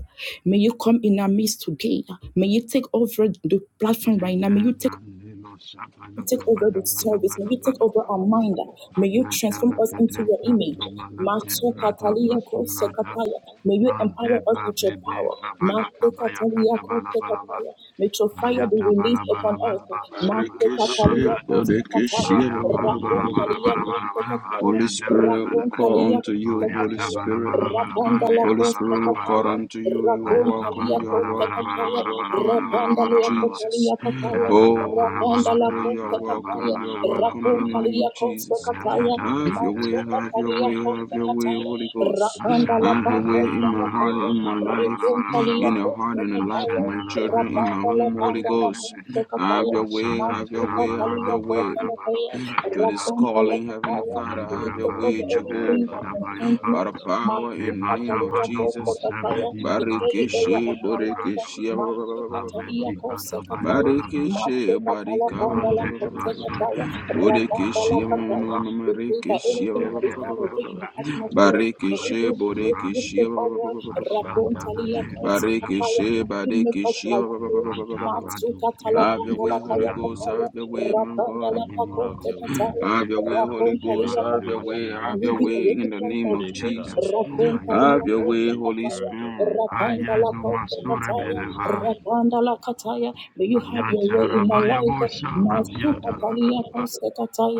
[SPEAKER 1] May you come in our midst today. May you take over the platform
[SPEAKER 4] De
[SPEAKER 1] right now.
[SPEAKER 4] de
[SPEAKER 1] May you take
[SPEAKER 4] bra le lo sa ba
[SPEAKER 1] you
[SPEAKER 4] la ka
[SPEAKER 1] take
[SPEAKER 4] ba
[SPEAKER 1] over
[SPEAKER 4] la
[SPEAKER 1] the
[SPEAKER 4] ga da ba
[SPEAKER 1] service. May
[SPEAKER 4] la
[SPEAKER 1] you
[SPEAKER 4] ba
[SPEAKER 1] take
[SPEAKER 4] la
[SPEAKER 1] over
[SPEAKER 4] ba.
[SPEAKER 1] our mind. May you
[SPEAKER 4] Abrata
[SPEAKER 1] transform
[SPEAKER 4] la
[SPEAKER 1] us
[SPEAKER 4] ka
[SPEAKER 1] into
[SPEAKER 4] de
[SPEAKER 1] your
[SPEAKER 4] pra to
[SPEAKER 1] image.
[SPEAKER 4] ma la ke
[SPEAKER 1] Masu
[SPEAKER 4] bra da pa
[SPEAKER 1] katalia
[SPEAKER 4] su
[SPEAKER 1] ko
[SPEAKER 4] ra da.
[SPEAKER 1] sekataya. May you
[SPEAKER 4] Ante
[SPEAKER 1] empower us with your
[SPEAKER 4] babi
[SPEAKER 1] power.
[SPEAKER 4] rabala kabaya ba. la ka
[SPEAKER 1] Masu
[SPEAKER 4] ba ya ka
[SPEAKER 1] katalia
[SPEAKER 4] da ba
[SPEAKER 1] ko
[SPEAKER 4] la ba la ba.
[SPEAKER 1] sekataya. May your
[SPEAKER 4] la
[SPEAKER 1] fire
[SPEAKER 4] la la
[SPEAKER 1] be
[SPEAKER 4] la la la
[SPEAKER 1] released
[SPEAKER 4] ba ba
[SPEAKER 1] upon us. Masu
[SPEAKER 2] Barikishi,
[SPEAKER 4] ba,
[SPEAKER 1] katalia ko
[SPEAKER 4] branda.
[SPEAKER 2] Bodikishi,
[SPEAKER 1] sekataya.
[SPEAKER 4] Aya bala
[SPEAKER 1] Rakon
[SPEAKER 4] bala bala
[SPEAKER 1] talia
[SPEAKER 4] bala
[SPEAKER 1] ko
[SPEAKER 4] bala bala ba
[SPEAKER 1] sekataya.
[SPEAKER 2] Holy
[SPEAKER 4] yanda bala
[SPEAKER 2] Spirit, we
[SPEAKER 4] bala
[SPEAKER 1] Rakon
[SPEAKER 4] ba
[SPEAKER 2] call
[SPEAKER 1] talia ko
[SPEAKER 2] unto you, Holy
[SPEAKER 4] Oyata
[SPEAKER 1] sekataya.
[SPEAKER 4] bala
[SPEAKER 2] Spirit.
[SPEAKER 4] bala bala ba
[SPEAKER 1] Rapanda
[SPEAKER 2] *clears throat*
[SPEAKER 1] la
[SPEAKER 4] ya
[SPEAKER 2] Holy
[SPEAKER 4] bala
[SPEAKER 1] costa
[SPEAKER 2] Spirit,
[SPEAKER 4] bala
[SPEAKER 2] we
[SPEAKER 4] bala
[SPEAKER 2] call
[SPEAKER 4] ba
[SPEAKER 1] cataya,
[SPEAKER 2] unto you. You are
[SPEAKER 1] raconta
[SPEAKER 4] Ayata
[SPEAKER 2] welcome,
[SPEAKER 1] lia
[SPEAKER 4] bala
[SPEAKER 2] you are
[SPEAKER 4] bala
[SPEAKER 1] costa
[SPEAKER 4] bala
[SPEAKER 2] welcome,
[SPEAKER 4] bala
[SPEAKER 2] you are
[SPEAKER 1] cataya,
[SPEAKER 4] bala bala
[SPEAKER 2] welcome
[SPEAKER 4] bala
[SPEAKER 2] in the
[SPEAKER 1] rapanda
[SPEAKER 2] name of
[SPEAKER 4] bala bala
[SPEAKER 1] lia
[SPEAKER 4] bala ba
[SPEAKER 1] costa
[SPEAKER 2] Jesus.
[SPEAKER 1] lia
[SPEAKER 2] *clears throat*
[SPEAKER 1] cataya,
[SPEAKER 4] shabala
[SPEAKER 2] Oh, Holy
[SPEAKER 1] rapanda la
[SPEAKER 2] Spirit, you are
[SPEAKER 1] costa
[SPEAKER 4] da bala
[SPEAKER 2] welcome,
[SPEAKER 1] cataya,
[SPEAKER 4] bala
[SPEAKER 2] you are
[SPEAKER 4] da branda.
[SPEAKER 2] welcome in the
[SPEAKER 1] raconta
[SPEAKER 4] branda
[SPEAKER 2] name
[SPEAKER 1] lia
[SPEAKER 2] of
[SPEAKER 1] costa
[SPEAKER 4] yanda
[SPEAKER 2] Jesus.
[SPEAKER 1] cataya,
[SPEAKER 2] *clears throat*
[SPEAKER 4] Ayatabalabalabalaba, ba branda yandabalabalaba. Oyatabalabalabalabalaba, yabalabalabalaba. Ayatabalabalabalabalabalabalabalabalaba. Ayatabalabalabalata,
[SPEAKER 2] Have your
[SPEAKER 4] fratabalabalabalaba.
[SPEAKER 1] macho
[SPEAKER 2] way,
[SPEAKER 4] Ayatatabradadebe,
[SPEAKER 2] have your
[SPEAKER 1] cataya
[SPEAKER 2] way, have
[SPEAKER 1] costa
[SPEAKER 2] your way,
[SPEAKER 4] bratodebelebele.
[SPEAKER 1] cataya,
[SPEAKER 2] Holy Ghost.
[SPEAKER 4] ba
[SPEAKER 1] rapanda
[SPEAKER 2] *clears throat*
[SPEAKER 1] la
[SPEAKER 2] Have your way
[SPEAKER 1] costa
[SPEAKER 2] in my heart,
[SPEAKER 1] cataya,
[SPEAKER 2] in my life,
[SPEAKER 1] raconta
[SPEAKER 2] *clears throat*
[SPEAKER 1] lia
[SPEAKER 4] brandabalabalaba.
[SPEAKER 2] in the heart
[SPEAKER 1] costa
[SPEAKER 2] and the life of
[SPEAKER 1] cataya,
[SPEAKER 2] my children, in my
[SPEAKER 1] rapanda
[SPEAKER 4] Ashantalakalabalaba,
[SPEAKER 1] la
[SPEAKER 2] home, Holy
[SPEAKER 1] panda la
[SPEAKER 2] Ghost.
[SPEAKER 4] brandebelebe.
[SPEAKER 1] costa
[SPEAKER 2] *clears throat* Have
[SPEAKER 1] cataya,
[SPEAKER 2] your way, have your
[SPEAKER 1] Masuka
[SPEAKER 2] way, have
[SPEAKER 1] Talia
[SPEAKER 2] your
[SPEAKER 4] Masantarabalaba,
[SPEAKER 2] way. *clears throat*
[SPEAKER 4] Radabalo,
[SPEAKER 1] Kotalapaya,
[SPEAKER 2] to this
[SPEAKER 4] Sayana,
[SPEAKER 1] Rakon
[SPEAKER 2] calling, Heavenly
[SPEAKER 1] Talapaya,
[SPEAKER 2] Father,
[SPEAKER 1] we
[SPEAKER 2] have your
[SPEAKER 1] take
[SPEAKER 4] Yandoraba,
[SPEAKER 2] way,
[SPEAKER 1] over everything that
[SPEAKER 2] Jehovah.
[SPEAKER 4] Yaberekadaba,
[SPEAKER 1] concerns
[SPEAKER 4] Yapa,
[SPEAKER 1] you.
[SPEAKER 2] By the power
[SPEAKER 1] Masuka
[SPEAKER 2] in the name
[SPEAKER 4] Evata
[SPEAKER 2] of
[SPEAKER 1] Talia
[SPEAKER 4] Badopo,
[SPEAKER 2] Jesus.
[SPEAKER 1] Kotalapaya,
[SPEAKER 4] Sebedina,
[SPEAKER 1] in every area
[SPEAKER 2] Barikeshe,
[SPEAKER 1] of
[SPEAKER 4] Naseradi,
[SPEAKER 1] my life.
[SPEAKER 4] Cabrando,
[SPEAKER 2] Borekeshe,
[SPEAKER 1] Masuka Talia
[SPEAKER 4] Ameti, Badabaya,
[SPEAKER 1] Kotalapaya,
[SPEAKER 4] Balaba,
[SPEAKER 2] Barikishe,
[SPEAKER 1] Masuka
[SPEAKER 2] barika, ba- ba- ba-
[SPEAKER 1] Talapandala
[SPEAKER 4] Evande,
[SPEAKER 2] ba- ba- ba-
[SPEAKER 4] Vasun,
[SPEAKER 1] Kotalapaya,
[SPEAKER 4] Dede,
[SPEAKER 1] Rapandala
[SPEAKER 2] Bodekeshe, ma-
[SPEAKER 4] Radile,
[SPEAKER 2] ma-
[SPEAKER 1] Kotalapaya,
[SPEAKER 4] Kuba,
[SPEAKER 1] we pray that anything that is
[SPEAKER 4] Debele,
[SPEAKER 1] not in the atmosphere,
[SPEAKER 4] Raduma,
[SPEAKER 1] may
[SPEAKER 4] Kadi,
[SPEAKER 1] it be removed, we
[SPEAKER 2] bodekeshe,
[SPEAKER 4] Basuradi,
[SPEAKER 1] take
[SPEAKER 2] ba- ba-
[SPEAKER 1] over.
[SPEAKER 4] Ashanda,
[SPEAKER 1] Rakontalia
[SPEAKER 4] de
[SPEAKER 1] kotsa papaya.
[SPEAKER 4] Radabakade,
[SPEAKER 1] You make us like you.
[SPEAKER 4] Evanta,
[SPEAKER 1] Matsuka
[SPEAKER 4] Radu,
[SPEAKER 2] Have
[SPEAKER 4] Keve,
[SPEAKER 2] your
[SPEAKER 1] talapanda
[SPEAKER 3] Sweet
[SPEAKER 1] la
[SPEAKER 2] way,
[SPEAKER 1] paya
[SPEAKER 2] Holy
[SPEAKER 3] Spirit of
[SPEAKER 2] Ghost.
[SPEAKER 4] Esiando,
[SPEAKER 3] God,
[SPEAKER 1] papaya.
[SPEAKER 2] Have your way, my
[SPEAKER 1] Rapanda
[SPEAKER 2] God
[SPEAKER 1] la
[SPEAKER 2] and my
[SPEAKER 4] Amini
[SPEAKER 3] have
[SPEAKER 2] Lord.
[SPEAKER 1] pakote
[SPEAKER 3] your way.
[SPEAKER 1] kataya.
[SPEAKER 2] Have
[SPEAKER 4] Masubede
[SPEAKER 2] your way, Holy
[SPEAKER 4] Rabakade
[SPEAKER 2] Ghost.
[SPEAKER 3] Sweet
[SPEAKER 1] Rakontalia
[SPEAKER 4] Barone
[SPEAKER 2] Have your
[SPEAKER 3] Spirit
[SPEAKER 1] papaya.
[SPEAKER 2] way.
[SPEAKER 3] of God.
[SPEAKER 2] Have
[SPEAKER 1] We
[SPEAKER 2] your
[SPEAKER 4] Masubrade
[SPEAKER 1] be a
[SPEAKER 2] way in the
[SPEAKER 1] replicant
[SPEAKER 2] name
[SPEAKER 1] of
[SPEAKER 2] of
[SPEAKER 3] Take
[SPEAKER 1] you.
[SPEAKER 3] charge.
[SPEAKER 2] Jesus.
[SPEAKER 4] Ayatepe Kupa
[SPEAKER 1] Rakontalia
[SPEAKER 2] Have your
[SPEAKER 4] Yatepe
[SPEAKER 2] way,
[SPEAKER 1] kotsa
[SPEAKER 3] Shift
[SPEAKER 2] Holy
[SPEAKER 1] kataya,
[SPEAKER 3] Spirit of
[SPEAKER 2] Spirit.
[SPEAKER 3] God.
[SPEAKER 1] Rapanda la
[SPEAKER 4] Ayadu
[SPEAKER 1] kotsa
[SPEAKER 3] Work
[SPEAKER 4] Masure
[SPEAKER 3] your
[SPEAKER 1] kataya.
[SPEAKER 3] works.
[SPEAKER 4] Beleva
[SPEAKER 1] Rapanda la kataya. May you have your
[SPEAKER 4] Ayante
[SPEAKER 1] way in my
[SPEAKER 4] Rabaya
[SPEAKER 1] life.
[SPEAKER 4] Bosha
[SPEAKER 3] Meno
[SPEAKER 4] Rabianta
[SPEAKER 1] Matsuka
[SPEAKER 3] shato
[SPEAKER 1] talia
[SPEAKER 3] bradea.
[SPEAKER 4] Rabalaba
[SPEAKER 1] kotsa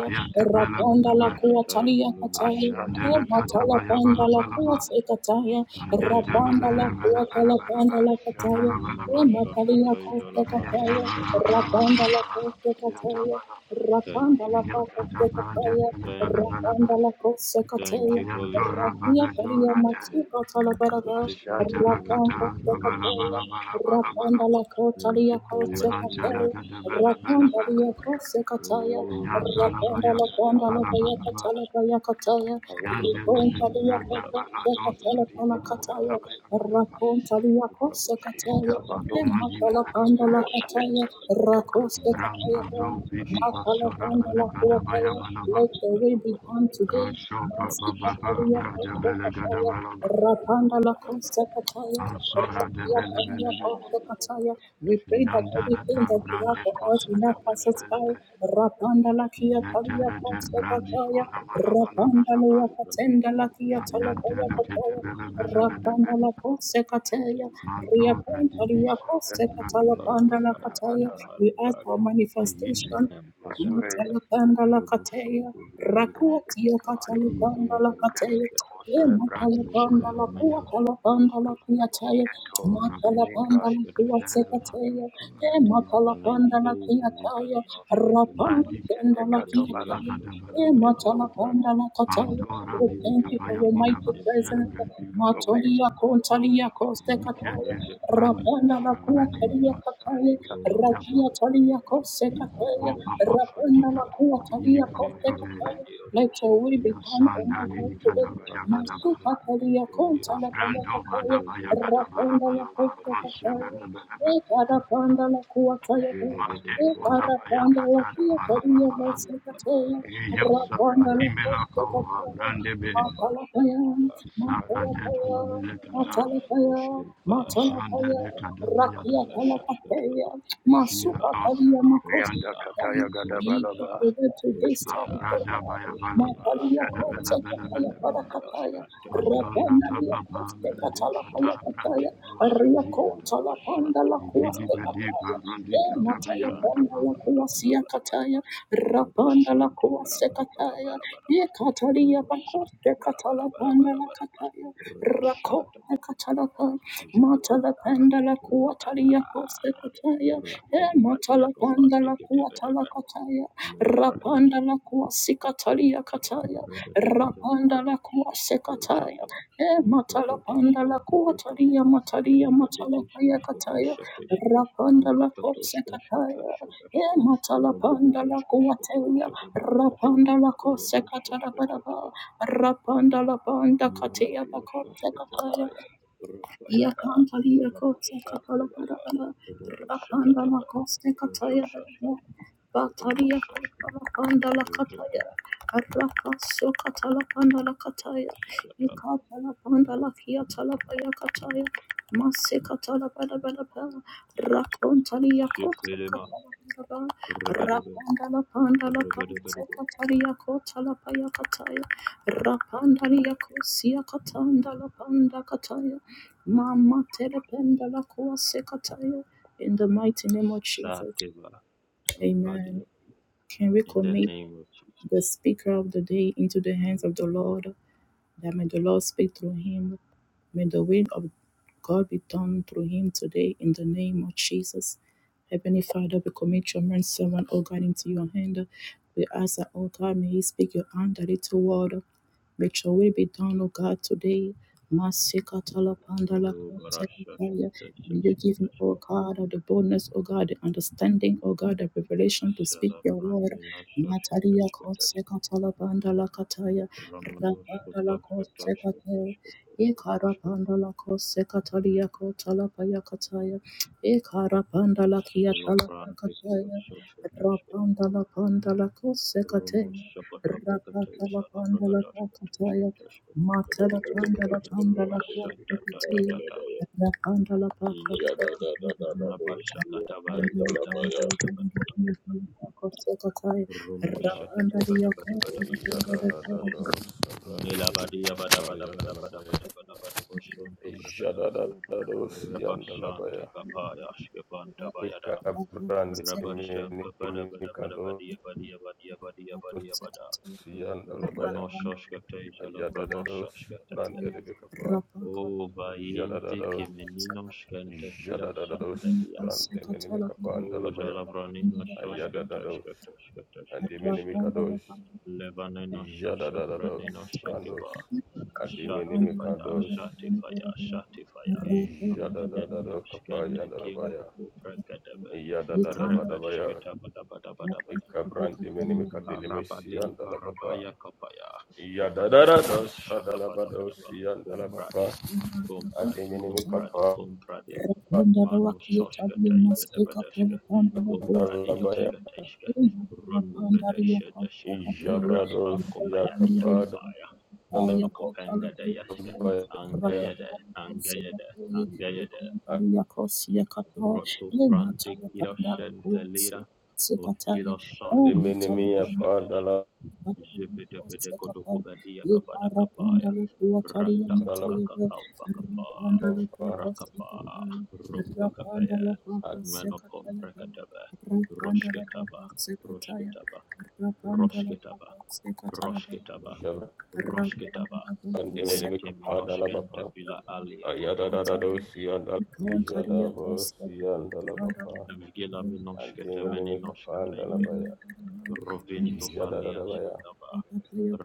[SPEAKER 4] Ayante
[SPEAKER 1] la
[SPEAKER 4] Bela
[SPEAKER 1] panda la
[SPEAKER 4] Beleba
[SPEAKER 1] kua
[SPEAKER 3] Mekatai
[SPEAKER 1] talia
[SPEAKER 3] jolo
[SPEAKER 1] kataya.
[SPEAKER 3] branino
[SPEAKER 4] Ashandele
[SPEAKER 3] shashka.
[SPEAKER 1] Mata la
[SPEAKER 4] Katabaya
[SPEAKER 1] panda
[SPEAKER 4] Bala
[SPEAKER 1] la kua
[SPEAKER 4] Balaba
[SPEAKER 1] se kataya.
[SPEAKER 3] Shede
[SPEAKER 4] Ayante
[SPEAKER 3] bede
[SPEAKER 4] Bela
[SPEAKER 1] Rabanda
[SPEAKER 3] bede
[SPEAKER 1] la
[SPEAKER 3] bede
[SPEAKER 1] kua
[SPEAKER 4] Bela
[SPEAKER 3] bede.
[SPEAKER 4] Bela
[SPEAKER 1] kala panda
[SPEAKER 4] Bela
[SPEAKER 1] la kataya.
[SPEAKER 4] Shanala Bala
[SPEAKER 3] Rumano
[SPEAKER 4] Bala
[SPEAKER 1] Mata
[SPEAKER 3] shashka
[SPEAKER 1] la
[SPEAKER 3] tai jala
[SPEAKER 1] kua
[SPEAKER 3] branino
[SPEAKER 4] Ayante
[SPEAKER 1] kataya.
[SPEAKER 4] Bela
[SPEAKER 3] shashka
[SPEAKER 4] Bela Bela Bela
[SPEAKER 3] dashka.
[SPEAKER 1] Rabanda la kua
[SPEAKER 4] Ayante
[SPEAKER 1] kataya.
[SPEAKER 4] Bela
[SPEAKER 3] Thank
[SPEAKER 1] Rapanda
[SPEAKER 3] you.
[SPEAKER 1] la kua kataya.
[SPEAKER 4] Ayante
[SPEAKER 3] Thank
[SPEAKER 4] Bela
[SPEAKER 3] you.
[SPEAKER 4] Bela
[SPEAKER 1] Rapanda
[SPEAKER 4] Bela
[SPEAKER 1] la kua
[SPEAKER 3] Thank you,
[SPEAKER 1] kataya.
[SPEAKER 4] Ayante
[SPEAKER 3] Holy Spirit.
[SPEAKER 1] Rakia
[SPEAKER 4] Bela
[SPEAKER 1] Paria
[SPEAKER 4] Bela
[SPEAKER 1] Matsuka
[SPEAKER 3] Thank you for
[SPEAKER 1] Talabaraga,
[SPEAKER 3] taking absolute
[SPEAKER 1] Rapan
[SPEAKER 4] Ashatalakata,
[SPEAKER 3] control
[SPEAKER 1] of the
[SPEAKER 3] of our
[SPEAKER 1] Capella,
[SPEAKER 3] meeting.
[SPEAKER 1] Rapan de
[SPEAKER 4] labalabalabalabalabalaba.
[SPEAKER 1] la
[SPEAKER 3] Thank
[SPEAKER 1] Cotalia
[SPEAKER 3] you for
[SPEAKER 1] Corse
[SPEAKER 3] working your
[SPEAKER 1] Capella,
[SPEAKER 3] works.
[SPEAKER 4] Ivantalakata,
[SPEAKER 1] Rapan
[SPEAKER 4] balabalaba.
[SPEAKER 1] de la Corse Cataya,
[SPEAKER 3] Oh,
[SPEAKER 1] Rapan de la
[SPEAKER 3] Barashakata
[SPEAKER 4] Ayantalabayakata,
[SPEAKER 1] Panda
[SPEAKER 3] Badaba.
[SPEAKER 1] la Baya
[SPEAKER 4] balabalaba.
[SPEAKER 1] Catala Baya Cataya,
[SPEAKER 3] Rabba
[SPEAKER 1] Ripon Talia
[SPEAKER 4] Ayandelelebrata,
[SPEAKER 1] Pepe, the
[SPEAKER 4] baladosa,
[SPEAKER 1] Catala Pala Cataya,
[SPEAKER 4] dibidikatabayakataba.
[SPEAKER 1] Rapon Talia Corse Matala Panda
[SPEAKER 4] Intabalomadimelakabayakade.
[SPEAKER 1] Cataya, Racos de Capella.
[SPEAKER 4] Grambadobidi,
[SPEAKER 1] Now, follow from the Lord, who will
[SPEAKER 4] basorabelekadabayabalaba.
[SPEAKER 1] let the way be done today. Masika
[SPEAKER 4] Ashopapababa,
[SPEAKER 1] Karia Kosakataya,
[SPEAKER 4] brajabelekadabalaba.
[SPEAKER 1] Rapanda La Kosakataya,
[SPEAKER 4] Ansora de
[SPEAKER 1] Rakia
[SPEAKER 4] bele
[SPEAKER 1] Karia
[SPEAKER 4] bele bele.
[SPEAKER 1] Kosakataya. We pray that
[SPEAKER 4] Yandana
[SPEAKER 1] everything
[SPEAKER 4] da da
[SPEAKER 1] that you have
[SPEAKER 4] brande
[SPEAKER 1] for us
[SPEAKER 4] kose
[SPEAKER 1] will not
[SPEAKER 4] de
[SPEAKER 1] pass
[SPEAKER 4] bele
[SPEAKER 1] us
[SPEAKER 4] bele
[SPEAKER 1] by.
[SPEAKER 4] bele.
[SPEAKER 1] Rapanda lakia talia
[SPEAKER 4] Yeterece
[SPEAKER 1] kotse
[SPEAKER 4] brandi
[SPEAKER 1] kataya.
[SPEAKER 4] kona mana mana
[SPEAKER 1] Rapanda
[SPEAKER 4] gadaba.
[SPEAKER 3] Rabba
[SPEAKER 1] lua katenda lakia
[SPEAKER 4] Ariante
[SPEAKER 1] talapaya
[SPEAKER 4] lekete
[SPEAKER 1] kataya.
[SPEAKER 4] bele bele gadebe.
[SPEAKER 1] Rapanda la kotse kataya. Ria
[SPEAKER 4] Manto
[SPEAKER 1] konta ria
[SPEAKER 4] redibisa
[SPEAKER 1] kotse
[SPEAKER 4] velra
[SPEAKER 1] katala
[SPEAKER 4] duni
[SPEAKER 1] panda la
[SPEAKER 4] kabaya
[SPEAKER 3] Levantopaya,
[SPEAKER 1] kataya.
[SPEAKER 4] gada.
[SPEAKER 1] We ask for
[SPEAKER 3] Malibrade,
[SPEAKER 4] Inde
[SPEAKER 1] manifestation
[SPEAKER 4] masure
[SPEAKER 3] Emprecataiba,
[SPEAKER 1] Matalapanda la Catea,
[SPEAKER 3] Robosonto Vreniroske,
[SPEAKER 1] Rakuatia Catalipanda la
[SPEAKER 3] Rogodozo la
[SPEAKER 4] maikati kosa
[SPEAKER 1] Catea,
[SPEAKER 3] Grancataske,
[SPEAKER 4] bradu
[SPEAKER 1] Matalapanda la Cua
[SPEAKER 4] şereniya.
[SPEAKER 1] Calapanda la
[SPEAKER 3] Bofilomayoskataske,
[SPEAKER 1] Quiatea,
[SPEAKER 4] Eto rabinika
[SPEAKER 1] Matalapanda la Cua
[SPEAKER 4] sefer radu
[SPEAKER 1] Secatea,
[SPEAKER 3] Ingleskataskataskataskataske,
[SPEAKER 4] kora diyaba.
[SPEAKER 1] Matalapanda la
[SPEAKER 3] Malayidozo
[SPEAKER 1] Quiatea,
[SPEAKER 3] Livaninoskataske,
[SPEAKER 4] Bandike
[SPEAKER 1] Rapanda
[SPEAKER 4] de
[SPEAKER 1] la
[SPEAKER 4] kato bala
[SPEAKER 1] Quiatea.
[SPEAKER 4] gada bala
[SPEAKER 1] Yeah,
[SPEAKER 4] bala
[SPEAKER 3] Ingadirososkataiza
[SPEAKER 1] Matala
[SPEAKER 4] bala.
[SPEAKER 1] Pandala
[SPEAKER 3] Revragatika,
[SPEAKER 1] Kataya.
[SPEAKER 3] O
[SPEAKER 4] Andora
[SPEAKER 1] We
[SPEAKER 4] bidi
[SPEAKER 1] thank you for
[SPEAKER 4] kapaya
[SPEAKER 1] your
[SPEAKER 4] goda
[SPEAKER 1] mighty
[SPEAKER 3] Vayete
[SPEAKER 1] presence.
[SPEAKER 4] basem
[SPEAKER 3] Mente Pico
[SPEAKER 4] rendi
[SPEAKER 1] Matolia Kontalia
[SPEAKER 3] Dozo
[SPEAKER 1] Koste Kataya.
[SPEAKER 4] Ikete
[SPEAKER 3] Rejetete
[SPEAKER 4] brandi
[SPEAKER 1] Rapanda la
[SPEAKER 4] kushara ne
[SPEAKER 1] Kuatalia
[SPEAKER 3] Makabaya
[SPEAKER 4] masani
[SPEAKER 1] Kataya.
[SPEAKER 4] kato
[SPEAKER 3] Romo
[SPEAKER 4] yaba
[SPEAKER 1] Rakia Talia
[SPEAKER 3] Shakatabaraba
[SPEAKER 1] Koste
[SPEAKER 4] iba
[SPEAKER 1] Kataya.
[SPEAKER 3] Robo
[SPEAKER 4] oba baka
[SPEAKER 1] Rapanda la
[SPEAKER 3] Shakshataida
[SPEAKER 4] dikato ini
[SPEAKER 1] Kuatalia Koste
[SPEAKER 3] Rogento
[SPEAKER 4] kapayove
[SPEAKER 1] Kataya.
[SPEAKER 3] Miradiro
[SPEAKER 1] Let your will
[SPEAKER 3] Shataida
[SPEAKER 1] be done on
[SPEAKER 4] yasanda
[SPEAKER 1] my God
[SPEAKER 4] ini
[SPEAKER 3] Mayinto
[SPEAKER 1] today.
[SPEAKER 4] kadaba
[SPEAKER 3] Paranera
[SPEAKER 4] yagadaba
[SPEAKER 1] Masuka
[SPEAKER 3] Araki
[SPEAKER 1] Talia
[SPEAKER 3] Potroniro
[SPEAKER 1] Kontala
[SPEAKER 3] Shat
[SPEAKER 1] Paya
[SPEAKER 4] abrando
[SPEAKER 1] Kataya.
[SPEAKER 4] badaba
[SPEAKER 3] Rojonto
[SPEAKER 4] yagadaba
[SPEAKER 1] Rapanda
[SPEAKER 4] laba
[SPEAKER 3] Peraniro
[SPEAKER 4] laba
[SPEAKER 1] Koste
[SPEAKER 3] Shatisha
[SPEAKER 1] Kataya.
[SPEAKER 4] masebele
[SPEAKER 3] Tasha
[SPEAKER 4] belebe
[SPEAKER 3] Jedevede
[SPEAKER 4] mante
[SPEAKER 3] Vedevede
[SPEAKER 4] kodaba
[SPEAKER 3] Tasha
[SPEAKER 4] yakata
[SPEAKER 3] Tasha
[SPEAKER 4] daba laba laba
[SPEAKER 3] Aye Kaba
[SPEAKER 4] Yasa
[SPEAKER 3] Maraba
[SPEAKER 4] badimela kawa
[SPEAKER 3] Rabada,
[SPEAKER 4] brandebe
[SPEAKER 3] Rabashakataba,
[SPEAKER 4] sara deba
[SPEAKER 3] Rakataiba
[SPEAKER 4] lobele
[SPEAKER 3] Rabada,
[SPEAKER 4] kada
[SPEAKER 3] Oshkin Payada,
[SPEAKER 4] ishanda de
[SPEAKER 3] Rakin
[SPEAKER 4] kadaba
[SPEAKER 3] Parada Shashkata,
[SPEAKER 1] Masuka
[SPEAKER 3] Oshkiana,
[SPEAKER 4] Fiatosa
[SPEAKER 1] Talia Makosi
[SPEAKER 4] Tivianda
[SPEAKER 3] Oshkia,
[SPEAKER 4] Kataya
[SPEAKER 1] Thank
[SPEAKER 3] Oshkia.
[SPEAKER 1] you
[SPEAKER 4] Gadabalaba.
[SPEAKER 1] for this
[SPEAKER 3] Hoş gaya,
[SPEAKER 1] territory.
[SPEAKER 4] Ambrada
[SPEAKER 3] hoş
[SPEAKER 4] Bayabalaba.
[SPEAKER 3] gaya.
[SPEAKER 1] Makalia
[SPEAKER 4] Shadabella
[SPEAKER 1] kote
[SPEAKER 4] Bella
[SPEAKER 3] Rapam
[SPEAKER 1] kataya
[SPEAKER 4] Bella Bella.
[SPEAKER 3] berende
[SPEAKER 1] parakataya.
[SPEAKER 3] aşka teki
[SPEAKER 4] Antora
[SPEAKER 3] aşka
[SPEAKER 1] Rebona lia
[SPEAKER 3] teyge.
[SPEAKER 4] Baba
[SPEAKER 1] kote
[SPEAKER 4] Brande
[SPEAKER 1] katala
[SPEAKER 3] Rabaş
[SPEAKER 1] paya
[SPEAKER 4] Kata
[SPEAKER 3] aşka
[SPEAKER 4] Brate
[SPEAKER 1] kataya.
[SPEAKER 3] taşka taşka.
[SPEAKER 4] Rosa
[SPEAKER 1] Ria
[SPEAKER 4] Briada.
[SPEAKER 1] kota la
[SPEAKER 3] Rabaş
[SPEAKER 1] panda
[SPEAKER 3] şanti
[SPEAKER 1] la
[SPEAKER 3] bara
[SPEAKER 4] Ividi
[SPEAKER 1] kuaste
[SPEAKER 3] bara
[SPEAKER 4] Bede
[SPEAKER 3] bara
[SPEAKER 1] kataya.
[SPEAKER 3] bara.
[SPEAKER 4] Barundi
[SPEAKER 1] E
[SPEAKER 3] Rabaş
[SPEAKER 1] mataya
[SPEAKER 3] şanti
[SPEAKER 1] panda la
[SPEAKER 3] bara bara bara
[SPEAKER 1] kuasia
[SPEAKER 3] bara bara
[SPEAKER 1] kataya.
[SPEAKER 3] bara. Rabaş
[SPEAKER 1] Rapanda la
[SPEAKER 3] şanti bara
[SPEAKER 1] kuaste
[SPEAKER 3] bara bara
[SPEAKER 1] kataya.
[SPEAKER 3] bara bara
[SPEAKER 1] E
[SPEAKER 3] bara.
[SPEAKER 1] katalia
[SPEAKER 3] Rabaş
[SPEAKER 1] bakote
[SPEAKER 3] şanti bara
[SPEAKER 1] katala
[SPEAKER 3] bara bara
[SPEAKER 1] panda
[SPEAKER 3] bara
[SPEAKER 1] la
[SPEAKER 3] bara
[SPEAKER 1] kataya.
[SPEAKER 3] bara. Rabaş şaka
[SPEAKER 1] Rako
[SPEAKER 3] taka taka taka.
[SPEAKER 1] Katalapa,
[SPEAKER 3] Jekete bara
[SPEAKER 1] Matalapanda la
[SPEAKER 3] bara
[SPEAKER 1] Kuatalia
[SPEAKER 3] bara.
[SPEAKER 1] Costa Cataya, E
[SPEAKER 3] Rakom patiya kafan
[SPEAKER 1] Matalapanda la
[SPEAKER 3] tekete bara, bede.
[SPEAKER 1] Kuatala
[SPEAKER 3] Menu
[SPEAKER 1] Rapanda
[SPEAKER 3] pragata.
[SPEAKER 1] la kuasikatalia kataya.
[SPEAKER 3] Rebadesha
[SPEAKER 1] Rapanda la
[SPEAKER 3] Pradeshka
[SPEAKER 1] kuasikataya.
[SPEAKER 3] Rojato
[SPEAKER 1] E matala panda
[SPEAKER 3] Vedadeshka
[SPEAKER 1] la kuatalia
[SPEAKER 3] Vedadeshka
[SPEAKER 1] matalia matala
[SPEAKER 3] Venkadeshka
[SPEAKER 1] paya kataya. Rapanda la kuasikataya. E matala panda la kuatelia. Rapanda la kuasikatala baraba. Rapanda la panda katia bakosikataya. Yakantalia Kotsa Kapala Parabala Rapanda la Costa Kataya Belamo Bataria Kapala Panda la Kataya Araka Sokatala Panda la Kataya Ikapala Panda la Kiatala Paya Kataya Masikatala bala bala bala, rakontali yakota katala bala bala, rapanda la panda
[SPEAKER 3] Sativa
[SPEAKER 1] la pante katali yakota la paya kataya, rapanda li yakosia katanda la panda kataya, mama telependa la kuase kataya. In the mighty name of Jesus,
[SPEAKER 3] Tampadia.
[SPEAKER 1] amen. Can we
[SPEAKER 3] In the
[SPEAKER 1] commit
[SPEAKER 3] name of
[SPEAKER 1] the
[SPEAKER 3] Jesus.
[SPEAKER 1] speaker of the day into the hands of the Lord? That may the Lord speak through him. May the will of God be done through him today in the name of Jesus. Heavenly Father, we commit your man servant, O God, into your hand. We ask that, O God, may he speak your hand, the little word. May your will be done, O God, today. Masika talapandala
[SPEAKER 3] Oh
[SPEAKER 1] kosekataya.
[SPEAKER 3] Barashashkata
[SPEAKER 1] May you give him, O
[SPEAKER 3] Shashkatashka.
[SPEAKER 1] God, the boldness, O God, the understanding, O God, the revelation to speak your word.
[SPEAKER 3] Sharapranina
[SPEAKER 1] Natalia
[SPEAKER 3] Shashkatashkatashka.
[SPEAKER 1] Kosekatala Bandala Kataya, Rapandala Kosekate, Ekara
[SPEAKER 3] Ramanoshkatashkatashkatashkatashkatashka.
[SPEAKER 1] Pandala Kosekatalia Kotala Payakataya, Ekara Pandala Kiatala
[SPEAKER 3] Sholopranti Kiro
[SPEAKER 1] Pakataya,
[SPEAKER 3] Shashkatashka.
[SPEAKER 1] Rapandala Pandala Kosekate,
[SPEAKER 3] Romoshakatabrakata
[SPEAKER 1] Rapatala Pandala Pakataya,
[SPEAKER 3] Shalabrakatashkatashkatashka.
[SPEAKER 1] Matala Pandala Pandala Kosekate,
[SPEAKER 3] Rabashatatata.
[SPEAKER 1] Rapandala Pakataya. Rapanda
[SPEAKER 3] Rabashakatabarabadabadabadabada. Romoshakatabadabadabadabada. Melabadia bada bada bada bada bada bada bada bosonto brakadaba.
[SPEAKER 5] Ijadada dos yandala baya.
[SPEAKER 3] Rabashante kapaya shkevanta bayada.
[SPEAKER 5] Ikabrande
[SPEAKER 3] Rabashante bada bada bada
[SPEAKER 5] Mimikados
[SPEAKER 3] badia badia badia badia badia bada.
[SPEAKER 5] Yandalabaya
[SPEAKER 3] Robonosha shkateja la
[SPEAKER 5] Ayadadados
[SPEAKER 3] pranosha shkatega.
[SPEAKER 5] Brande Rebekapa
[SPEAKER 3] O vayinti
[SPEAKER 5] Jadadados
[SPEAKER 3] kimenino shkante kira
[SPEAKER 5] Jadadados
[SPEAKER 3] shakledia.
[SPEAKER 5] Brande Minimikapa
[SPEAKER 3] O
[SPEAKER 5] Andalabaya
[SPEAKER 3] jalavranino
[SPEAKER 5] Ayadadados and
[SPEAKER 3] shoshkatashkatashkatashkatashka.
[SPEAKER 5] Minimikados
[SPEAKER 3] Levaneno
[SPEAKER 5] Jadadados Brandos
[SPEAKER 3] shashafranino Shati fire,
[SPEAKER 5] Adiminimikados
[SPEAKER 3] shati fire, shati fire. Ampiani
[SPEAKER 5] Jadadadado Kapa
[SPEAKER 3] amshkenta
[SPEAKER 5] Yandalabaya
[SPEAKER 3] kinko ko prakadaba.
[SPEAKER 1] You can't.
[SPEAKER 5] Yadadadabadabaya
[SPEAKER 3] Rabashketa bada bada bada bada.
[SPEAKER 5] Ikabrande Minimikadilimisi
[SPEAKER 3] Marabade
[SPEAKER 5] Andalabapa
[SPEAKER 3] Barabaya Kapaya Rapapaya
[SPEAKER 5] Yadadadada, sadalabado,
[SPEAKER 3] Shakapadabadaba
[SPEAKER 5] siyandalabapa,
[SPEAKER 3] Comprade Comprade Comprade
[SPEAKER 5] adiminimikapa,
[SPEAKER 3] Comprade Mano Soshka Taigadabadashka Comprade
[SPEAKER 5] dalabaya,
[SPEAKER 3] Yoshka Taishka Rundu Vedasha Dashka
[SPEAKER 5] ijabrado,
[SPEAKER 3] Rapan Kopaya
[SPEAKER 5] siyakapa,
[SPEAKER 3] Yakapaya Menokopenga Dayashka
[SPEAKER 5] dalabaya,
[SPEAKER 3] Angayade Angayade Angayade Roto Brande Girashen Delira of
[SPEAKER 1] Sekataya, oh,
[SPEAKER 3] Girashanto
[SPEAKER 1] Matala
[SPEAKER 3] Pronoska
[SPEAKER 5] adiminimiyapa,
[SPEAKER 1] Pandala,
[SPEAKER 3] Teshka
[SPEAKER 5] dala-
[SPEAKER 1] Rapanda
[SPEAKER 3] Zebedebede Kodokobadia Kabada Kabaya Rata Kakakakamba Kapa
[SPEAKER 5] dalabapa,
[SPEAKER 3] Rakapa Rumba Kapaya Manokom Prakataba Roshketaba Roshketaba Roshketaba Roshketaba
[SPEAKER 5] ajabra-
[SPEAKER 3] Roshketaba Lente
[SPEAKER 5] adiminimikapa,
[SPEAKER 3] Minoshkente
[SPEAKER 5] dalabapa,
[SPEAKER 3] Vila Alia Kotom
[SPEAKER 5] ayadadadado,
[SPEAKER 1] Ataya,
[SPEAKER 5] siyandala-
[SPEAKER 1] Ikawan Kariya
[SPEAKER 5] ijadabo,
[SPEAKER 1] Kosa, Kanda,
[SPEAKER 5] siyandalabapa,
[SPEAKER 3] Vgila minoshkete
[SPEAKER 5] adiminimikapa,
[SPEAKER 3] meninoshkete ye.
[SPEAKER 5] dalabaya,
[SPEAKER 3] Rovinto
[SPEAKER 5] ijadadadabaya,
[SPEAKER 3] faliashkita ba.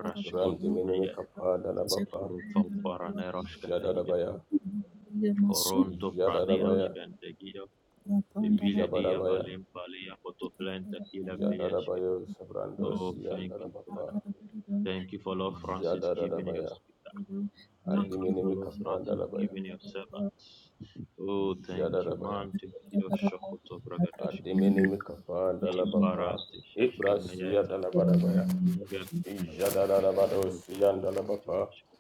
[SPEAKER 3] Rashkonto meye.
[SPEAKER 5] randiminimikapa, dalabapa,
[SPEAKER 3] Rufam paraneroshkete ye.
[SPEAKER 5] ijadadabaya,
[SPEAKER 3] Koronto
[SPEAKER 5] Jadarabaya,
[SPEAKER 3] praneroshkente gio. Vile dia
[SPEAKER 5] Jabarabaya,
[SPEAKER 3] valim valia potoplente kila vlieshke.
[SPEAKER 5] Jadarabaya, Sabrando,
[SPEAKER 3] Oh, thank you, Father.
[SPEAKER 5] Siandarabapa,
[SPEAKER 3] Thank you for Lord Francis giving your
[SPEAKER 5] Jadarabaya,
[SPEAKER 3] speaker. Thank you
[SPEAKER 1] Makamba
[SPEAKER 3] for
[SPEAKER 5] Adiminimi
[SPEAKER 3] Lord Francis
[SPEAKER 5] Kapandalabaya,
[SPEAKER 3] giving your servants. Oh, thank you,
[SPEAKER 5] Jadarabaya,
[SPEAKER 3] man. Thank you, Shokoto Bragadeshka.
[SPEAKER 5] Adiminimi Kapandalabapa,
[SPEAKER 3] Ibarati Sheshke
[SPEAKER 5] Ibrasia
[SPEAKER 3] Meyete.
[SPEAKER 5] Dalabarabaya,
[SPEAKER 1] In
[SPEAKER 3] Lingam Kipaya
[SPEAKER 5] Jadarabado,
[SPEAKER 3] Rotundu
[SPEAKER 5] Siandalabapa,
[SPEAKER 3] Protiashka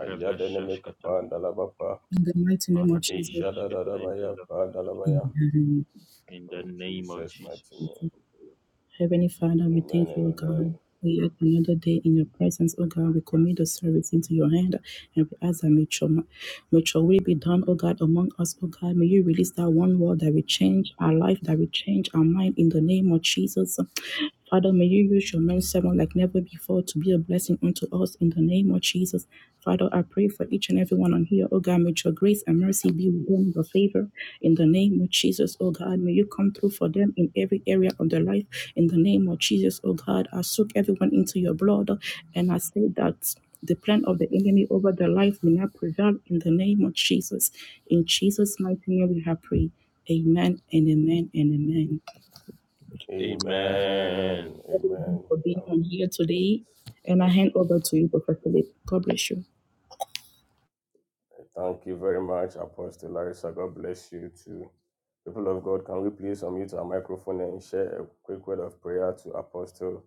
[SPEAKER 5] Ayadenimi Kapandalabapa,
[SPEAKER 1] the mighty name of Jesus,
[SPEAKER 3] Maradeshashkata
[SPEAKER 5] Jadarabaya,
[SPEAKER 3] Jalabragadosh.
[SPEAKER 5] Pandalabaya,
[SPEAKER 1] um,
[SPEAKER 3] In the
[SPEAKER 5] in
[SPEAKER 3] name of
[SPEAKER 5] Jesus' mighty
[SPEAKER 3] Jesus.
[SPEAKER 5] name.
[SPEAKER 1] Heavenly Father, we
[SPEAKER 5] Amen
[SPEAKER 1] thank
[SPEAKER 5] and
[SPEAKER 1] you, O
[SPEAKER 5] amen.
[SPEAKER 1] God. We yet another day in your presence, O God. We commit the service into your hand and we ask that may your, may your will be done, O God, among us, O God. May you release that one word that will change our life, that will change our mind in the name of Jesus. Father, may you use your men servant like never before to be a blessing unto us in the name of Jesus. Father, I pray for each and everyone on here. Oh God, may your grace and mercy be with them, your favor. In the name of Jesus, oh God, may you come through for them in every area of their life. In the name of Jesus, oh God, I soak everyone into your blood and I say that the plan of the enemy over their life will not prevail in the name of Jesus. In Jesus' mighty name we have prayed. Amen and amen and amen.
[SPEAKER 5] Amen.
[SPEAKER 3] Amen.
[SPEAKER 1] Everyone
[SPEAKER 5] Amen.
[SPEAKER 1] for being
[SPEAKER 5] Thank
[SPEAKER 1] on
[SPEAKER 5] you,
[SPEAKER 1] here today.
[SPEAKER 5] Jesus.
[SPEAKER 1] And I hand over to you, Professor Philip. God bless you.
[SPEAKER 5] I Thank you very much, Apostle Larissa. God bless you too. People of God, can we please unmute our microphone and share a quick word of prayer to Apostle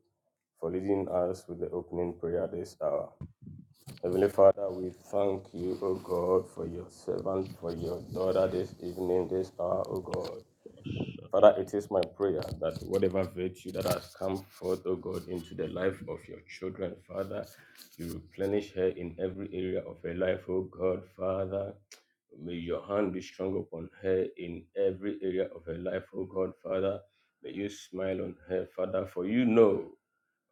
[SPEAKER 5] for leading us with the opening prayer this hour? Heavenly Father, we thank you, O God, for your servant, for your daughter this evening, this hour, O God. Father, it is my prayer that whatever virtue that has come forth, O God, into the life of your children, Father, you replenish her in every area of her life, O God, Father. May your hand be strong upon her in every area of her life, O God, Father. May you smile on her, Father, for you know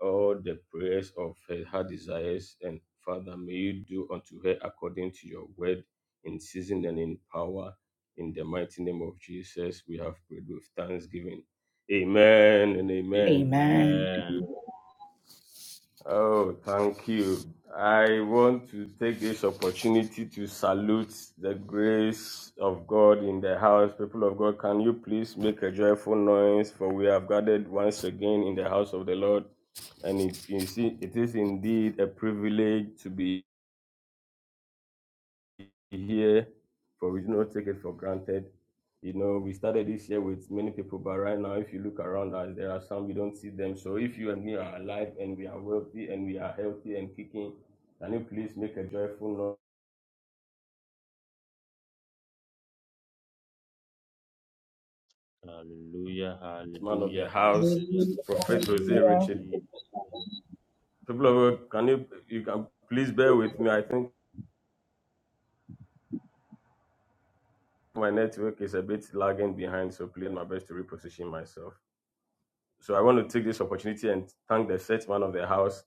[SPEAKER 5] all the prayers of her heart desires, and Father, may you do unto her according to your word in season and in power. In the mighty name of Jesus, we have prayed with thanksgiving. Amen and amen.
[SPEAKER 1] Amen.
[SPEAKER 3] Amen.
[SPEAKER 5] Oh, thank you. I want to take this opportunity to salute the grace of God in the house. People of God, can you please make a joyful noise? For we have gathered once again in the house of the Lord, and it is, it is indeed a privilege to be here, for we do not take it for granted. You know, we started this year with many people, but right now, if you look around us, there are some we don't see them. So if you and me are alive and we are wealthy and we are healthy and kicking, can you please make a joyful noise,
[SPEAKER 3] Hallelujah.
[SPEAKER 5] man of the
[SPEAKER 3] Hallelujah.
[SPEAKER 5] house,
[SPEAKER 3] Hallelujah.
[SPEAKER 1] Hallelujah.
[SPEAKER 5] Prophet
[SPEAKER 3] Thank
[SPEAKER 5] Jose
[SPEAKER 3] you,
[SPEAKER 5] Richard?
[SPEAKER 3] Jesus.
[SPEAKER 5] People of God, can you you can please bear with me? I think my network is a bit lagging behind, so please my best to reposition myself. So I want to take this opportunity and thank the set man of the house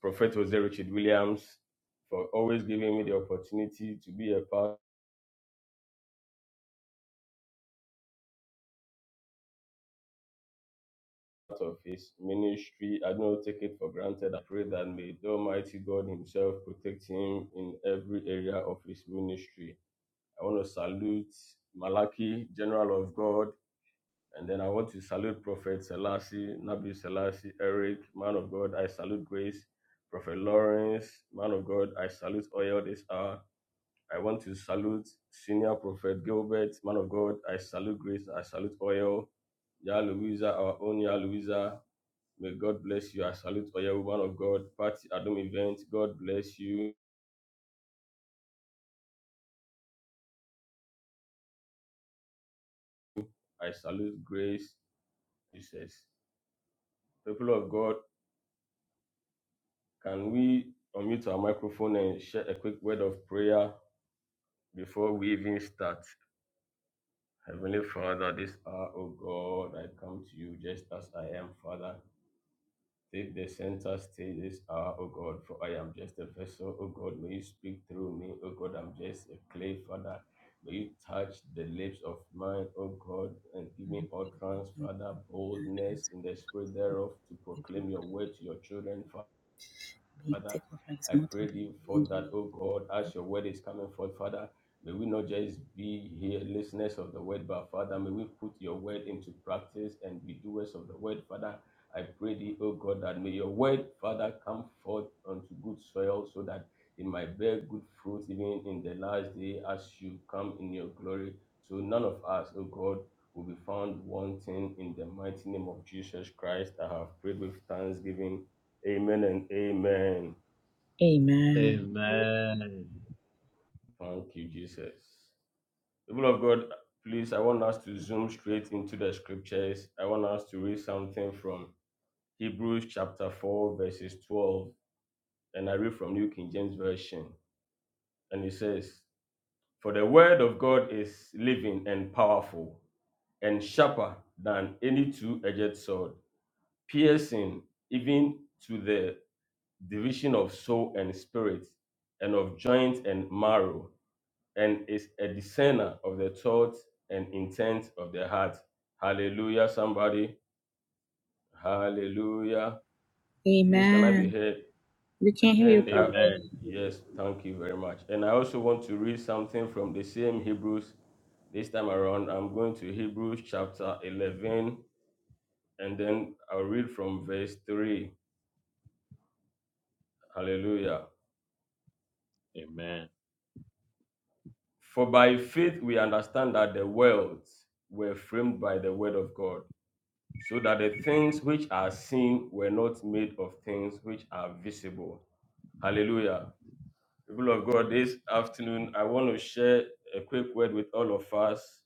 [SPEAKER 5] Prophet Jose Richard Williams for always giving me the opportunity to be a part of his ministry. I don't take it for granted. I pray that may the Almighty God Himself protect him in every area of his ministry. I want to salute Malaki, General of God, and then I want to salute Prophet Selassie, Nabi Selassie, Eric, Man of God. I salute Grace, Prophet Lawrence, Man of God. I salute all this hour. I want to salute Senior Prophet Gilbert, man of God. I salute Grace. I salute Oil. Yah Louisa, our own Yah Louisa. May God bless you. I salute Oyo, woman of God. Party Adam event. God bless you. I salute Grace. Jesus. People of God, can we unmute our microphone and share a quick word of prayer before we even start? Heavenly Father, this hour, oh God, I come to you just as I am, Father. Take the center stage this hour, O God, for I am just a vessel, O God. May you speak through me, O God. I'm just a clay, Father. May you touch the lips of mine, O God, and give me utterance, Father, boldness in the spirit thereof to proclaim your word to your children, Father. I pray thee for that, oh God, as your word is coming forth, Father. May we not just be here listeners of the word, but Father, may we put your word into practice and be doers of the word, Father. I pray thee, O God, that may your word, Father, come forth unto good soil so that it might bear good fruit even in the last day as you come in your glory. So none of us, O God, will be found wanting in the mighty name of Jesus Christ. I have prayed with thanksgiving. Amen and amen.
[SPEAKER 1] Amen.
[SPEAKER 3] Amen.
[SPEAKER 5] Thank you, Jesus. People of God, please, I want us to zoom straight into the scriptures. I want us to read something from Hebrews chapter 4, verses 12. And I read from New King James Version. And it says, For the word of God is living and powerful, and sharper than any two edged sword, piercing even to the division of soul and spirit, and of joint and marrow and is a discerner of the thoughts and intents of the heart. Hallelujah, somebody. Hallelujah. Please, can I be
[SPEAKER 1] Amen.
[SPEAKER 5] heard?
[SPEAKER 1] We can
[SPEAKER 5] And
[SPEAKER 1] hear you,
[SPEAKER 3] Amen.
[SPEAKER 5] then, I,
[SPEAKER 1] Prophet.
[SPEAKER 3] Amen.
[SPEAKER 5] yes, thank you very much. And I also want to read something from the same Hebrews. This time around, I'm going to Hebrews chapter 11, and then I'll read from verse 3. Hallelujah.
[SPEAKER 3] Amen.
[SPEAKER 5] For by faith we understand that the worlds were framed by the word of God so that the things which are seen were not made of things which are visible. Hallelujah. People of God, this afternoon, I want to share a quick word with all of us,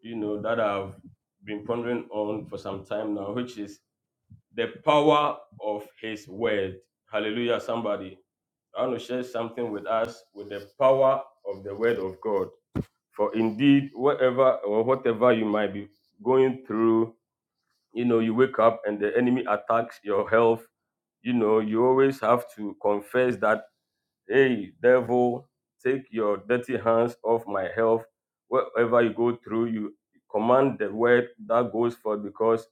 [SPEAKER 5] you know, that I've been pondering on for some time now, which is the power of His word. Hallelujah, somebody. I want to share something with us with the power of the word of God. For indeed, whatever or whatever you might be going through, you know you wake up and the enemy attacks your health you know you always have to confess that hey devil take your dirty hands off my health wherever you go through you command the word that goes forth because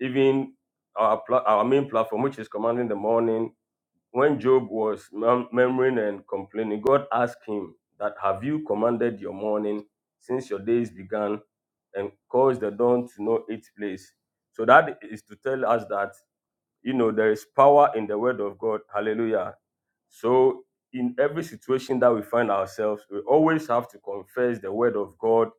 [SPEAKER 5] even our pla- our main platform which is commanding the morning when Job was mum- murmuring and complaining, God asked him that, "Have you commanded your morning since your days began, and caused the dawn to know its place?" So that is to tell us that you know there is power in the word of God. Hallelujah. So in every situation that we find ourselves, we always have to confess the word of God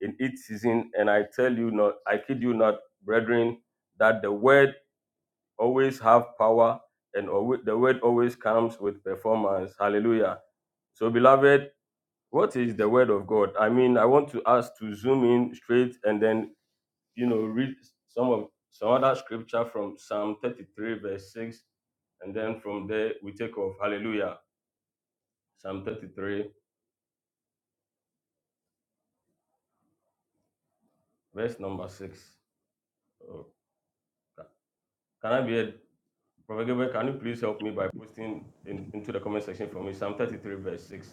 [SPEAKER 5] in each season. And I tell you not, I kid you not, brethren, that the word always have power, and alwa- the word always comes with performance. Hallelujah. So, beloved, what is the word of God? I mean, I want to us to zoom in straight and then, you know, read some of some other scripture from Psalm 33, verse 6, and then from there we take off. Hallelujah. Psalm 33, verse number 6. Oh, ca- can I be a Prophet Gabriel, can you please help me by posting in, into the comment section for me? Psalm 33, verse 6.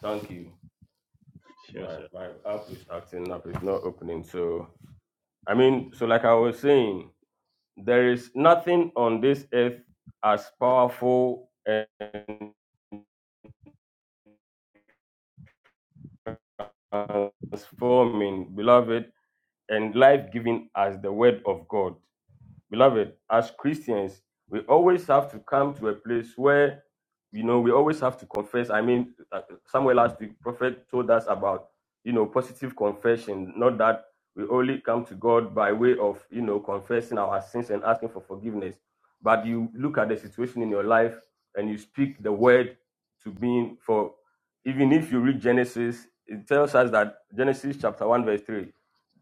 [SPEAKER 5] Thank you.
[SPEAKER 3] Sure,
[SPEAKER 5] my
[SPEAKER 3] sir.
[SPEAKER 5] my app is acting up it's not opening so i mean so like i was saying there is nothing on this earth as powerful and transforming beloved and life-giving as the word of god Beloved, as Christians, we always have to come to a place where, you know, we always have to confess. I mean, uh, somewhere last week, Prophet told us about, you know, positive confession, not that we only come to God by way of, you know, confessing our sins and asking for forgiveness, but you look at the situation in your life and you speak the word to being for, even if you read Genesis, it tells us that Genesis chapter 1, verse 3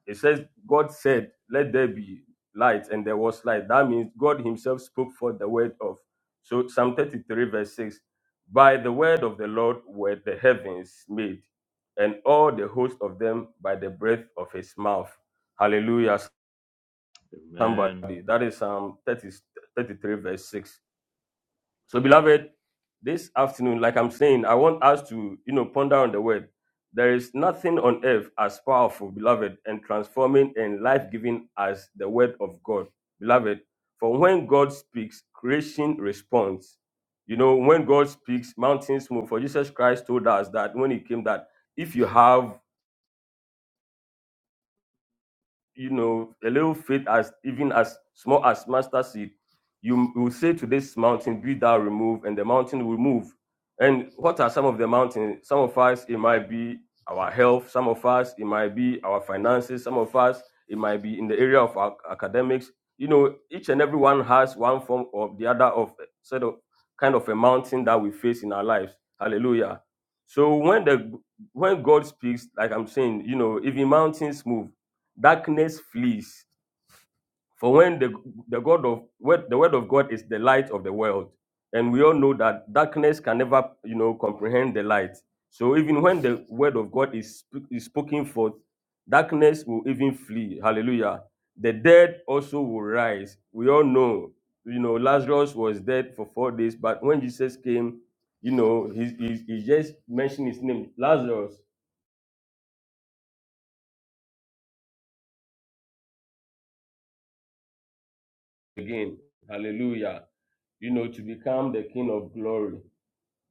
[SPEAKER 5] it says, God said, Let there be light, and there was light. That means God Himself spoke forth the word of. So, Psalm 33, verse 6 By the word of the Lord were the heavens made, and all the host of them by the breath of His mouth. Hallelujah.
[SPEAKER 3] Amen.
[SPEAKER 5] Somebody. That is Psalm 30, 33, verse 6. So, beloved, this afternoon, like I'm saying, I want us to, you know, ponder on the word. There is nothing on earth as powerful, beloved, and transforming and life giving as the word of God, beloved. For when God speaks, creation responds. You know, when God speaks, mountains move. For Jesus Christ told us that when He came, that if you have you know, a little faith as even as small as mustard seed, you will say to this mountain, be thou removed, and the mountain will move. And what are some of the mountains? Some of us, it might be our health. Some of us, it might be our finances. Some of us, it might be in the area of our academics. You know, each and every one has one form or the other of eh, sort of kind of a mountain that we face in our lives. Hallelujah. So when the when God speaks, like I'm saying, you know, even mountains move darkness flees. For when the, the God of word, the word of God is the light of the world, and we all know that darkness can never you know comprehend the light. So even when the word of God is, sp- is spoken forth, darkness will even flee. Hallelujah. The dead also will rise. We all know, you know, Lazarus was dead for four days, but when Jesus came, you know, he, he, he just mentioned his name, Lazarus. again. Hallelujah. You know, to become the King of glory.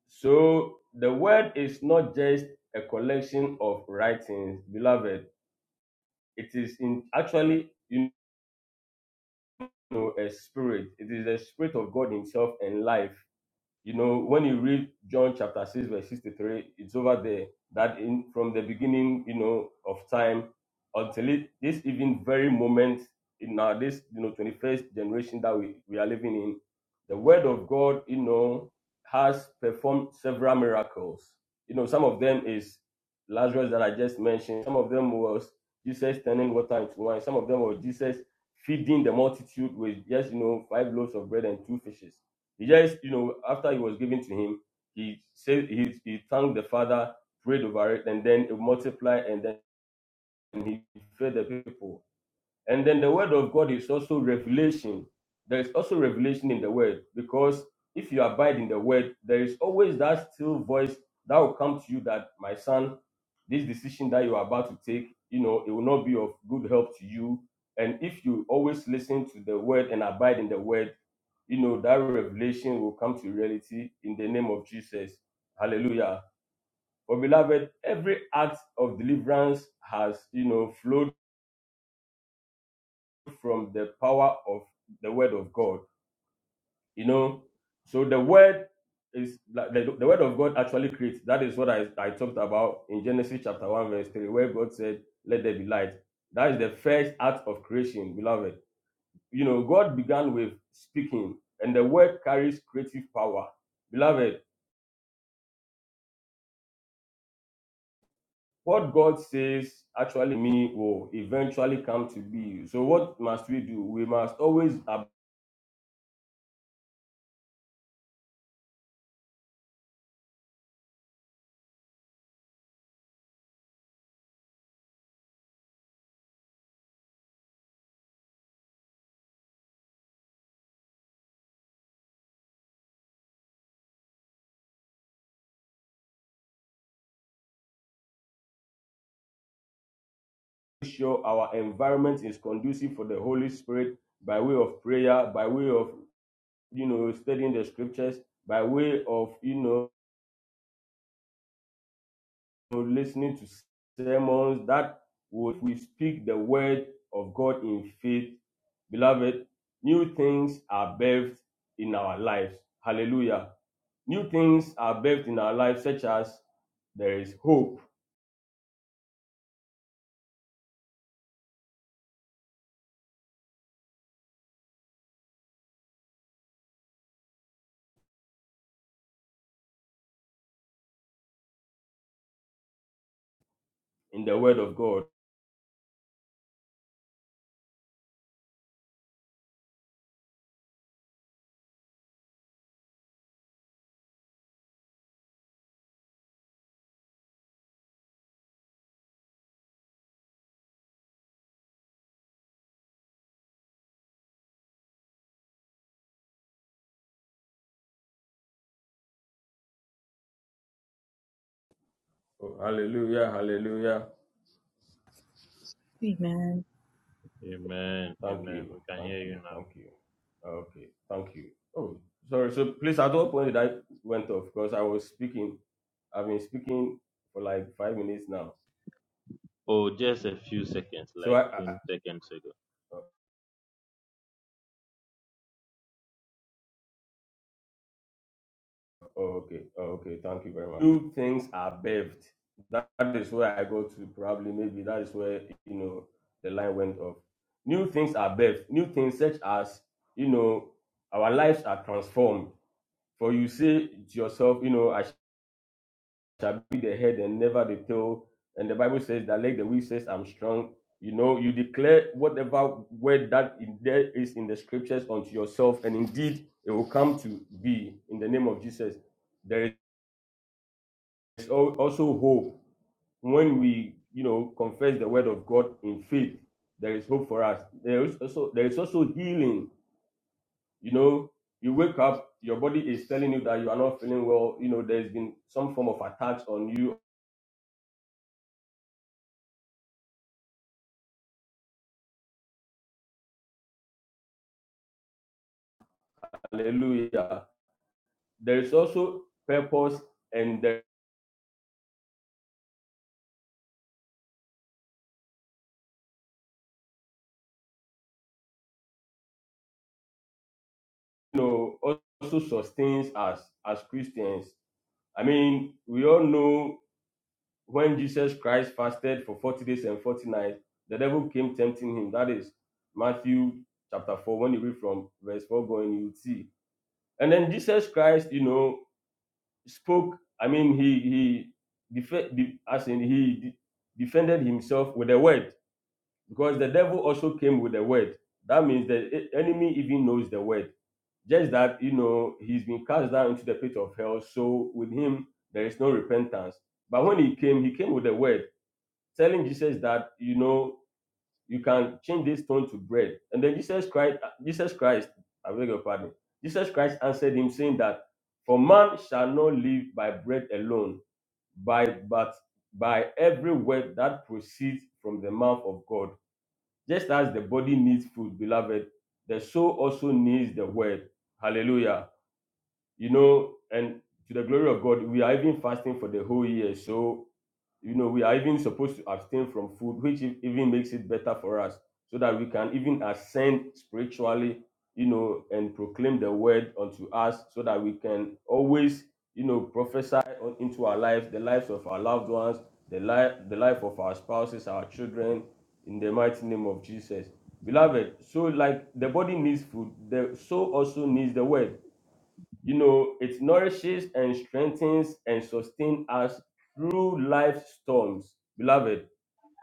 [SPEAKER 5] So the word is not just a collection of writings, beloved. It is in actually, you know, a spirit. It is the spirit of God Himself and life. You know, when you read John chapter 6, verse 63, it's over there that in from the beginning, you know, of time until it, this even very moment in our this you know 21st generation that we, we are living in, the word of God, you know, has performed several miracles. You know, some of them is Lazarus that I just mentioned, some of them was Jesus turning water into wine, some of them was Jesus feeding the multitude with just you know five loaves of bread and two fishes he just, you know, after it was given to him, he said he, he thanked the father, prayed over it, and then it multiplied, and then he fed the people. And then the word of God is also revelation. There is also revelation in the word because if you abide in the word, there is always that still voice that will come to you that my son, this decision that you are about to take, you know, it will not be of good help to you. And if you always listen to the word and abide in the word, you know, that revelation will come to reality in the name of Jesus. Hallelujah. For beloved, every act of deliverance has, you know, flowed from the power of the word of God. You know, so the word is like the, the word of God actually creates. That is what I, I talked about in Genesis chapter 1, verse 3, where God said, Let there be light. That is the first act of creation, beloved. You know, God began with speaking, and the word carries creative power. Beloved, What God says actually me will eventually come to be. So what must we do? We must always make sure our environment is conducive for the Holy Spirit by way of prayer, by way of you know studying the scriptures, by way of you know listening to sermons that would we speak the word of God in faith, beloved, new things are birthed in our lives. Hallelujah. New things are birthed in our lives, such as there is hope in the word of God. Oh, hallelujah, hallelujah.
[SPEAKER 1] Amen.
[SPEAKER 3] Amen.
[SPEAKER 5] Thank
[SPEAKER 3] Amen.
[SPEAKER 5] you,
[SPEAKER 3] We can
[SPEAKER 5] thank
[SPEAKER 3] hear you
[SPEAKER 5] you,
[SPEAKER 3] now.
[SPEAKER 5] thank you. Okay, thank you. Oh, sorry. So please, at what point did I went off? Because I was speaking. I've been speaking for like five minutes now.
[SPEAKER 3] Oh, just a few seconds,
[SPEAKER 5] So
[SPEAKER 3] like
[SPEAKER 5] I,
[SPEAKER 3] 10
[SPEAKER 5] I
[SPEAKER 3] seconds ago.
[SPEAKER 5] Okay, okay, thank you very much. Two things are beved. That that is where I go to probably maybe that is where you know the line went off. New things are birthed. New things such as you know our lives are transformed. For you say to yourself, you know, I shall be the head and never the tail. And the Bible says that like the weak says, I'm strong. You know, you declare whatever word that in there is in the scriptures unto yourself, and indeed it will come to be in the name of Jesus There. There's al- also hope when we, you know, confess the word of God in faith. There is hope for us. There is also there is also healing. You know, you wake up, your body is telling you that you are not feeling well. You know, there's been some form of attacks on you. Hallelujah. There is also purpose, and there, you know, also sustains us as Christians. I mean, we all know when Jesus Christ fasted for 40 days and 40 nights, the devil came tempting him. That is Matthew chapter 4. When you read from verse 4 going, you will see. And then Jesus Christ, you know, spoke. I mean, he he def- de- as in he de- defended himself with the word because the devil also came with the word. That means the e- enemy even knows the word. Just that you know he's been cast down into the pit of hell. So with him there is no repentance. But when he came, he came with the word telling Jesus that you know you can change this stone to bread. And then Jesus Christ, Jesus Christ, I beg your pardon. Jesus Christ answered him, saying that for man shall not live by bread alone, by but by every word that proceeds from the mouth of God. Just as the body needs food, beloved, the soul also needs the word. Hallelujah. You know, and to the glory of God, we are even fasting for the whole year. So you know we are even supposed to abstain from food which e- even makes it better for us so that we can even ascend spiritually you know and proclaim the word unto us so that we can always you know prophesy on- into our lives the lives of our loved ones the life the life of our spouses our children in the mighty name of jesus beloved so like the body needs food the soul also needs the word you know, it nourishes and strengthens and sustains us through life's storms. Beloved,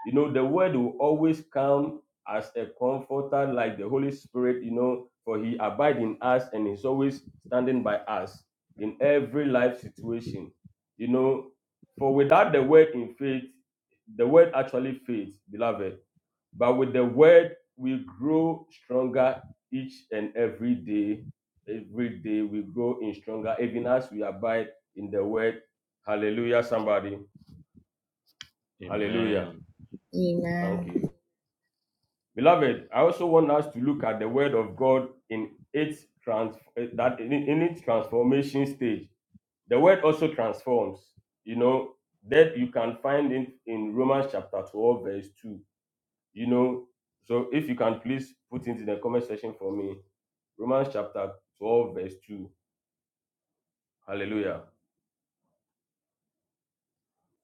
[SPEAKER 5] you know, the word will always come as a comforter, like the Holy Spirit, you know, for he abides in us and is always standing by us in every life situation. You know, for without the word in faith, the word actually fades, beloved but with the word, we grow stronger each and every day. Every day we grow in stronger, even as we abide in the word. Hallelujah, somebody. Hallelujah.
[SPEAKER 3] Amen.
[SPEAKER 1] Amen.
[SPEAKER 5] Thank you. Beloved, I also want us to look at the word of God in its trans eh, that in, in its transformation stage. The word also transforms. You know, that you can find it in Romans chapter 12, verse 2. You know, so if you can please put into the comment section for me Romans chapter 12, verse 2. Hallelujah.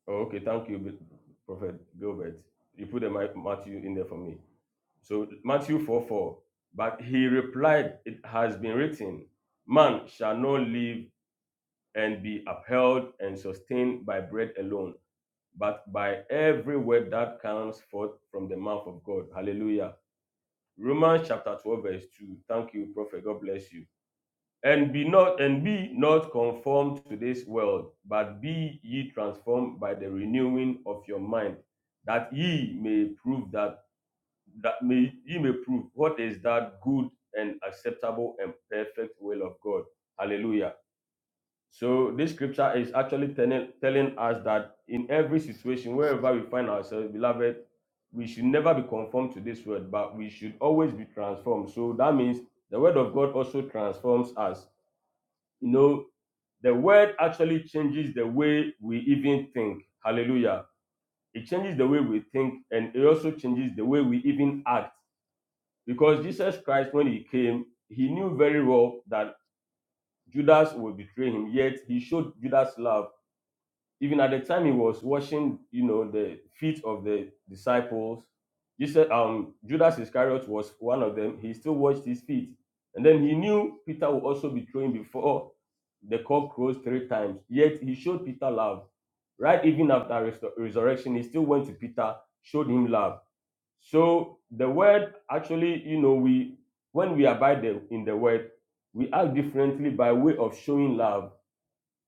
[SPEAKER 5] Oh, okay, thank you, Prophet Gilbert. You put the Ma- Matthew in there for me. So Matthew 4 4. But he replied, It has been written, Man shall not live and be upheld and sustained by bread alone, but by every word that comes forth from the mouth of God. Hallelujah. Romans chapter 12, verse 2. Thank you, Prophet. God bless you. and be not and be not conformed to this world but be ye transformed by the renewing of your mind that ye may prove that that may ye may prove what is that good and acceptable and perfect will of god hallelujah so this scripture is actually telling, telling us that in every situation wherever we find ourselves beloved we should never be conformed to this world but we should always be transformed so that means the word of god also transforms us you know, the word actually changes the way we even think. Hallelujah. It changes the way we think and it also changes the way we even act. Because Jesus Christ, when he came, he knew very well that Judas would betray him, yet he showed Judas love even at the time he was washing, you know, the feet of the disciples, Jesus, um, Judas Iscariot was one of them. He still washed his feet, and then he knew Peter would also be thrown before the cock crows three times. Yet he showed Peter love. Right, even after resur- resurrection, he still went to Peter, showed him love. So the word actually, you know, we when we abide the- in the word, we act differently by way of showing love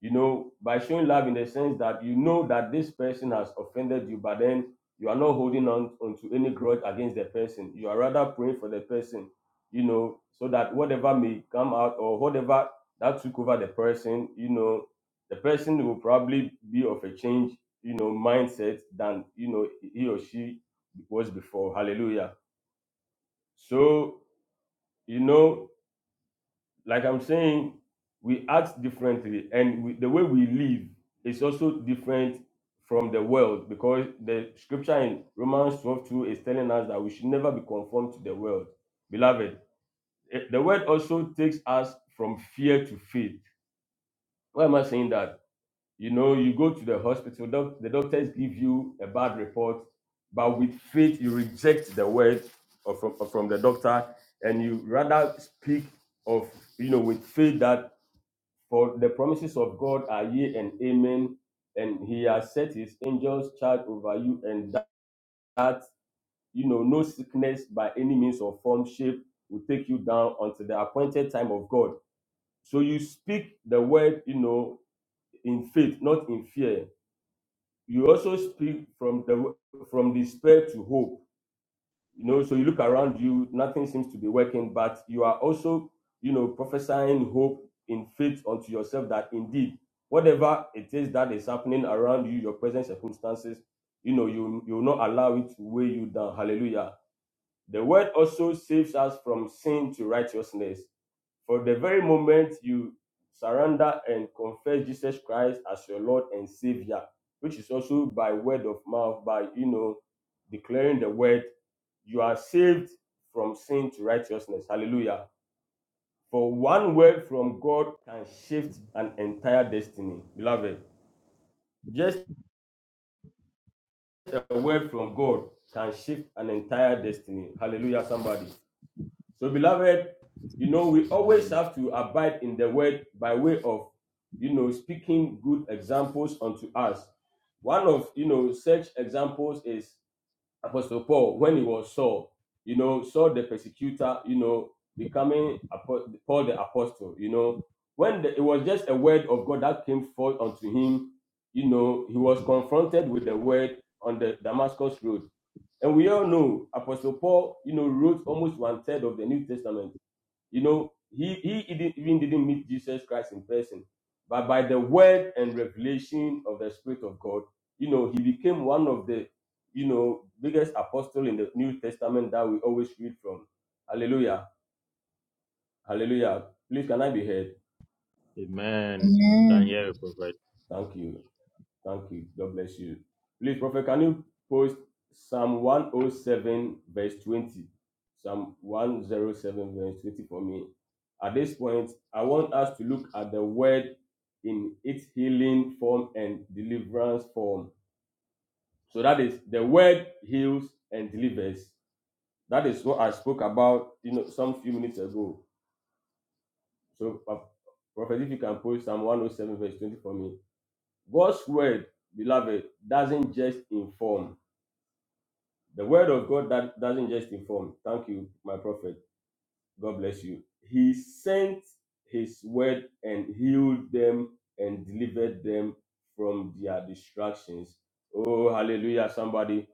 [SPEAKER 5] you know, by showing love in the sense that you know that this person has offended you, but then you are not holding on onto any grudge against the person. You are rather praying for the person, you know, so that whatever may come out or whatever that took over the person, you know, the person will probably be of a change, you know, mindset than you know he or she was before. Hallelujah. So, you know, like I'm saying, we act differently, and we, the way we live is also different from the world because the scripture in Romans 12 2 is telling us that we should never be conformed to the world. Beloved, eh, the word also takes us from fear to faith. Why am I saying that? You know, you go to the hospital, doc- the doctors give you a bad report, but with faith, you reject the word of, from, from the doctor and you rather speak of, you know, with faith that for the promises of God are yea and amen, and He has set His angels charge over you, and that you know no sickness by any means or form, shape will take you down until the appointed time of God. So you speak the word, you know, in faith, not in fear. You also speak from the from despair to hope you know so you look around you nothing seems to be working but you are also you know prophesying hope in faith unto yourself that indeed whatever it is that is happening around you your present circumstances you know you you will not allow it to weigh you down hallelujah the word also saves us from sin to righteousness for the very moment you surrender and confess Jesus Christ as your Lord and Savior, which is also by word of mouth, by you know, declaring the word, you are saved from sin to righteousness. Hallelujah. For one word from God can shift an entire destiny. Beloved, just a word from God can shift an entire destiny. Hallelujah, somebody. So, beloved, you know, we always
[SPEAKER 3] Amen.
[SPEAKER 5] have to abide in the word by way of, you know, speaking good examples unto us. One of, you know, such examples is Apostle Paul when he was Saul, you know, Saul the persecutor, you know, becoming apo- Paul the apostle, you know. When the, it was just a word of God that came forth unto him, you know, he was confronted with the word on the Damascus road and we all know Apostle Paul, you know, wrote almost one third of the New Testament. You know, he, he even didn't meet Jesus Christ in person, but by the word and revelation of the Spirit of God, you know, he became one of the, you know, biggest apostle in the New Testament that we always read from. Hallelujah. Hallelujah. Please, can I be heard?
[SPEAKER 3] Amen. You can
[SPEAKER 1] Amen.
[SPEAKER 3] hear a prophet.
[SPEAKER 5] Thank you. Thank you. God bless you. Please, Prophet, can you post Psalm 107, verse 20? Psalm 107, verse 20 for me. At this point, I want us to look at the word in its healing form and deliverance form. So that is the word heals and delivers. That is what I spoke about, you know, some few minutes ago. So, uh, Prophet, if you can post Psalm 107, verse 20 for me. God's word, beloved, doesn't just inform The word of God that doesn't just inform. Thank you, my prophet. God bless you. He sent his word and healed them and delivered them from their distractions. Oh, hallelujah, somebody.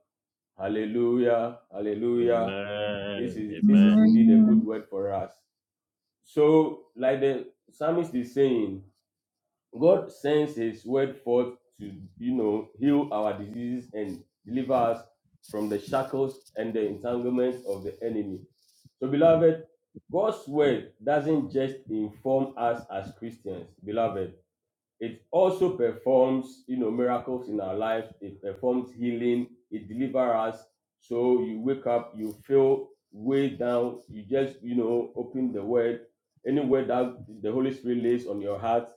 [SPEAKER 5] Hallelujah. Hallelujah. This
[SPEAKER 3] Amen.
[SPEAKER 5] is this is
[SPEAKER 3] Amen.
[SPEAKER 5] indeed a good
[SPEAKER 1] Amen.
[SPEAKER 5] word for us. So, like the psalmist is saying, God sends His word forth to, you know, heal our diseases and deliver us from the shackles and the entanglements of the enemy. So, beloved, God's word doesn't just inform us as Christians, beloved. It also performs, you know, miracles in our lives. It performs healing. It delivers us. So you wake up, you feel way down. You just, you know, open the word, any word that the Holy Spirit lays on your heart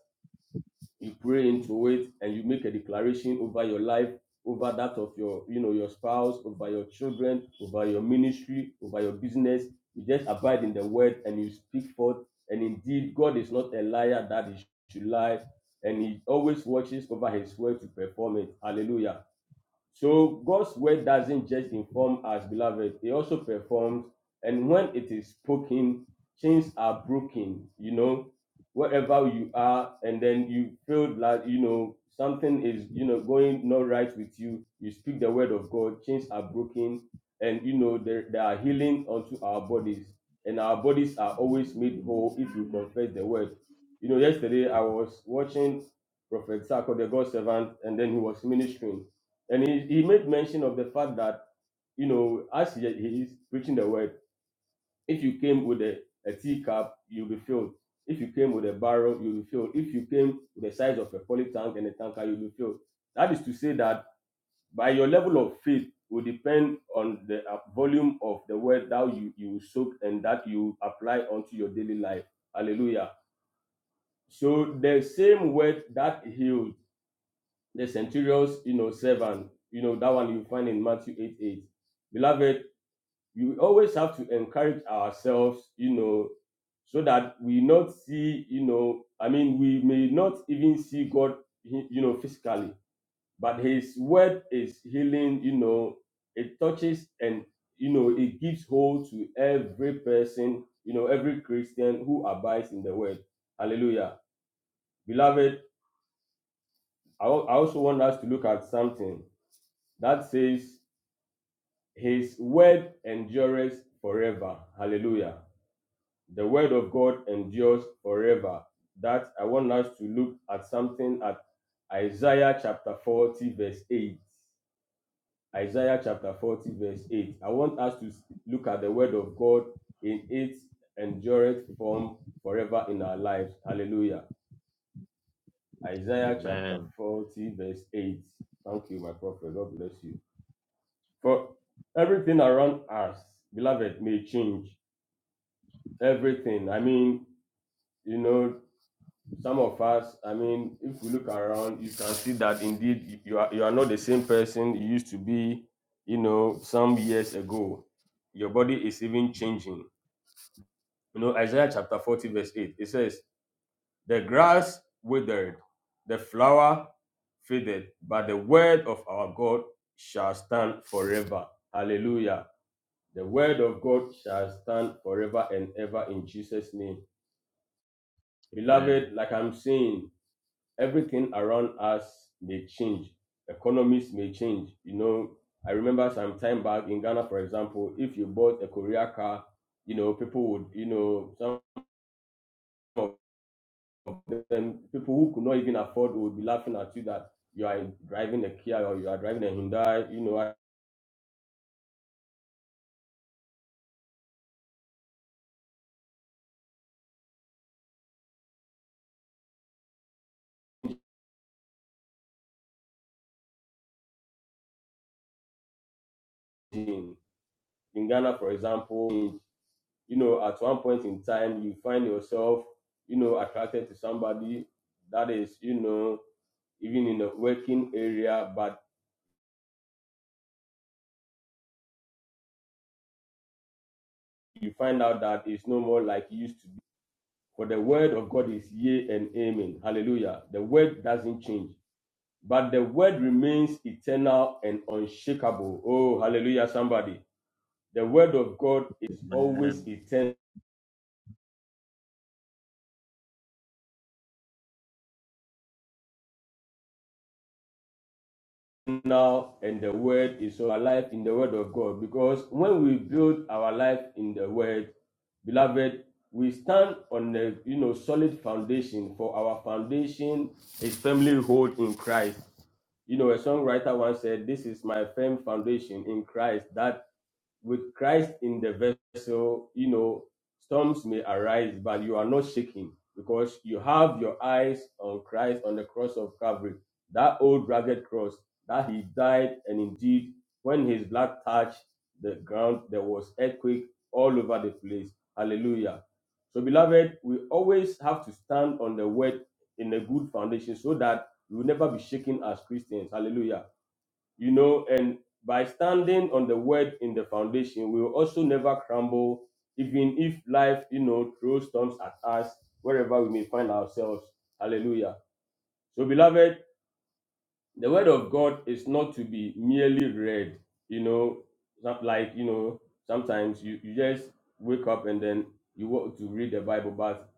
[SPEAKER 5] you pray into it and you make a declaration over your life over that of your you know your spouse over your children over your ministry over your business you just abide in the word and you speak forth and indeed god is not a liar that he should lie and he always watches over his word to perform it hallelujah so God's word doesn't just inform us, beloved, it also performs. And when it is spoken, chains are broken, you know, wherever you are, and then you feel like, you know, something is, you know, going not right with you. You speak the word of God, chains are broken, and you know, there, there are healing unto our bodies. And our bodies are always made whole if you confess the word. You know, yesterday I was watching Prophet Sako, the God servant, and then he was ministering and he, he made mention of the fact that, you know, as he, he is preaching the word, if you came with a, a teacup, you'll be filled. If you came with a barrel, you'll be filled. If you came with the size of a poly tank and a tanker, you'll be filled. That is to say that by your level of faith will depend on the uh, volume of the word that you, you will soak and that you apply onto your daily life. Hallelujah. So the same word that heals the centurion's you know servant you know that one you find in matthew 8 8 beloved you always have to encourage ourselves you know so that we not see you know i mean we may not even see god you know physically but his word is healing you know it touches and you know it gives hold to every person you know every christian who abides in the word hallelujah beloved i I also want us to look at something that says His word endures forever. Hallelujah. The word of God endures forever. That I want us to look at something at Isaiah chapter 40, verse 8. Isaiah chapter 40, verse 8. I want us to look at the word of God in its endureth form forever in our lives. Hallelujah. Isaiah chapter
[SPEAKER 3] Amen.
[SPEAKER 5] 40, verse 8. Thank you, my prophet. God bless you. For everything around us, beloved, may change. everything. I mean, you know, some of us, I mean, if we look around, you can see that indeed you you are, you are not the same person you used to be, you know, some years ago. Your body is even changing. You know, Isaiah chapter 40, verse 8, it says, The grass withered, the flower faded, but the word of our God shall stand forever. Hallelujah. The word of God shall stand forever and ever in Jesus' name.
[SPEAKER 3] Amen.
[SPEAKER 5] Beloved, like I'm saying, everything around us may change. Economies may change. You know, I remember some time back in Ghana, for example, if you bought a Korea car, you know, people would, you know, some of them, people who could not even afford would be laughing at you that you are driving a Kia or you are driving a Hyundai. You know, in, in Ghana, for example, in- you know, at one point in time, you find yourself, you know, attracted to somebody that is, you know, even in the working area, but you find out that it's no more like it used to be. For the word of God is yea and amen. Hallelujah. The word doesn't change, but the word remains eternal and unshakable. Oh, hallelujah, somebody. The word of God is always
[SPEAKER 3] Amen.
[SPEAKER 5] eternal now and the word is our life in the word of God. Because when we build our life in the word, beloved, we stand on a you know solid foundation. For our foundation is firmly hold in Christ. You know, a songwriter once said, This is my firm foundation in Christ that with Christ in the vessel, you know, storms may arise, but you are not shaking because you have your eyes on Christ on the cross of Calvary, that old rugged cross that he died. And indeed, when his blood touched the ground, there was earthquake all over the place. Hallelujah. So, beloved, we always have to stand on the word in a good foundation so that we will never be shaken as Christians. Hallelujah you know, and by standing on the word in the foundation, we will also never crumble, even if life, you know, throws storms at us wherever we may find ourselves. Hallelujah. So, beloved, the word of God is not to be merely read, you know, not like, you know, sometimes you, you just wake up and then you want to read the Bible, but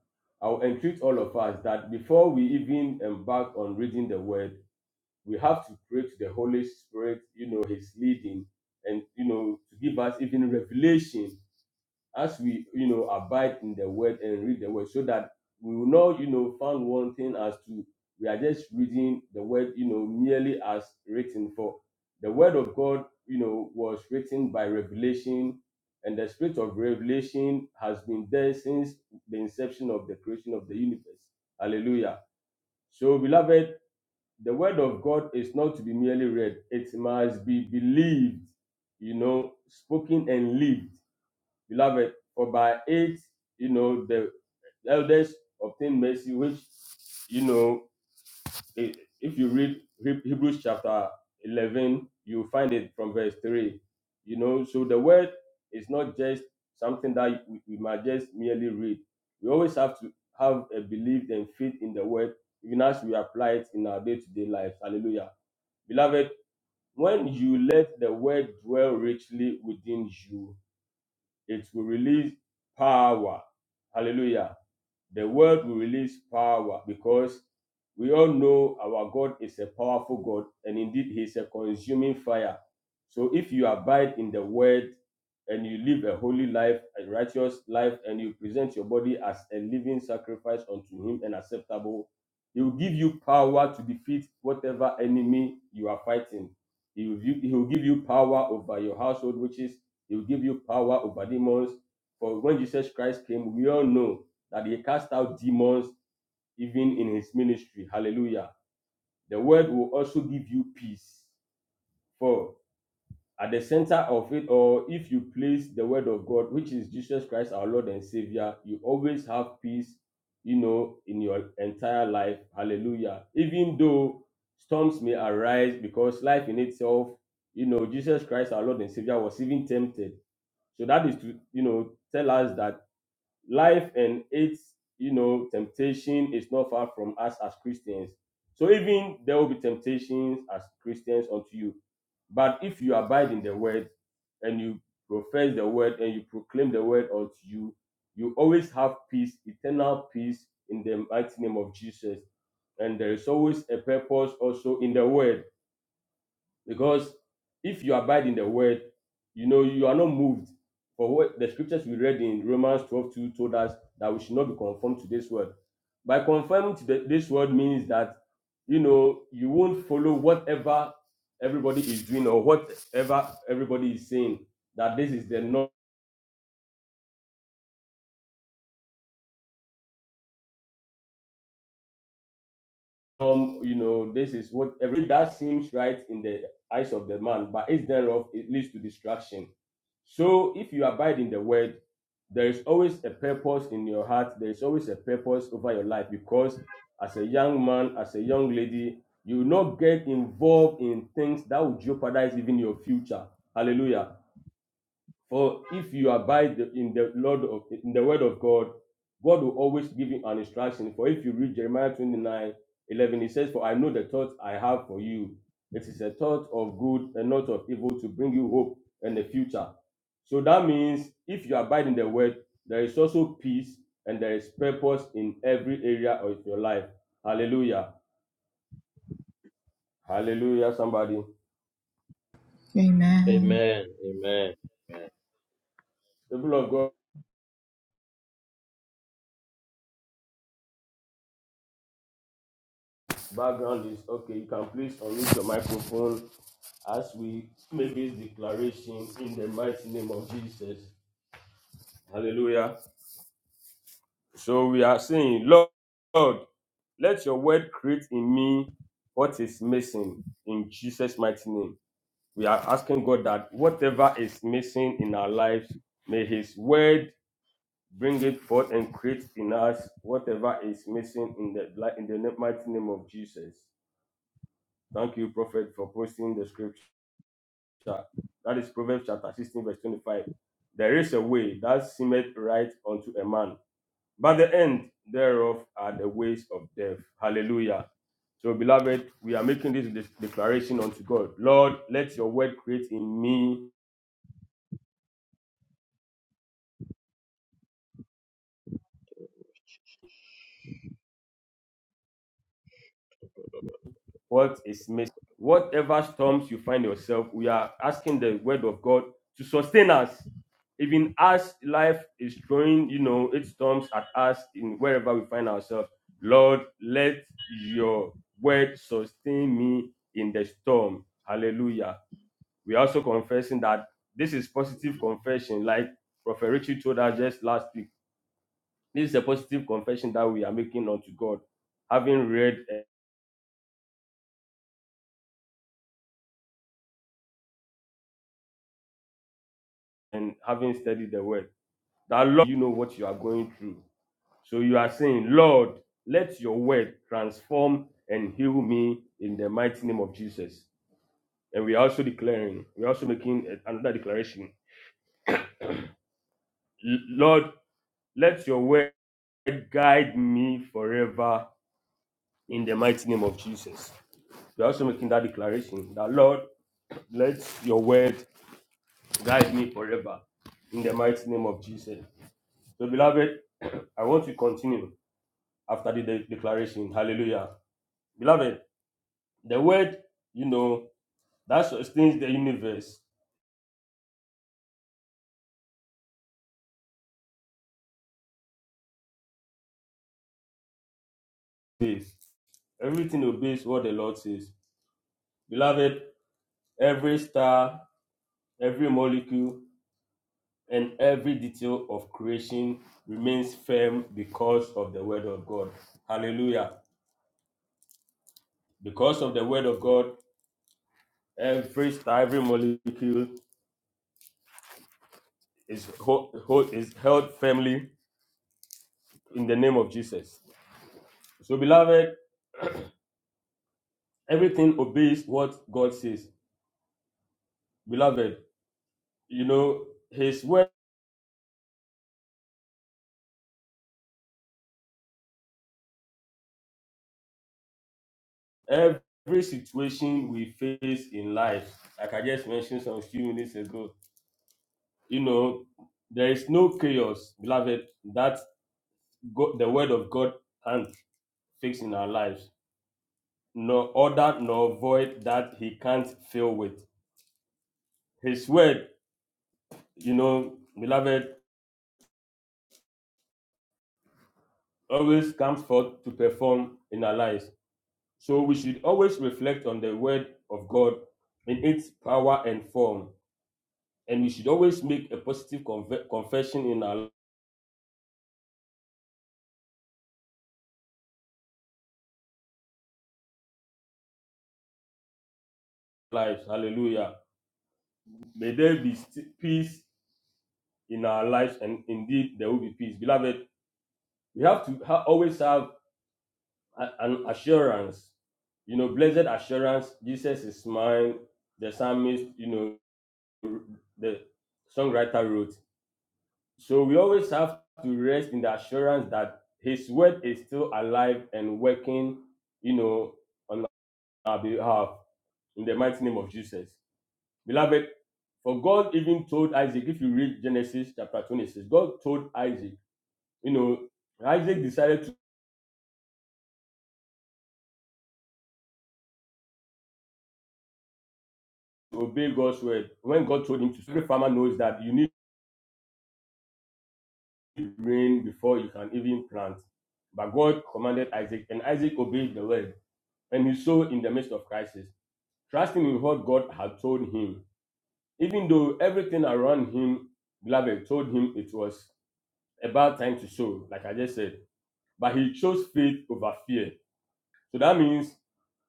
[SPEAKER 5] I'll entreat all of us that before we even embark on reading the word, we have to pray to the Holy Spirit, you know, His leading, and you know, to give us even revelation as we, you know, abide in the Word and read the Word, so that we will not, you know, find one thing as to we are just reading the Word, you know, merely as written. For the Word of God, you know, was written by revelation, and the Spirit of revelation has been there since the inception of the creation of the universe. Hallelujah. So, beloved the word of God is not to be merely read, it must be believed, you know, spoken and lived. Beloved, for by it, you know, the elders obtain mercy, which, you know, i- if you read Heb- Hebrews chapter 11, you find it from verse 3. You know, so the word is not just something that we, we might just merely read. We always have to have a belief and faith in the word, even as we apply it in our day to day life. Hallelujah. Beloved, when you let the word dwell richly within you, it will release power. Hallelujah. The word will release power because we all know our God is a powerful God and indeed He is a consuming fire. So if you abide in the word and you live a holy life, a righteous life, and you present your body as a living sacrifice unto Him and acceptable, He will give you power to defeat whatever enemy you are fighting. He will, give- he will give you power over your household, which is He will give you power over demons. For when Jesus Christ came, we all know that he cast out demons even in his ministry. Hallelujah. The word will also give you peace. For at the center of it, or if you place the word of God, which is Jesus Christ, our Lord and Savior, you always have peace, you know, in your entire life. Hallelujah. Even though storms may arise because life in itself, you know, Jesus Christ, our Lord and Savior, was even tempted. So that is to, you know, tell us that life and its you know temptation is not far from us as christians so even there will be temptations as christians unto you but if you abide in the word and you profess the word and you proclaim the word unto you you always have peace eternal peace in the mighty name of jesus and there is always a purpose also in the word because if you abide in the word, you know, you are not moved. For what the scriptures we read in Romans 12 2 told us that we should not be conformed to this world. By conforming to the, this world means that, you know, you won't follow whatever everybody is doing or whatever everybody is saying, that this is the norm um, you know, this is what everything that seems right in the eyes of the man, but it's thereof it leads to destruction. So if you abide in the word, there is always a purpose in your heart, there is always a purpose over your life because as a young man, as a young lady, you will not get involved in things that will jeopardize even your future. Hallelujah. For if you abide in the Lord of in the word of God, God will always give you an instruction. For if you read Jeremiah 29 11, it says, For I know the thoughts I have for you. It is a thought of good and not of evil to bring you hope and the future. So that means if you abide in the word, there is also peace and there is purpose in every area of your life. Hallelujah. Hallelujah, somebody.
[SPEAKER 3] Amen. Amen.
[SPEAKER 5] People of God. Background is okay. You can please unmute your microphone as we make this declaration in the mighty name of Jesus. Hallelujah. So we are saying, Lord, Lord, let your word create in me what is missing in Jesus' mighty name. We are asking God that whatever is missing in our lives, may his word bring it forth and create in us whatever is missing in the in the mighty name of Jesus. Thank you, Prophet, for posting the scripture. chapter, that is Proverbs chapter 16, verse 25. There is a way that seemeth right unto a man, but the end thereof are the ways of death. Hallelujah. So, beloved, we are making this declaration unto God. Lord, let your word create in me what is missing. Whatever storms you find yourself, we are asking the word of God to sustain us. Even as life is throwing, you know, its storms at us in wherever we find ourselves. Lord, let your word sustain me in the storm. Hallelujah. We are also confessing that this is positive confession, like Prophet Richie told us just last week. This is a positive confession that we are making unto God, having read and having studied the word. that Lord, you know what you are going through. So you are saying, Lord, let your word transform and heal me in the mighty name of Jesus. And we are also declaring, we are also making another declaration. L- Lord, let your word guide me forever in the mighty name of Jesus. We are also making that declaration that Lord, let your word guide me forever in the mighty name of Jesus. So, beloved, *clears throat* I want to continue. after the de- declaration. Hallelujah. Beloved, the word, you know, that sustains the universe. This. Everything obeys what the Lord says. Beloved, every star, every molecule, and every detail of creation remains firm because of the word of God. Hallelujah. Because of the word of God, every star, every molecule is, ho- ho- is held firmly in the name of Jesus. So, beloved, everything obeys what God says. Beloved, you know, His word, every situation we face in life, like I just mentioned some few minutes ago, you know, there is no chaos, beloved, that God, the word of God can't fix in our lives, nor order, nor void that He can't fill with. His word, you know, beloved, always comes forth to perform in our lives. So we should always reflect on the word of God in its power and form. And we should always make a positive conve- confession in our lives. Hallelujah. May there be st- peace in our lives, and indeed there will be peace. Beloved, we have to ha- always have a- an assurance. You know, blessed assurance, Jesus is mine. The psalmist, you know, the songwriter wrote, So we always have to rest in the assurance that His word is still alive and working, you know, on our behalf in the mighty name of Jesus. Beloved, for God even told Isaac, if you read Genesis chapter 26, God told Isaac, you know, Isaac decided to obey God's word when God told him to. Every farmer knows that you need rain before you can even plant. But God commanded Isaac, and Isaac obeyed the word, and he sowed in the midst of crisis. trusting in what God had told him, even though everything around him, beloved, told him it was a bad time to sow, like I just said. But he chose faith over fear. So that means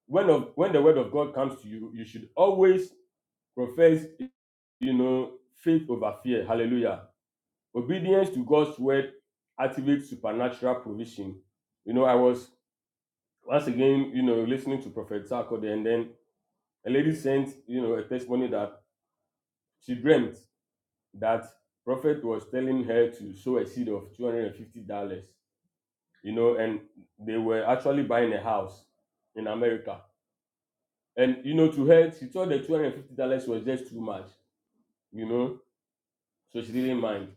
[SPEAKER 5] when of when the word of God comes to you, you should always profess, you know, faith over fear. Hallelujah. Obedience to God's word activates supernatural provision. You know, I was once again, you know, listening to Prophet Sarkode, and then a lady sent, you know, a testimony that she dreamt that prophet was telling her to sow a seed of $250 you know and they were actually buying a house in america and you know to her she thought the $250 was just too much you know so she didn't mind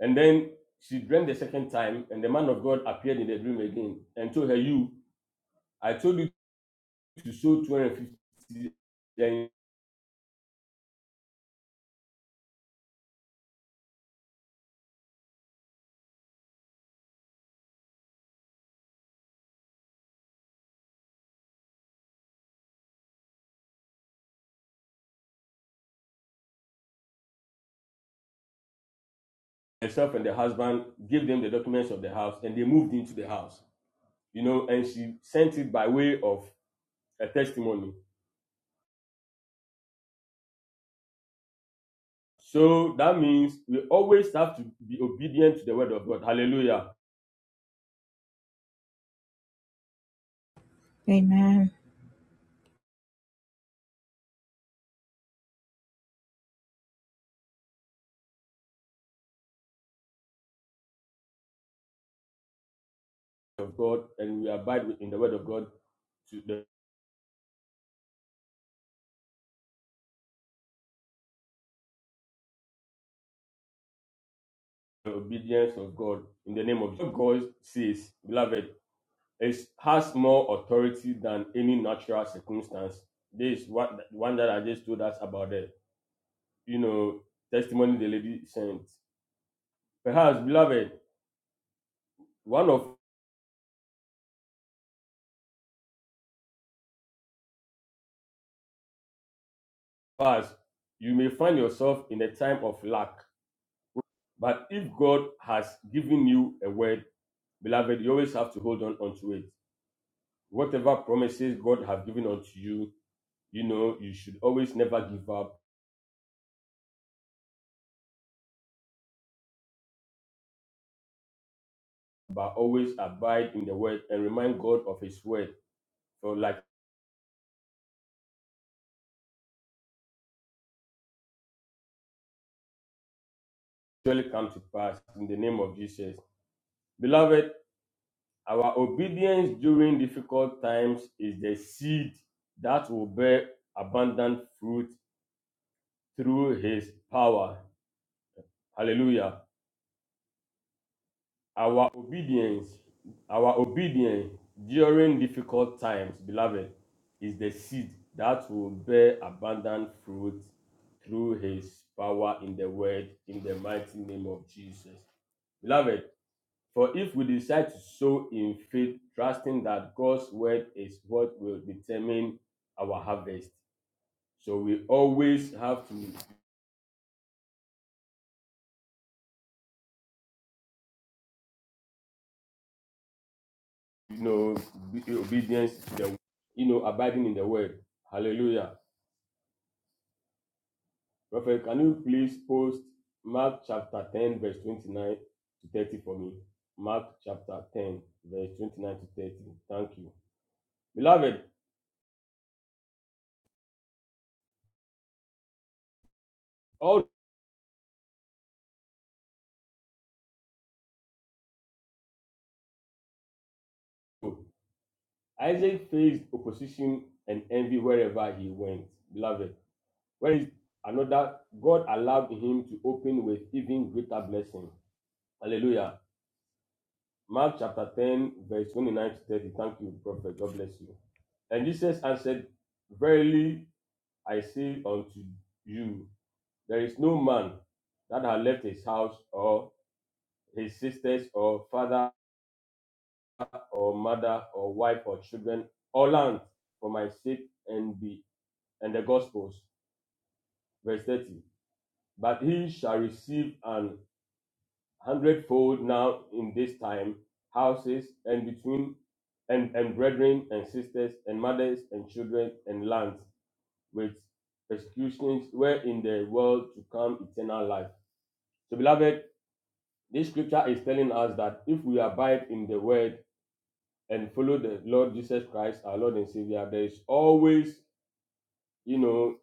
[SPEAKER 5] and then she dreamed the second time and the man of god appeared in the dream again and told her you i told you to sow 250 then herself and the husband gave them the documents of the house and they moved into the house you know and she sent it by way of a testimony. So that means we always have to be obedient to the word of God. Hallelujah.
[SPEAKER 1] Amen.
[SPEAKER 5] Of God, and we abide in the word of God to the obedience of God in the name of Jesus. God says, beloved, it has more authority than any natural circumstance. This is what one that I just told us about the you know testimony the lady sent. Perhaps, beloved, one of us, you may find yourself in a time of lack But if God has given you a word, beloved, you always have to hold on onto it. Whatever promises God has given unto you, you know, you should always never give up, but always abide in the word and remind God of his word. So like surely come to pass in the name of Jesus. Beloved, our obedience during difficult times is the seed that will bear abundant fruit through his power. Hallelujah. Our obedience, our obedience during difficult times, beloved, is the seed that will bear abundant fruit through his power in the word in the mighty name of Jesus. Beloved, for if we decide to sow in faith, trusting that God's word is what will determine our harvest. So we always have to, you know, be obedience to the, you know, abiding in the word. Hallelujah. Prophet, can you please post Mark chapter 10, verse 29 to 30 for me? Mark chapter 10, verse 29 to 30. Thank you. Beloved, Although Isaac faced opposition and envy wherever he went. Beloved, where is another? God allowed him to open with even greater blessing. Hallelujah. Mark chapter 10, verse 29 to 30. Thank you, Prophet. God bless you. And Jesus answered, Verily I say unto you, There is no man that had left his house or his sisters or father or mother or wife or children or land for my sake and be and the gospels. Verse 30. But he shall receive an hundredfold now in this time, houses and between and, and brethren and sisters and mothers and children and lands with persecutions where in the world to come eternal life. So beloved, This scripture is telling us that if we abide in the word and follow the Lord Jesus Christ, our Lord and Savior, there is always, you know,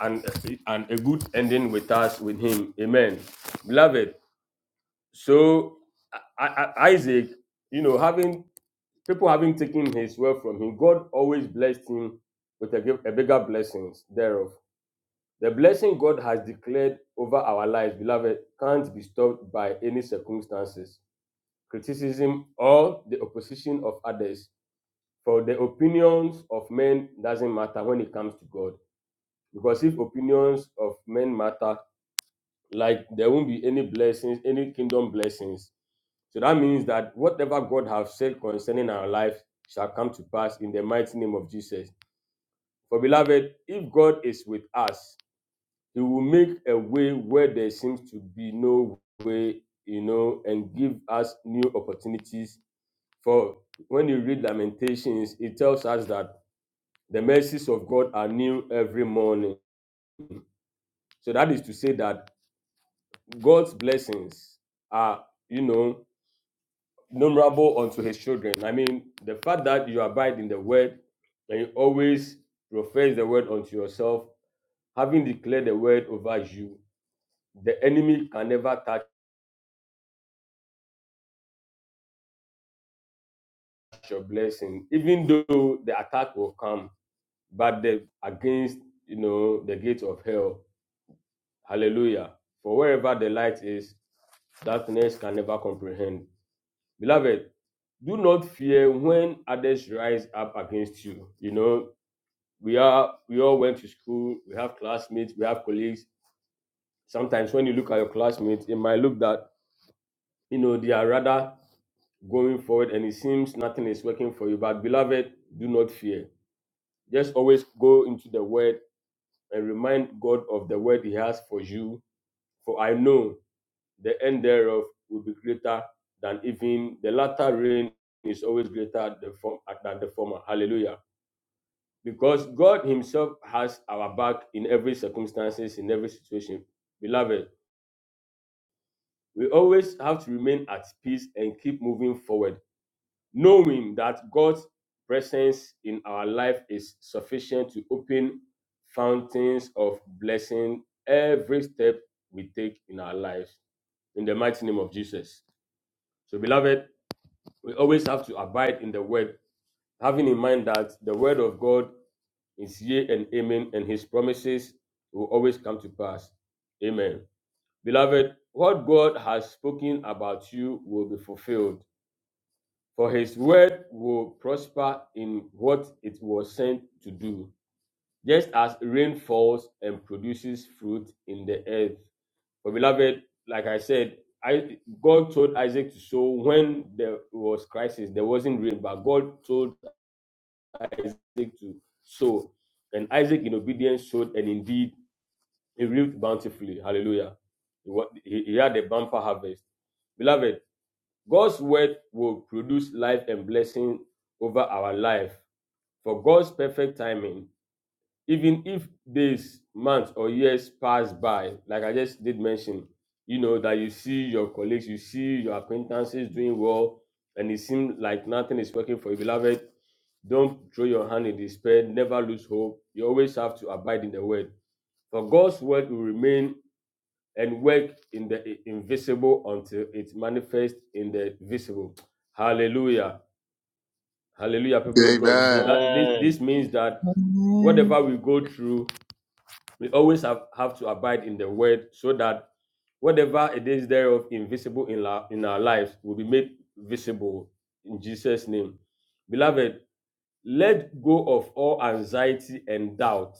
[SPEAKER 5] and and a good ending with us, with Him. Amen. Beloved, so I, I, Isaac, you know, having people having taken his word from him, God always blessed him with a, a bigger blessings thereof. The blessing God has declared over our lives, beloved, can't be stopped by any circumstances. criticism or the opposition of others for the opinions of men doesn't matter when it comes to god because if opinions of men matter like there won't be any blessings any kingdom blessings so that means that whatever god has said concerning our life shall come to pass in the mighty name of jesus for beloved if god is with us he will make a way where there seems to be no way you know and give us new opportunities For when you read Lamentations, it tells us that the mercies of God are new every morning. So that is to say that God's blessings are, you know, numerable unto his children. I mean, the fact that you abide in the word and you always profess the word unto yourself, having declared the word over you, the enemy can never touch your blessing, even though the attack will come, but the against you know the gates of hell. Hallelujah. For wherever the light is, darkness can never comprehend. Beloved, do not fear when others rise up against you. You know, we are we all went to school, we have classmates, we have colleagues. Sometimes when you look at your classmates, it might look that you know they are rather going forward and it seems nothing is working for you. But beloved, do not fear. Just always go into the word and remind God of the word He has for you. For I know the end thereof will be greater than even the latter rain is always greater than the former. Hallelujah. Because God Himself has our back in every circumstances, in every situation. Beloved, we always have to remain at peace and keep moving forward, knowing that God's presence in our life is sufficient to open fountains of blessing every step we take in our lives. In the mighty name of Jesus. So, beloved, we always have to abide in the word, having in mind that the word of God is yea and amen, and his promises will always come to pass. Amen. Beloved, what God has spoken about you will be fulfilled, for his word will prosper in what it was sent to do, just as rain falls and produces fruit in the earth. For beloved, like I said, I, God told Isaac to sow when there was crisis. There wasn't rain, but God told Isaac to sow. And Isaac, in obedience, sowed, and indeed he reaped bountifully. Hallelujah. He, he had a bumper harvest. Beloved, God's word will produce life and blessing over our life. For God's perfect timing even if days months or years pass by like i just did mention you know that you see your colleagues you see your acquaintances doing well and it seems like nothing is working for you beloved don't throw your hand in despair never lose hope you always have to abide in the word for God's word will remain and work in the invisible until it manifests in the visible. Hallelujah. Hallelujah, people of God. So that this,
[SPEAKER 3] Amen.
[SPEAKER 5] this means that
[SPEAKER 1] Amen.
[SPEAKER 5] whatever we go through we always have, have to abide in the word so that whatever it is thereof invisible in, la, in our lives will be made visible in Jesus' name. Beloved, let go of all anxiety and doubt.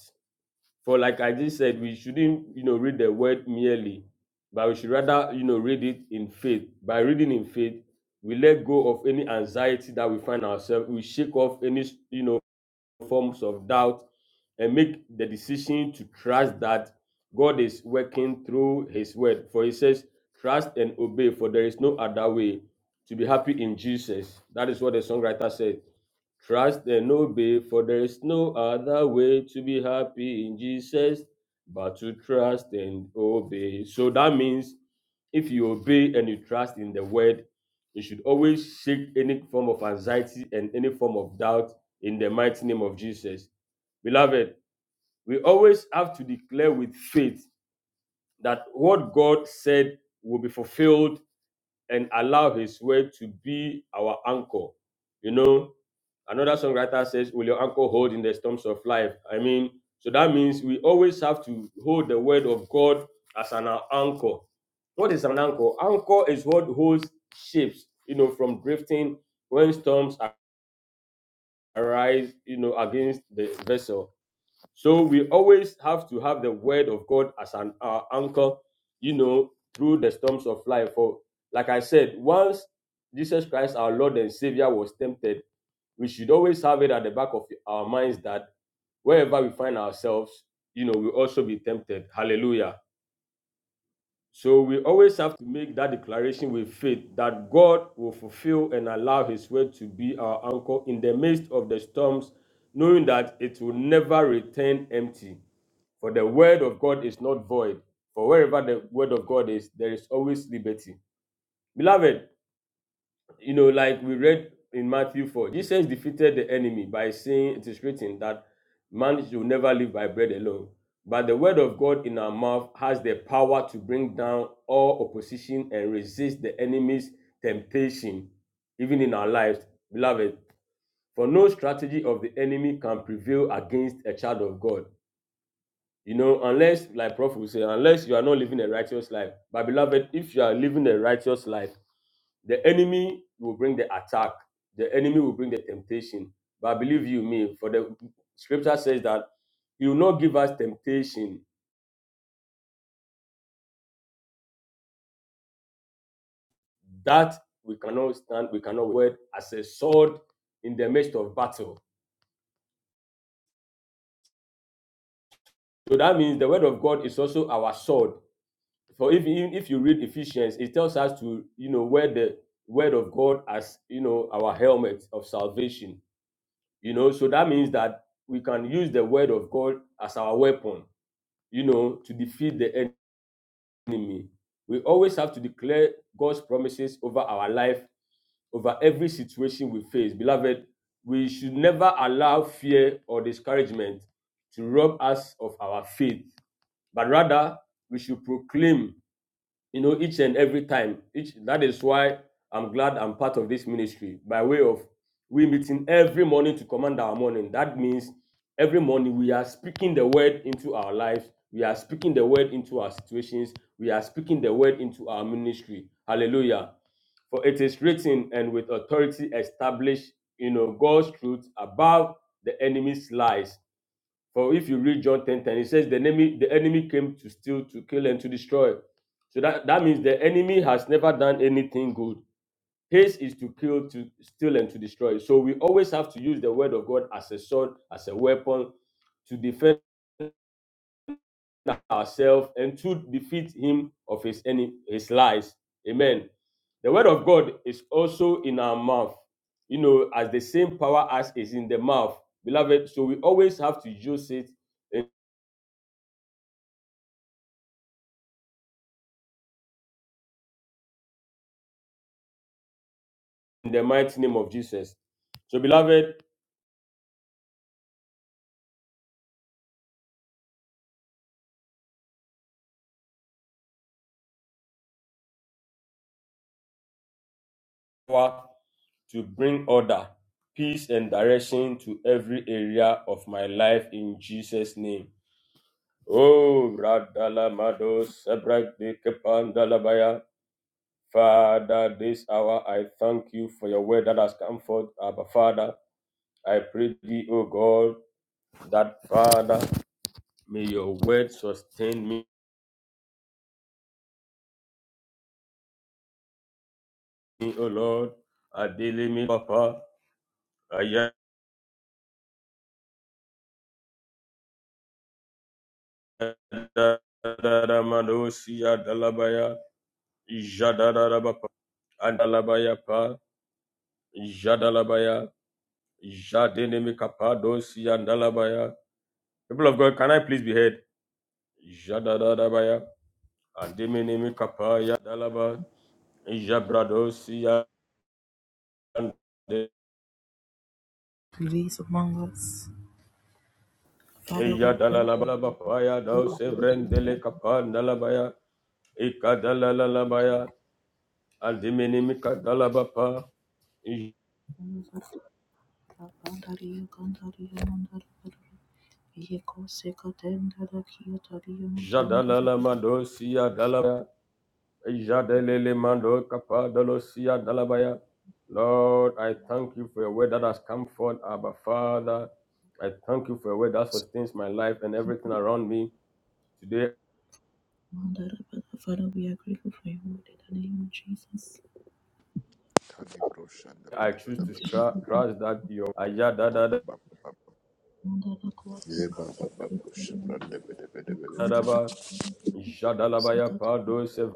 [SPEAKER 5] For like I just said, we shouldn't, you know, read the word merely, but we should rather, you know, read it in faith. By reading in faith, we let go of any anxiety that we find ourselves. We shake off any, you know, forms of doubt and make the decision to trust that God is working through His word. For He says, Trust and obey, for there is no other way to be happy in Jesus. That is what the songwriter said. Trust and obey, for there is no other way to be happy in Jesus but to trust and obey. So that means if you obey and you trust in the word, you should always shake any form of anxiety and any form of doubt in the mighty name of Jesus. Beloved, we always have to declare with faith that what God said will be fulfilled and allow His word to be our anchor. You know, another songwriter says, Will your anchor hold in the storms of life? I mean, so that means we always have to hold the word of God as an anchor. What is an anchor? Anchor is what holds ships, you know, from drifting when storms arise, you know, against the vessel. So we always have to have the word of God as an our anchor, you know, through the storms of life. For like I said, once Jesus Christ, our Lord and Savior, was tempted, we should always have it at the back of our minds that wherever we find ourselves, you know, we will also be tempted. Hallelujah. So we always have to make that declaration with faith that God will fulfill and allow His word to be our anchor in the midst of the storms, knowing that it will never return empty. For the word of God is not void. For wherever the word of God is, there is always liberty. Beloved, you know, like we read in Matthew 4, Jesus defeated the enemy by saying, It is written that man should never live by bread alone. But the word of God in our mouth has the power to bring down all opposition and resist the enemy's temptation, even in our lives. Beloved, for no strategy of the enemy can prevail against a child of God. You know, unless, like Prophet will say, unless you are not living a righteous life. But beloved, if you are living a righteous life, the enemy will bring the attack. The enemy will bring the temptation. But believe you me, for the scripture says that he will not give us temptation that we cannot stand, we cannot word as a sword in the midst of battle. So that means the word of God is also our sword. For if even if you read Ephesians, it tells us to you know wear the word of God as you know our helmet of salvation. You know, so that means that we can use the word of God as our weapon you know, to defeat the enemy. We always have to declare God's promises over our life, over every situation we face. Beloved, we should never allow fear or discouragement to rob us of our faith, but rather we should proclaim you know, each and every time. Each that is why I'm glad I'm part of this ministry by way of we meeting every morning to command our morning. That means every morning we are speaking the word into our lives. We are speaking the word into our situations. We are speaking the word into our ministry. Hallelujah. For it is written, and with authority established, you know, God's truth above the enemy's lies. For if you read John ten ten, 10, it says the enemy, the enemy came to steal, to kill, and to destroy. So that, that means the enemy has never done anything good. His is to kill, to steal, and to destroy. So we always have to use the word of God as a sword, as a weapon to defend ourselves and to defeat him of his any his lies. Amen. The word of God is also in our mouth, you know, as the same power as is in the mouth, beloved. So we always have to use it in the mighty name of Jesus. So, beloved, power to bring order, peace, and direction to every area of my life in Jesus' name. Oh, Radala Mado, Sebra de Kepan Dalabaya. Father, this hour I thank you for your word that has come forth. Abba, Father, I pray thee, O God, that Father, may your word sustain me, O Lord. Adele me, Papa. I Dadadamadosia Dalabaya, Jadarabapa, Andalabaya Pa, Jadalabaya, Jadenimikapa Dosia Dalabaya. People of God, can I please be heard? Jadarabaya, Andiminimikapa Yadalaba, Jabradosia and
[SPEAKER 1] Release among us. Father, we pray.
[SPEAKER 5] Yadalalabaya, Dos Evrendele Kapa Dalabaya, Ikadalalabaya, Andiminimika
[SPEAKER 1] Abandariya, Gandariya, Mandariya, Yeko, Seka, Tendara, Kiyo, Tariya, Matondara,
[SPEAKER 5] Jadalala
[SPEAKER 1] Bere,
[SPEAKER 5] mando siya dalabaya. Jadelele mando kapa dalo siya dalabaya. Lord, I thank you for your word that has come forth, Abba Father. I thank you for your word that sustains my life and everything around me. Today,
[SPEAKER 1] Mandara, Bere. Father, we are grateful for you, Lord, in the name of Jesus.
[SPEAKER 5] I choose to stra- trust that your ayadadadadaba jadalabaya pado sev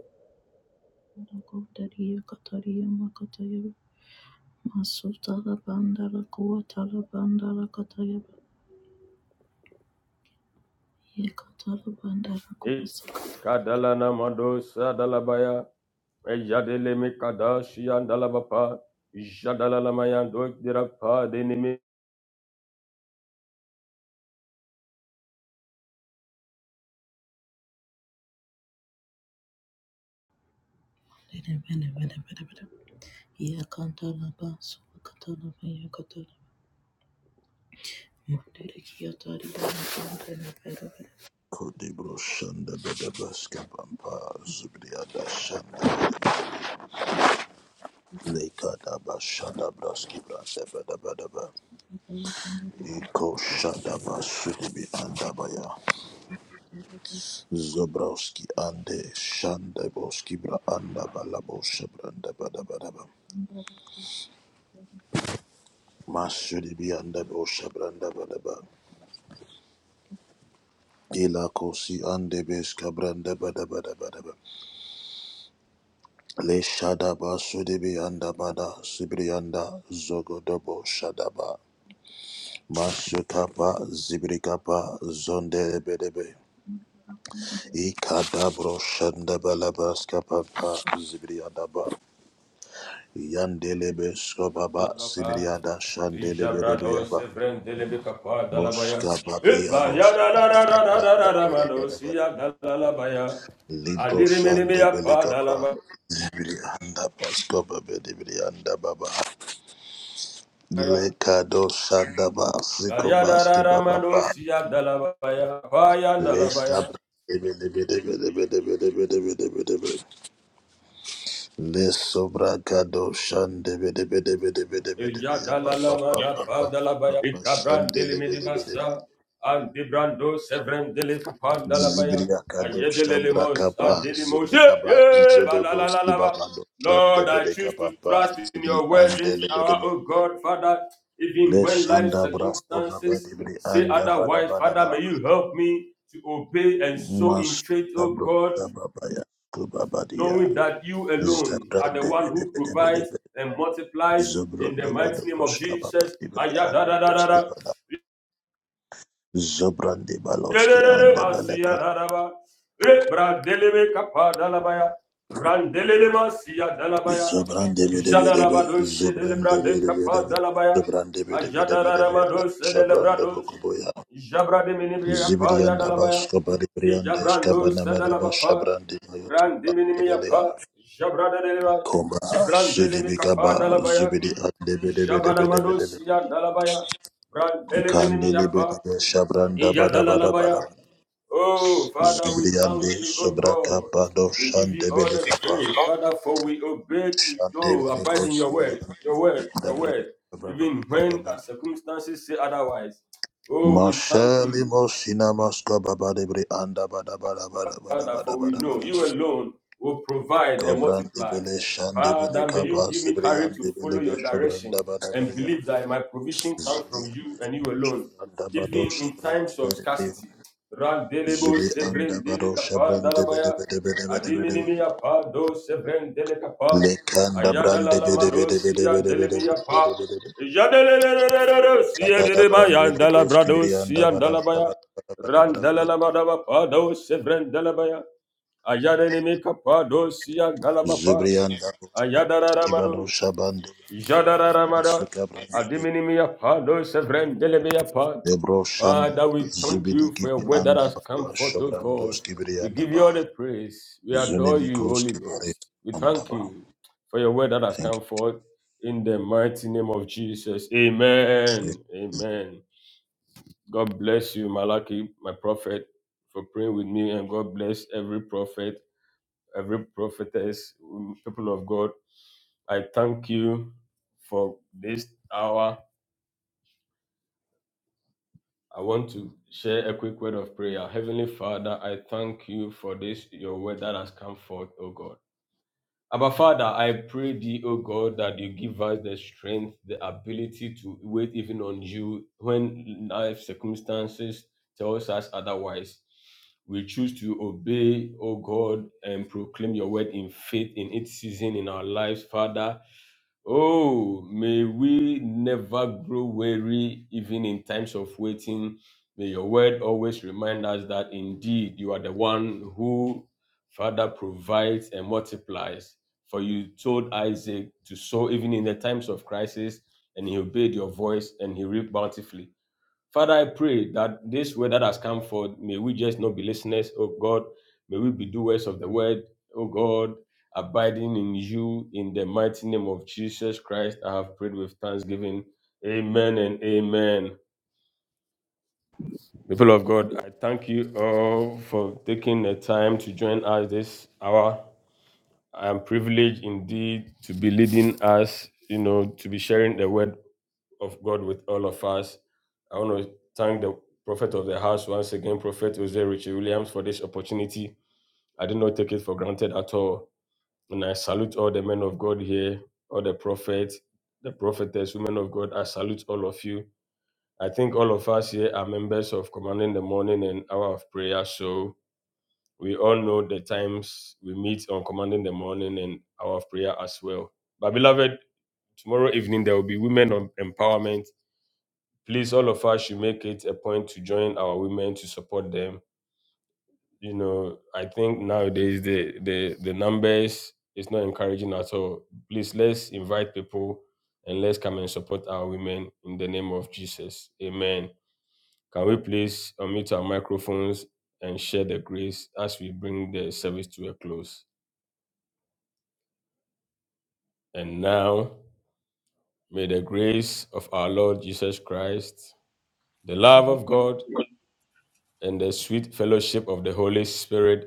[SPEAKER 1] Sakatariya Katariya Makataya Masutala Bandara Kuatala Bandara Kataya Yekatala Bandara
[SPEAKER 5] e
[SPEAKER 1] Kumasaka
[SPEAKER 5] kadalana mando sadalabaya ejadele mikada shiya dalabapa jadalalamayan dok dirapa denime
[SPEAKER 1] Bene Bene Bene Bene Bene Yakantala Basu Katala Maya Katala Mandere Kiatari Bene Bene Bene
[SPEAKER 6] Kodibro Shanda Bedabraska Bampa Zubriada Shanda Leka Daba Shanda Braski Brasefa Daba Daba Eko Shanda Basudibi Andabaya Zobrowski Ande Shanda Boski Bra Andaba Labo Shabranda Badaba Daba Masudibi Andabo Shabranda Badaba Ila Kosi Ande Beska Branda Badaba Daba Daba Le Shadaba Sudibi Andabada Sibrianda Zogodobo Shadaba Mashekapa Zibrikapa Zonde Bedebe Ikadabro Shandabalaba Skapapa Zibriadaba Yandelebe Skobaba
[SPEAKER 5] Dala baya,
[SPEAKER 6] Zibriada
[SPEAKER 5] ishabra
[SPEAKER 6] Shandelebedebe Yaba
[SPEAKER 5] dosse friends dele bika pa dala baya, ibaya
[SPEAKER 6] Moskababianos
[SPEAKER 5] dada dada dada dada manosia dala baya,
[SPEAKER 6] Libro
[SPEAKER 5] adirimini bika pa dala
[SPEAKER 6] Shandebelekapa Zibrianda Paskoba Bedibrianda Baba
[SPEAKER 5] baya,
[SPEAKER 6] Lekado Shandaba
[SPEAKER 5] arya dada
[SPEAKER 6] Sikobaski
[SPEAKER 5] dada
[SPEAKER 6] Baba
[SPEAKER 5] manosia dala baya, baya dala
[SPEAKER 6] Les
[SPEAKER 5] baya. Ijadalalabadabadalabaya. Ikabrandelimidibasa. Antibrando sevrendelipapandalavaya. Ajedelelimos adelimos. Yeah, yeah, balalalalaba. Lord, I choose to trust in your word this hour, O God, Father, even when life circumstances say otherwise, Father, may you help me to obey and sow in faith, O
[SPEAKER 6] Masabro
[SPEAKER 5] God
[SPEAKER 6] Sababaya Kubabadia.
[SPEAKER 5] knowing that you alone are the
[SPEAKER 6] Zabrande
[SPEAKER 5] one
[SPEAKER 6] bede
[SPEAKER 5] who
[SPEAKER 6] bede bede
[SPEAKER 5] provides
[SPEAKER 6] bede.
[SPEAKER 5] and multiplies in the
[SPEAKER 6] Zobrando bada
[SPEAKER 5] mighty name of
[SPEAKER 6] boshka baba
[SPEAKER 5] Jesus.
[SPEAKER 6] ibri ande beske
[SPEAKER 5] Ayadadadadada.
[SPEAKER 6] bada. Zobrande baloski ande beleka.
[SPEAKER 5] Yererebasiyararaba. Rebradelebe kapadalabaya. Randelelemasiyadalabaya.
[SPEAKER 6] Zobrande bede bede bede. Zobrande
[SPEAKER 5] Jadalabadosedelebrade
[SPEAKER 6] bede bede bede.
[SPEAKER 5] kapadalabaya.
[SPEAKER 6] Zobrande bede bede bede bede. Shabrando
[SPEAKER 5] Ajadaramadoselebrados.
[SPEAKER 6] boko boya.
[SPEAKER 5] Jabrademinibia
[SPEAKER 6] Zibiri anda
[SPEAKER 5] kapayadalabaya.
[SPEAKER 6] basko bari briande skabana manaba.
[SPEAKER 5] Ijabrandosadalabapa.
[SPEAKER 6] shabrande bayos ande belea.
[SPEAKER 5] Brandiminimiapa. Jabradeleba.
[SPEAKER 6] Komba
[SPEAKER 5] Ebrandelemi
[SPEAKER 6] sudibikaba
[SPEAKER 5] kapadalabaya.
[SPEAKER 6] zubiri ande bede bede bede bede.
[SPEAKER 5] Jabadamadosiyadalabaya.
[SPEAKER 6] Kandele
[SPEAKER 5] Brandeleminimiapa.
[SPEAKER 6] bede shabranda bada bada bada.
[SPEAKER 5] Ijadalalabaya. Oh, Father, we thank
[SPEAKER 6] Zibriande
[SPEAKER 5] you, oh
[SPEAKER 6] sobraka
[SPEAKER 5] God.
[SPEAKER 6] pado
[SPEAKER 5] We give you all
[SPEAKER 6] shandebele
[SPEAKER 5] the
[SPEAKER 6] kapa
[SPEAKER 5] praise, Father, for we obey to oh,
[SPEAKER 6] shandebele
[SPEAKER 5] abide in your word,
[SPEAKER 6] kosibriande
[SPEAKER 5] your word, your
[SPEAKER 6] dabra
[SPEAKER 5] word,
[SPEAKER 6] ba ba
[SPEAKER 5] even
[SPEAKER 6] ba ba
[SPEAKER 5] when
[SPEAKER 6] ba.
[SPEAKER 5] our circumstances say otherwise. Oh, we thank
[SPEAKER 6] Mashali
[SPEAKER 5] you.
[SPEAKER 6] mosina maska baba debre anda bada bada bada bada
[SPEAKER 5] Father,
[SPEAKER 6] bada
[SPEAKER 5] for we
[SPEAKER 6] bada bada
[SPEAKER 5] know you
[SPEAKER 6] bada.
[SPEAKER 5] alone will provide and
[SPEAKER 6] Kobrande
[SPEAKER 5] multiply.
[SPEAKER 6] bele shandebele
[SPEAKER 5] Father, may you
[SPEAKER 6] kapa
[SPEAKER 5] give me courage to
[SPEAKER 6] sibriande bele
[SPEAKER 5] follow
[SPEAKER 6] be
[SPEAKER 5] your direction
[SPEAKER 6] shobranda bada
[SPEAKER 5] and
[SPEAKER 6] bria
[SPEAKER 5] believe that my provision comes from you
[SPEAKER 6] Zibriande
[SPEAKER 5] and you alone,
[SPEAKER 6] anda bado
[SPEAKER 5] even in
[SPEAKER 6] shabrande
[SPEAKER 5] times of
[SPEAKER 6] bere bria
[SPEAKER 5] scarcity. Randelebo
[SPEAKER 6] Zibri anda
[SPEAKER 5] sevren
[SPEAKER 6] bado
[SPEAKER 5] delekapa
[SPEAKER 6] shabrande bede
[SPEAKER 5] dalabaya,
[SPEAKER 6] bede bede bede bede
[SPEAKER 5] adiminimiya pa do sevren delekapa,
[SPEAKER 6] Lekanda brande bede
[SPEAKER 5] ayadalalamado
[SPEAKER 6] bede bede
[SPEAKER 5] siya
[SPEAKER 6] bede bede bede
[SPEAKER 5] delemiya pa,
[SPEAKER 6] bede bede.
[SPEAKER 5] yadelelelelelele siya
[SPEAKER 6] Kadada brande
[SPEAKER 5] delebaya
[SPEAKER 6] le broski
[SPEAKER 5] dalabrado
[SPEAKER 6] brianda
[SPEAKER 5] siya
[SPEAKER 6] bada bada
[SPEAKER 5] dalabaya,
[SPEAKER 6] bada bada bada bada bada.
[SPEAKER 5] Randalamadaba Pado Sevrendalabaya Ayadenimika Pado Sia Galabapa
[SPEAKER 6] Zubrianda broski bado
[SPEAKER 5] Ayadaramados
[SPEAKER 6] shabande
[SPEAKER 5] Jadararamada
[SPEAKER 6] suka brande bede.
[SPEAKER 5] Adiminimia Pado Sevrendelebea Pa
[SPEAKER 6] Lebro shanda
[SPEAKER 5] Father, we thank
[SPEAKER 6] zubidi
[SPEAKER 5] you for your
[SPEAKER 6] kibi
[SPEAKER 5] word that
[SPEAKER 6] anda
[SPEAKER 5] has
[SPEAKER 6] bada
[SPEAKER 5] come forth, O
[SPEAKER 6] shabrando
[SPEAKER 5] God.
[SPEAKER 6] ski
[SPEAKER 5] We
[SPEAKER 6] brianda
[SPEAKER 5] give you all
[SPEAKER 6] baha.
[SPEAKER 5] the praise. We adore
[SPEAKER 6] Zunimi
[SPEAKER 5] you, Holy
[SPEAKER 6] koski bare
[SPEAKER 5] Ghost. We
[SPEAKER 6] anda
[SPEAKER 5] thank
[SPEAKER 6] baha.
[SPEAKER 5] you for your word that has
[SPEAKER 6] Thank
[SPEAKER 5] come
[SPEAKER 6] you.
[SPEAKER 5] forth in the mighty name of Jesus. Amen. Amen. God bless you, Malaki, my prophet, for praying with me, and God bless every prophet, every prophetess, mm, people of God. I thank you for this hour. I want to share a quick word of prayer. Heavenly Father, I thank you for this, your word that has come forth, O God. Abba Father, I pray thee, O God, that you give us the strength, the ability to wait even on you when life circumstances tells us otherwise. We choose to obey, O God, and proclaim your word in faith in its season in our lives, Father. Oh, may we never grow weary even in times of waiting. May your word always remind us that indeed you are the one who, Father, provides and multiplies. For you told Isaac to sow even in the times of crisis, and he obeyed your voice and he reaped bountifully. Father, I pray that this word that has come forth, may we just not be listeners, oh God. May we be doers of the word, oh God, abiding in you in the mighty name of Jesus Christ. I have prayed with thanksgiving. Amen and amen. People of God, I thank you all for taking the time to join us this hour. I am privileged indeed to be leading us, you know, to be sharing the word of God with all of us. I want to thank the prophet of the house once again, Prophet Jose Richie Williams, for this opportunity. I did not take it for granted at all. And I salute all the men of God here, all the prophets, the prophetess, women of God. I salute all of you. I think all of us here are members of Commanding the Morning and Hour of Prayer. So we all know the times we meet on Commanding the Morning and Hour of Prayer as well. But beloved, tomorrow evening there will be Women of Empowerment please all of us should make it a point to join our women to support them you know i think nowadays the the the numbers is not encouraging at all please let's invite people and let's come and support our women in the name of jesus amen can we please unmute our microphones and share the grace as we bring the service to a close and now may the grace of our lord jesus christ the love of god and the sweet fellowship of the holy spirit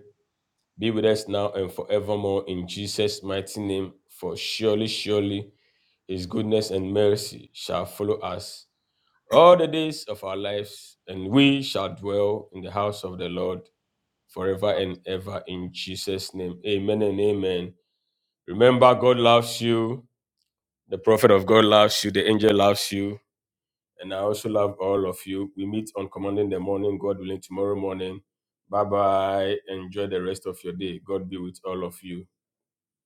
[SPEAKER 5] Be with us now and forevermore in Jesus' mighty name. For surely, surely, his goodness and mercy shall follow us all the days of our lives, and we shall dwell in the house of the Lord forever and ever in Jesus' name. Amen and amen. Remember, God loves you. The prophet of God loves you. The angel loves you. And I also love all of you. We meet on commanding the morning, God willing, tomorrow morning. Bye bye. Enjoy the rest of your day. God be with all of you.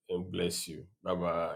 [SPEAKER 5] and bless you. Bye bye.